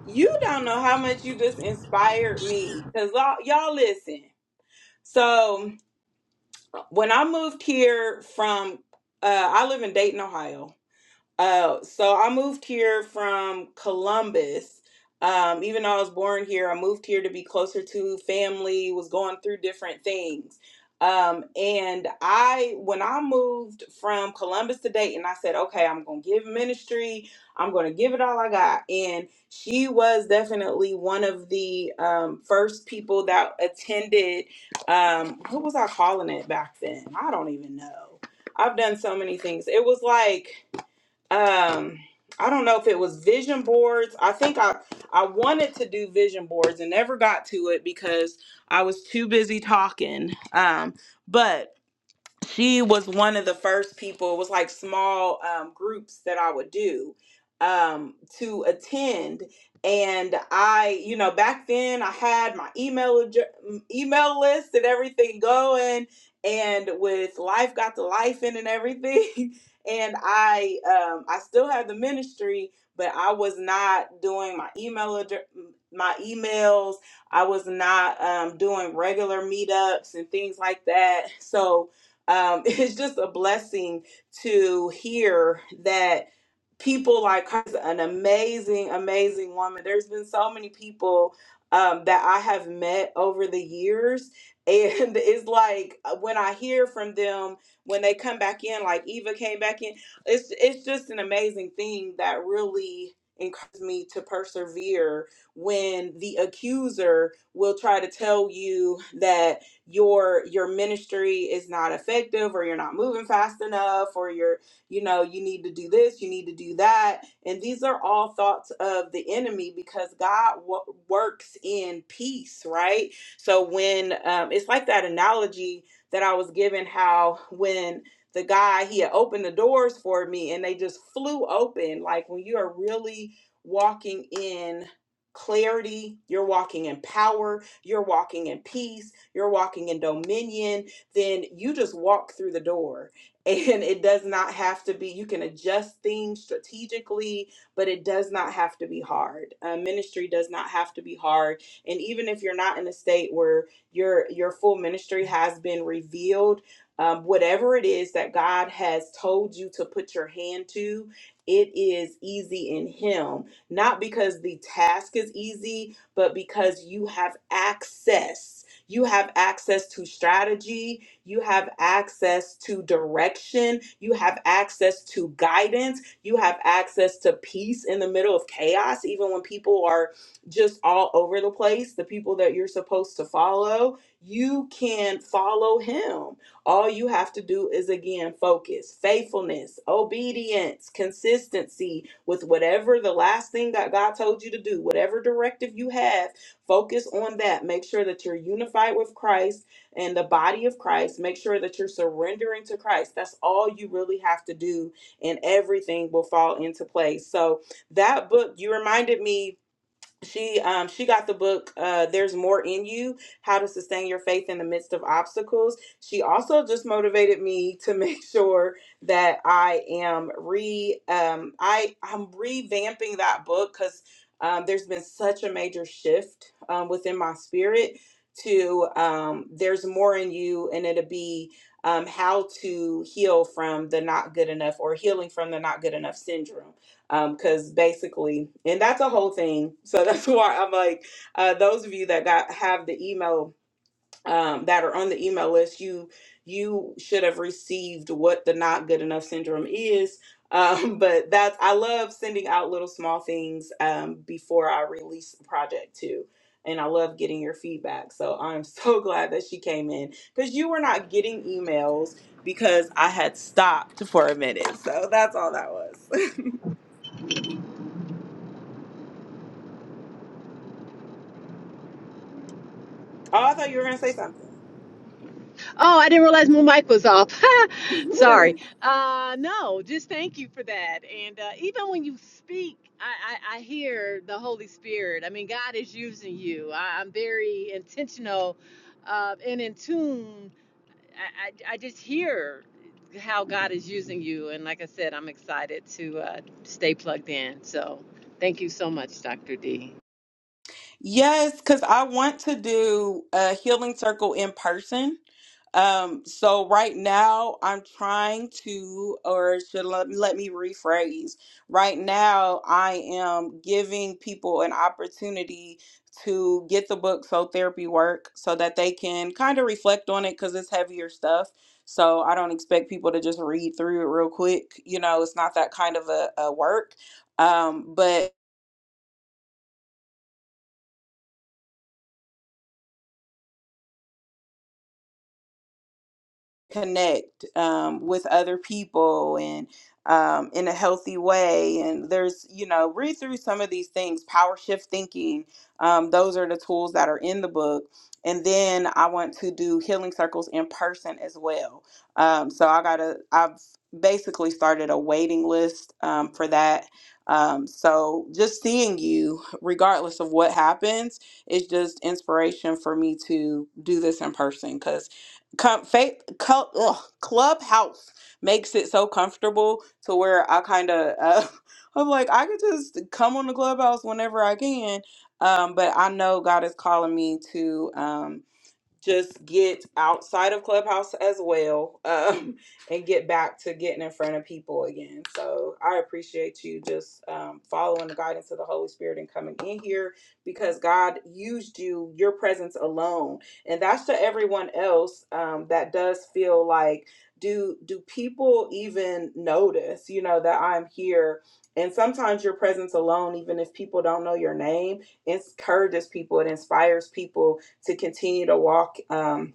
[SPEAKER 1] You don't know how much you just inspired me because y'all, y'all listen. So when I moved here from, uh, I live in Dayton, Ohio Uh, so I moved here from Columbus. Um, even though I was born here, I moved here to be closer to family, was going through different things. Um, and I, when I moved from Columbus to Dayton, I said, okay, I'm going to give ministry. I'm going to give it all I got. And she was definitely one of the um, first people that attended. Um, what was I calling it back then? I don't even know. I've done so many things. It was like um I don't know if it was vision boards. I think I I wanted to do vision boards and never got to it because I was too busy talking. Um but she was one of the first people it was like small um, groups that i would do um, to attend and i you know back then i had my email adj- mm, email list and everything going and with life got the life in and everything and i um, i still had the ministry but i was not doing my email address my emails i was not um, doing regular meetups and things like that so um, it's just a blessing to hear that people like her is an amazing, amazing woman. There's been so many people um, that I have met over the years. And it's like uh, when I hear from them, when they come back in, like Eva came back in, it's it's just an amazing thing that really encouraged me to persevere when the accuser will try to tell you that your your ministry is not effective or you're not moving fast enough or you're you know you need to do this you need to do that and these are all thoughts of the enemy because god wo- works in peace right so when um, it's like that analogy that i was given how when the guy he had opened the doors for me and they just flew open like when you are really walking in clarity, you're walking in power, you're walking in peace, you're walking in dominion, then you just walk through the door. And it does not have to be, you can adjust things strategically, but it does not have to be hard. Uh, ministry does not have to be hard. And even if you're not in a state where your your full ministry has been revealed, um, whatever it is that God has told you to put your hand to, it is easy in Him not because the task is easy, but because you have access. You have access to strategy, you have access to direction, you have access to guidance, you have access to peace in the middle of chaos, even when people are just all over the place, the people that you're supposed to follow, you can follow him all you have to do is again focus, faithfulness, obedience, consistency with whatever the last thing that God told you to do, whatever directive you have, focus on that. Make sure that you're unified with Christ and the body of Christ. Make sure that you're surrendering to Christ. That's all you really have to do, and everything will fall into place. So, that book, you reminded me she um she got the book uh there's more in you how to sustain your faith in the midst of obstacles she also just motivated me to make sure that i am re um i i'm revamping that book because um there's been such a major shift um within my spirit to um there's more in you and it'll be um how to heal from the not good enough or healing from the not good enough syndrome um because basically and that's a whole thing so that's why i'm like uh those of you that got have the email um that are on the email list you you should have received what the not good enough syndrome is um but that's i love sending out little small things um before i release the project too and i love getting your feedback so i'm so glad that she came in because you were not getting emails because i had stopped for a minute so that's all that was Oh, I thought you were going to say something.
[SPEAKER 11] Oh, I didn't realize my mic was off. Sorry. Uh, no, just thank you for that. And uh, even when you speak, I, I, I hear the Holy Spirit. I mean, God is using you. I, I'm very intentional uh, and in tune. I, I, I just hear how God is using you. And like I said, I'm excited to uh, stay plugged in. So thank you so much, Dr. D.
[SPEAKER 1] yes, because I want to do a healing circle in person. Um, so right now I'm trying to, or should let, let me rephrase. Right now, I am giving people an opportunity to get the book so therapy work so that they can kind of reflect on it because it's heavier stuff. So I don't expect people to just read through it real quick. You know, it's not that kind of a, a work. Um, but connect um, with other people and um, in a healthy way. And there's, you know, read through some of these things, power shift thinking. Um, those are the tools that are in the book. And then I want to do healing circles in person as well. Um, so I got to, I've basically started a waiting list um, for that. Um, so just seeing you, regardless of what happens, is just inspiration for me to do this in person because com- faith cul- ugh, clubhouse makes it so comfortable to where i kind of uh, i'm like i could just come on the clubhouse whenever i can um, but i know god is calling me to Um, just get outside of clubhouse as well um, and get back to getting in front of people again so i appreciate you just um, following the guidance of the holy spirit and coming in here because god used you your presence alone and that's to everyone else um, that does feel like do do people even notice you know that i'm here and sometimes your presence alone even if people don't know your name encourages people it inspires people to continue to walk um,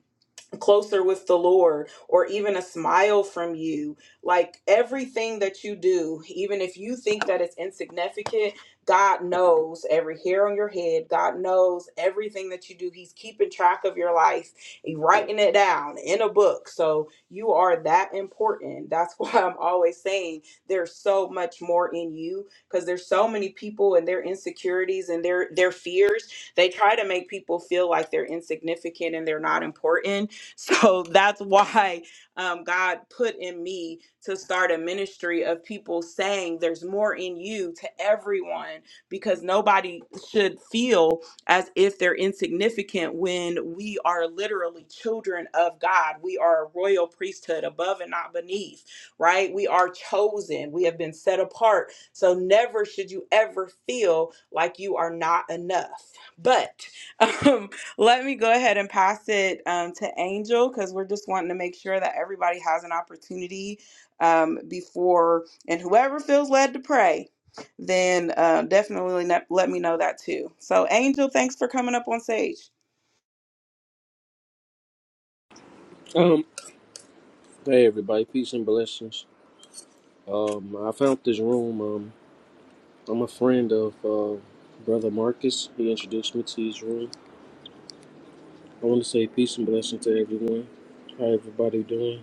[SPEAKER 1] closer with the Lord or even a smile from you. Like everything that you do, even if you think that it's insignificant, God knows every hair on your head. God knows everything that you do. He's keeping track of your life, He's writing it down in a book. So you are that important. That's why I'm always saying there's so much more in you because there's so many people and their insecurities and their their fears. They try to make people feel like they're insignificant and they're not important So that's why um, God put in me to start a ministry of people saying there's more in you to everyone because nobody should feel as if they're insignificant when we are literally children of God. We are a royal priesthood above and not beneath, right? We are chosen, we have been set apart. So never should you ever feel like you are not enough. But Let me go ahead and pass it um, to Angel because we're just wanting to make sure that everybody has an opportunity um, before, and whoever feels led to pray, then uh, definitely let, let me know that too. So, Angel, thanks for coming up on stage.
[SPEAKER 12] Um, hey everybody, peace and blessings. Um, I found this room. Um, I'm a friend of uh, brother Marcus. He introduced me to his room. I want to say peace and blessings to everyone. How everybody doing?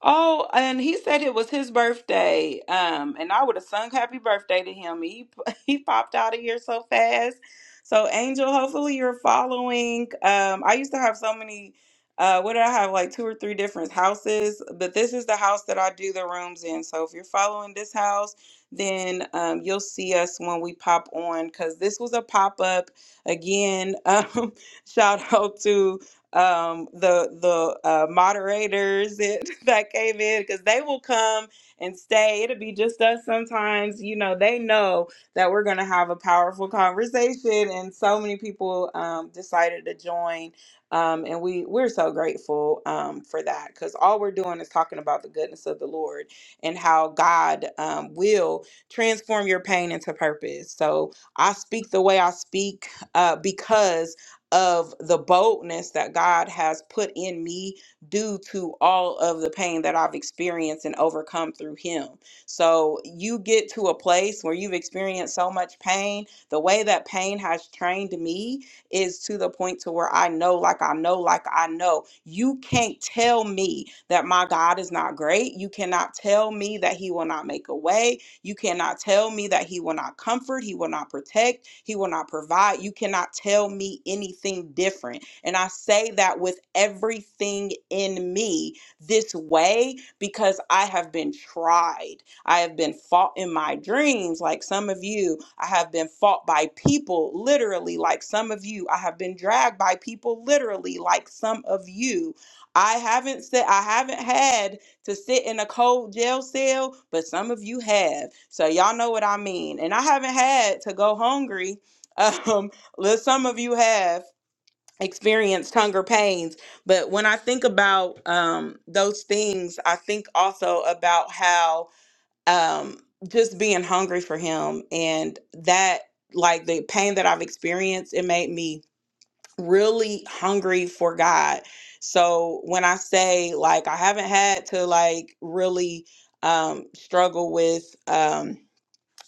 [SPEAKER 1] Oh, and he said it was his birthday. Um, and I would have sung happy birthday to him. He he popped out of here so fast. So Angel, hopefully you're following. Um, I used to have so many uh what did I have like two or three different houses, but this is the house that I do the rooms in. So if you're following this house, then um you'll see us when we pop on because this was a pop-up again. Um, shout out to um, the the uh, moderators that, that came in because they will come and stay. It'll be just us sometimes. You know, they know that we're going to have a powerful conversation, and so many people um, decided to join. Um, and we we're so grateful um, for that because all we're doing is talking about the goodness of the Lord and how God um, will transform your pain into purpose. So I speak the way I speak uh, because of the boldness that God has put in me due to all of the pain that I've experienced and overcome through Him. So you get to a place where you've experienced so much pain. The way that pain has trained me is to the point to where I know, like I know, like I know. You can't tell me that my God is not great. You cannot tell me that He will not make a way. You cannot tell me that he will not comfort, he will not protect, he will not provide. You cannot tell me anything different. And I say that with everything in me this way because I have been tried. I have been fought in my dreams, like some of you. I have been fought by people, literally, like some of you. I have been dragged by people, literally, like some of you. I haven't said, I haven't had to sit in a cold jail cell, but some of you have. So y'all know what I mean. And I haven't had to go hungry. Um, li- some of you have experienced hunger pains. But when I think about um, those things, I think also about how um, just being hungry for Him and that, like the pain that I've experienced, it made me really hungry for God. So when I say like I haven't had to like really um struggle with um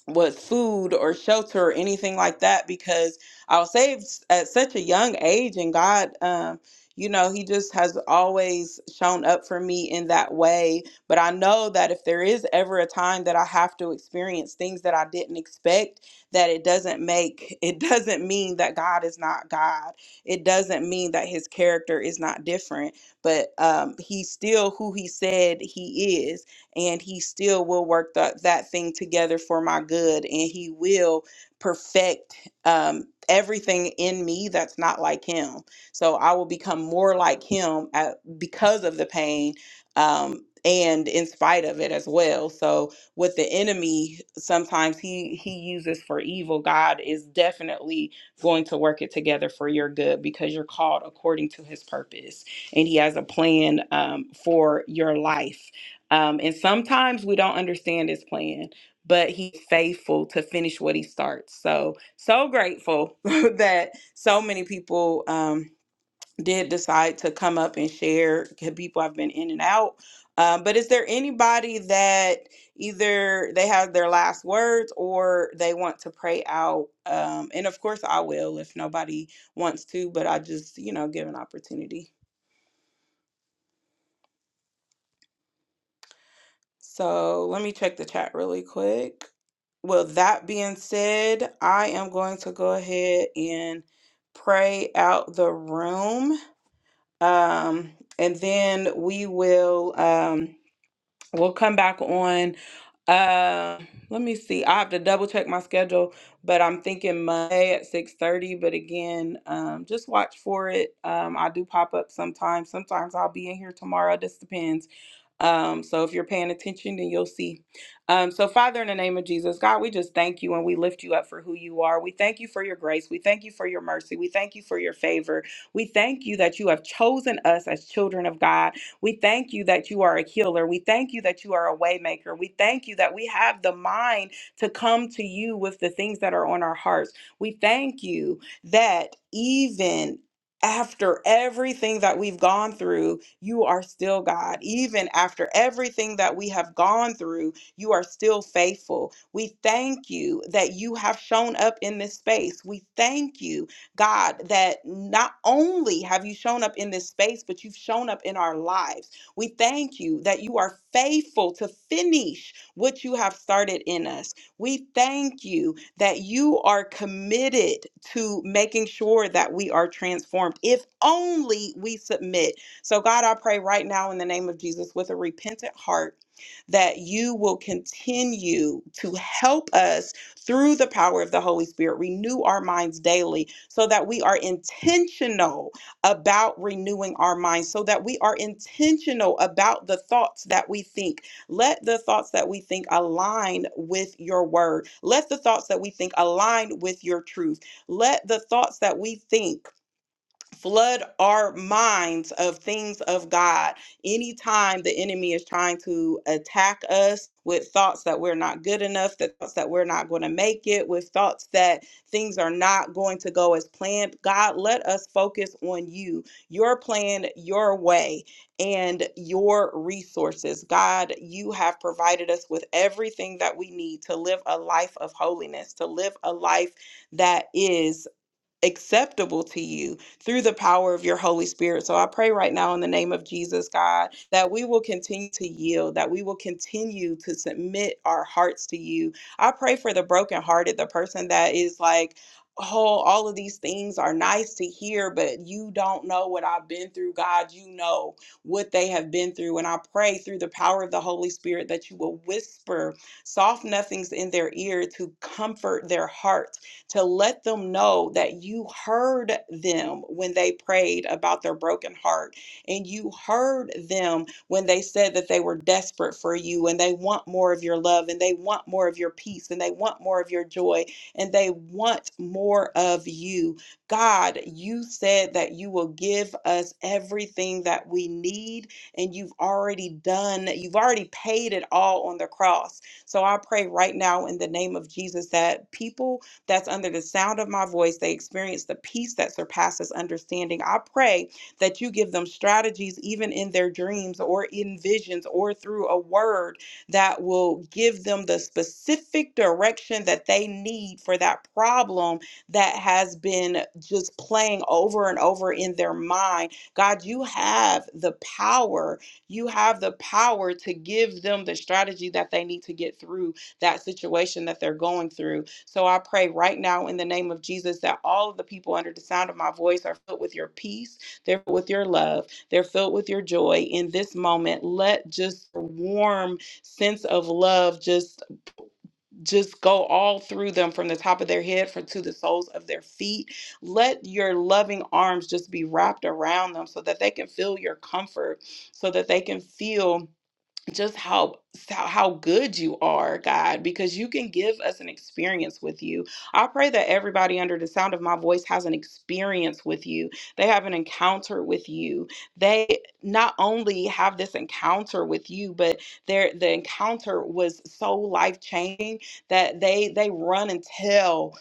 [SPEAKER 1] was food or shelter or anything like that because I was saved at such a young age, and God, um, you know, He just has always shown up for me in that way. But I know that if there is ever a time that I have to experience things that I didn't expect, that it doesn't make it doesn't mean that God is not God. It doesn't mean that His character is not different, but um, He's still who He said He is and he still will work that that thing together for my good and he will perfect um, everything in me that's not like him so i will become more like him at, because of the pain um, and in spite of it as well so what the enemy sometimes he he uses for evil god is definitely going to work it together for your good because you're called according to his purpose and he has a plan um, for your life um, and sometimes we don't understand his plan, but he's faithful to finish what he starts. So, so grateful that so many people um, did decide to come up and share. People have been in and out. Um, but is there anybody that either they have their last words or they want to pray out? Um, and of course, I will if nobody wants to, but I just, you know, give an opportunity. So let me check the chat really quick. Well, that being said, I am going to go ahead and pray out the room. Um, and then we will. Um, We'll come back on. Uh, let me see. I have to double check my schedule, but I'm thinking Monday at 6:30. But again, um, just watch for it. Um, I do pop up sometimes. Sometimes I'll be in here tomorrow. This depends. Um, so if you're paying attention, then you'll see. Um, so Father, in the name of Jesus, God, we just thank you and we lift you up for who you are. We thank you for your grace. We thank you for your mercy. We thank you for your favor. We thank you that you have chosen us as children of God we thank you that you are a healer. We thank you that you are a waymaker. We thank you that we have the mind to come to you with the things that are on our hearts. We thank you that even after everything that we've gone through, you are still God. Even after everything that we have gone through, you are still faithful. We thank you that you have shown up in this space. We thank you God, that not only have you shown up in this space, but you've shown up in our lives. We thank you that you are faithful to finish what you have started in us. We thank you that you are committed to making sure that we are transformed, if only we submit. So, God, I pray right now in the name of Jesus with a repentant heart that you will continue to help us through the power of the Holy Spirit, renew our minds daily so that we are intentional about renewing our minds, so that we are intentional about the thoughts that we think. Let the thoughts that we think align with your word. Let the thoughts that we think align with your truth. Let the thoughts that we think flood our minds of things of God. Anytime the enemy is trying to attack us with thoughts that we're not good enough, the thoughts that we're not going to make it, with thoughts that things are not going to go as planned, God, let us focus on you, your plan, your way, and your resources. God, you have provided us with everything that we need to live a life of holiness, to live a life that is acceptable to you through the power of your Holy Spirit. So I pray right now in the name of Jesus, God, that we will continue to yield, that we will continue to submit our hearts to you. I pray for the brokenhearted, the person that is like, Oh, all of these things are nice to hear, but you don't know what I've been through. God, you know what they have been through. And I pray through the power of the Holy Spirit that you will whisper soft nothings in their ear to comfort their heart to let them know that you heard them when they prayed about their broken heart and you heard them when they said that they were desperate for you and they want more of your love and they want more of your peace and they want more of your joy and they want more of you. God, you said that you will give us everything that we need and you've already done, you've already paid it all on the cross. So I pray right now in the name of Jesus that people that's under the sound of my voice, they experience the peace that surpasses understanding. I pray that you give them strategies, even in their dreams or in visions or through a word that will give them the specific direction that they need for that problem that has been just playing over and over in their mind. God, you have the power. You have the power to give them the strategy that they need to get through that situation that they're going through. So I pray right now in the name of Jesus that all of the people under the sound of my voice are filled with your peace, they're filled with your love, they're filled with your joy in this moment. Let just a warm sense of love just just go all through them from the top of their head for, to the soles of their feet. Let your loving arms just be wrapped around them so that they can feel your comfort, so that they can feel just how how good you are, God, because you can give us an experience with you. I pray that everybody under the sound of my voice has an experience with you. They have an encounter with you. They not only have this encounter with you, but their the encounter was so life-changing that they they run and tell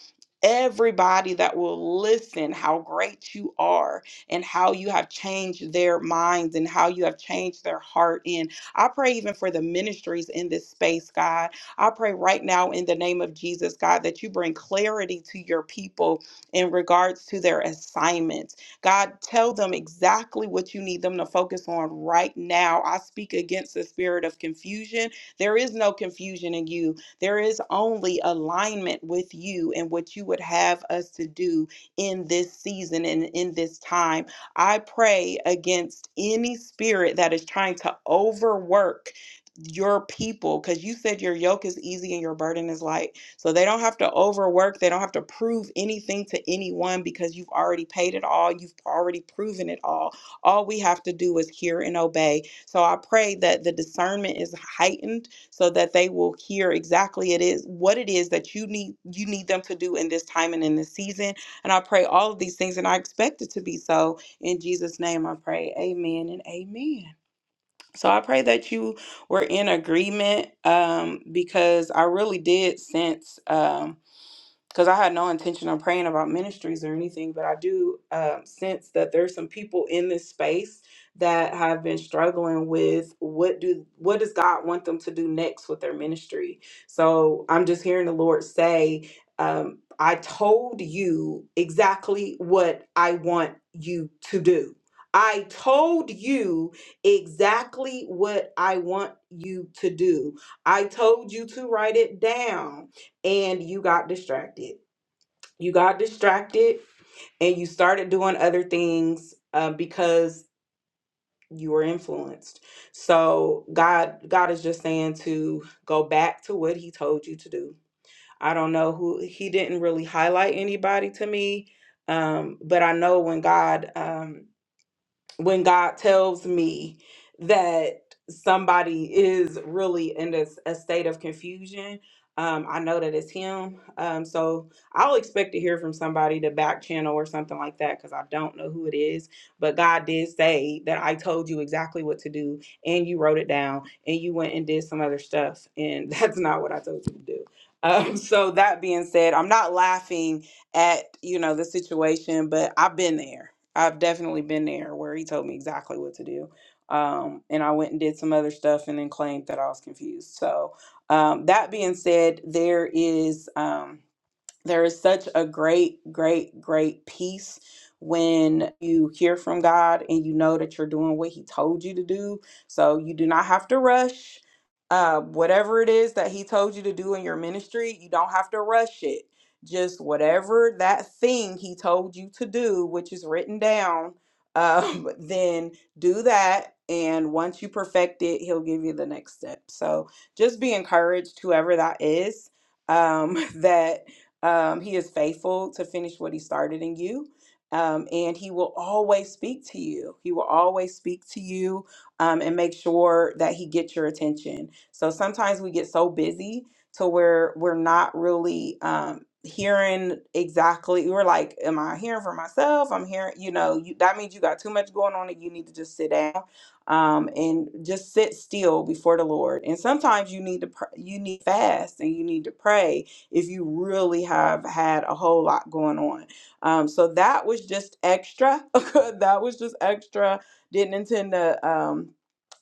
[SPEAKER 1] Everybody that will listen, how great you are, and how you have changed their minds, and how you have changed their heart, in. I pray even for the ministries in this space, God. I pray right now in the name of Jesus, God, that you bring clarity to your people in regards to their assignments. God, tell them exactly what you need them to focus on right now. I speak against the spirit of confusion. There is no confusion in you, there is only alignment with you and what you would have us to do in this season and in this time. I pray against any spirit that is trying to overwork your people because you said your yoke is easy and your burden is light. So they don't have to overwork, they don't have to prove anything to anyone because you've already paid it all, you've already proven it all. All we have to do is hear and obey. So I pray that the discernment is heightened so that they will hear exactly it is what it is that you need you need them to do in this time and in this season. And I pray all of these things and I expect it to be so in Jesus' name I pray. Amen and amen. So I pray that you were in agreement um, because I really did sense. Um, because I had no intention of praying about ministries or anything, but I do um, sense that there's some people in this space that have been struggling with what do what does God want them to do next with their ministry. So I'm just hearing the Lord say, um, "I told you exactly what I want you to do." I told you exactly what I want you to do. I told you to write it down and you got distracted. You got distracted and you started doing other things uh, because you were influenced. So God, God is just saying to go back to what He told you to do. I don't know who He didn't really highlight anybody to me, um, but I know when God. Um, when God tells me that somebody is really in this, a state of confusion, um, I know that it's Him. Um, so I'll expect to hear from somebody to back channel or something like that because I don't know who it is. But God did say that I told you exactly what to do and you wrote it down and you went and did some other stuff. And that's not what I told you to do. Um, so that being said, I'm not laughing at, you know, the situation, but I've been there I've definitely been there where he told me exactly what to do. Um, and I went and did some other stuff and then claimed that I was confused. So, um, that being said, there is. Um, there is such a great, great, great peace when you hear from God and you know that you're doing what He told you to do. So you do not have to rush. Uh, whatever it is that He told you to do in your ministry, you don't have to rush it. Just whatever that thing He told you to do, which is written down, um, then do that. And once you perfect it, He'll give you the next step. So just be encouraged, whoever that is um, that um, he is faithful to finish what he started in you. Um, and he will always speak to you. He will always speak to you um, and make sure that he gets your attention. So sometimes we get so busy to where we're not really um, hearing exactly. We're like, "Am I hearing for myself? I'm hearing, you know, you, that means you got too much going on, and you need to just sit down um, and just sit still before the Lord. And sometimes you need to pr- you need to fast and you need to pray if you really have had a whole lot going on. Um, so that was just extra. that was just extra. Didn't intend to um,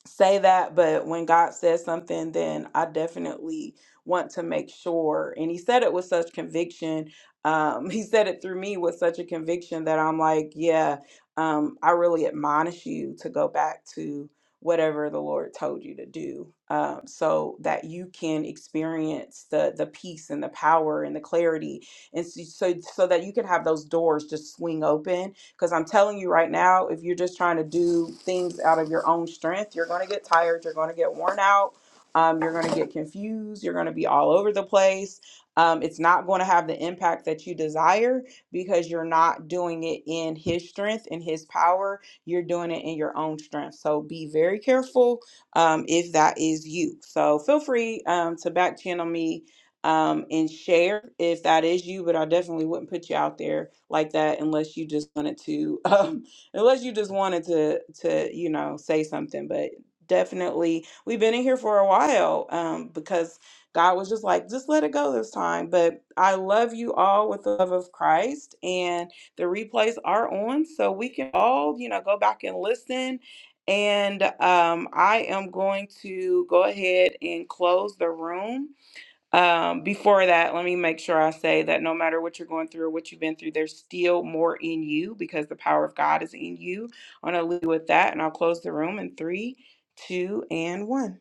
[SPEAKER 1] say that, but when God says something, then I definitely want to make sure. And He said it with such conviction. Um, he said it through me with such a conviction that I'm like, yeah, um, I really admonish you to go back to whatever the Lord told you to do, um, so that you can experience the the peace and the power and the clarity, and so so, so that you can have those doors just swing open. Because I'm telling you right now, if you're just trying to do things out of your own strength, you're going to get tired, you're going to get worn out, um, you're going to get confused, you're going to be all over the place. Um, it's not going to have the impact that you desire because you're not doing it in His strength and His power you're doing it in your own strength. So be very careful um, if that is you. So feel free um, to back channel me um, and share if that is you, but I definitely wouldn't put you out there like that unless you just wanted to, um, unless you just wanted to, to, you know, say something, but definitely we've been in here for a while um, because God was just like, just let it go this time. But I love you all with the love of Christ. And the replays are on, so we can all, you know, go back and listen. And um, I am going to go ahead and close the room. Um, before that, let me make sure I say that no matter what you're going through or what you've been through, there's still more in you because the power of God is in you. I'm going to leave you with that, and I'll close the room in three, two, and one.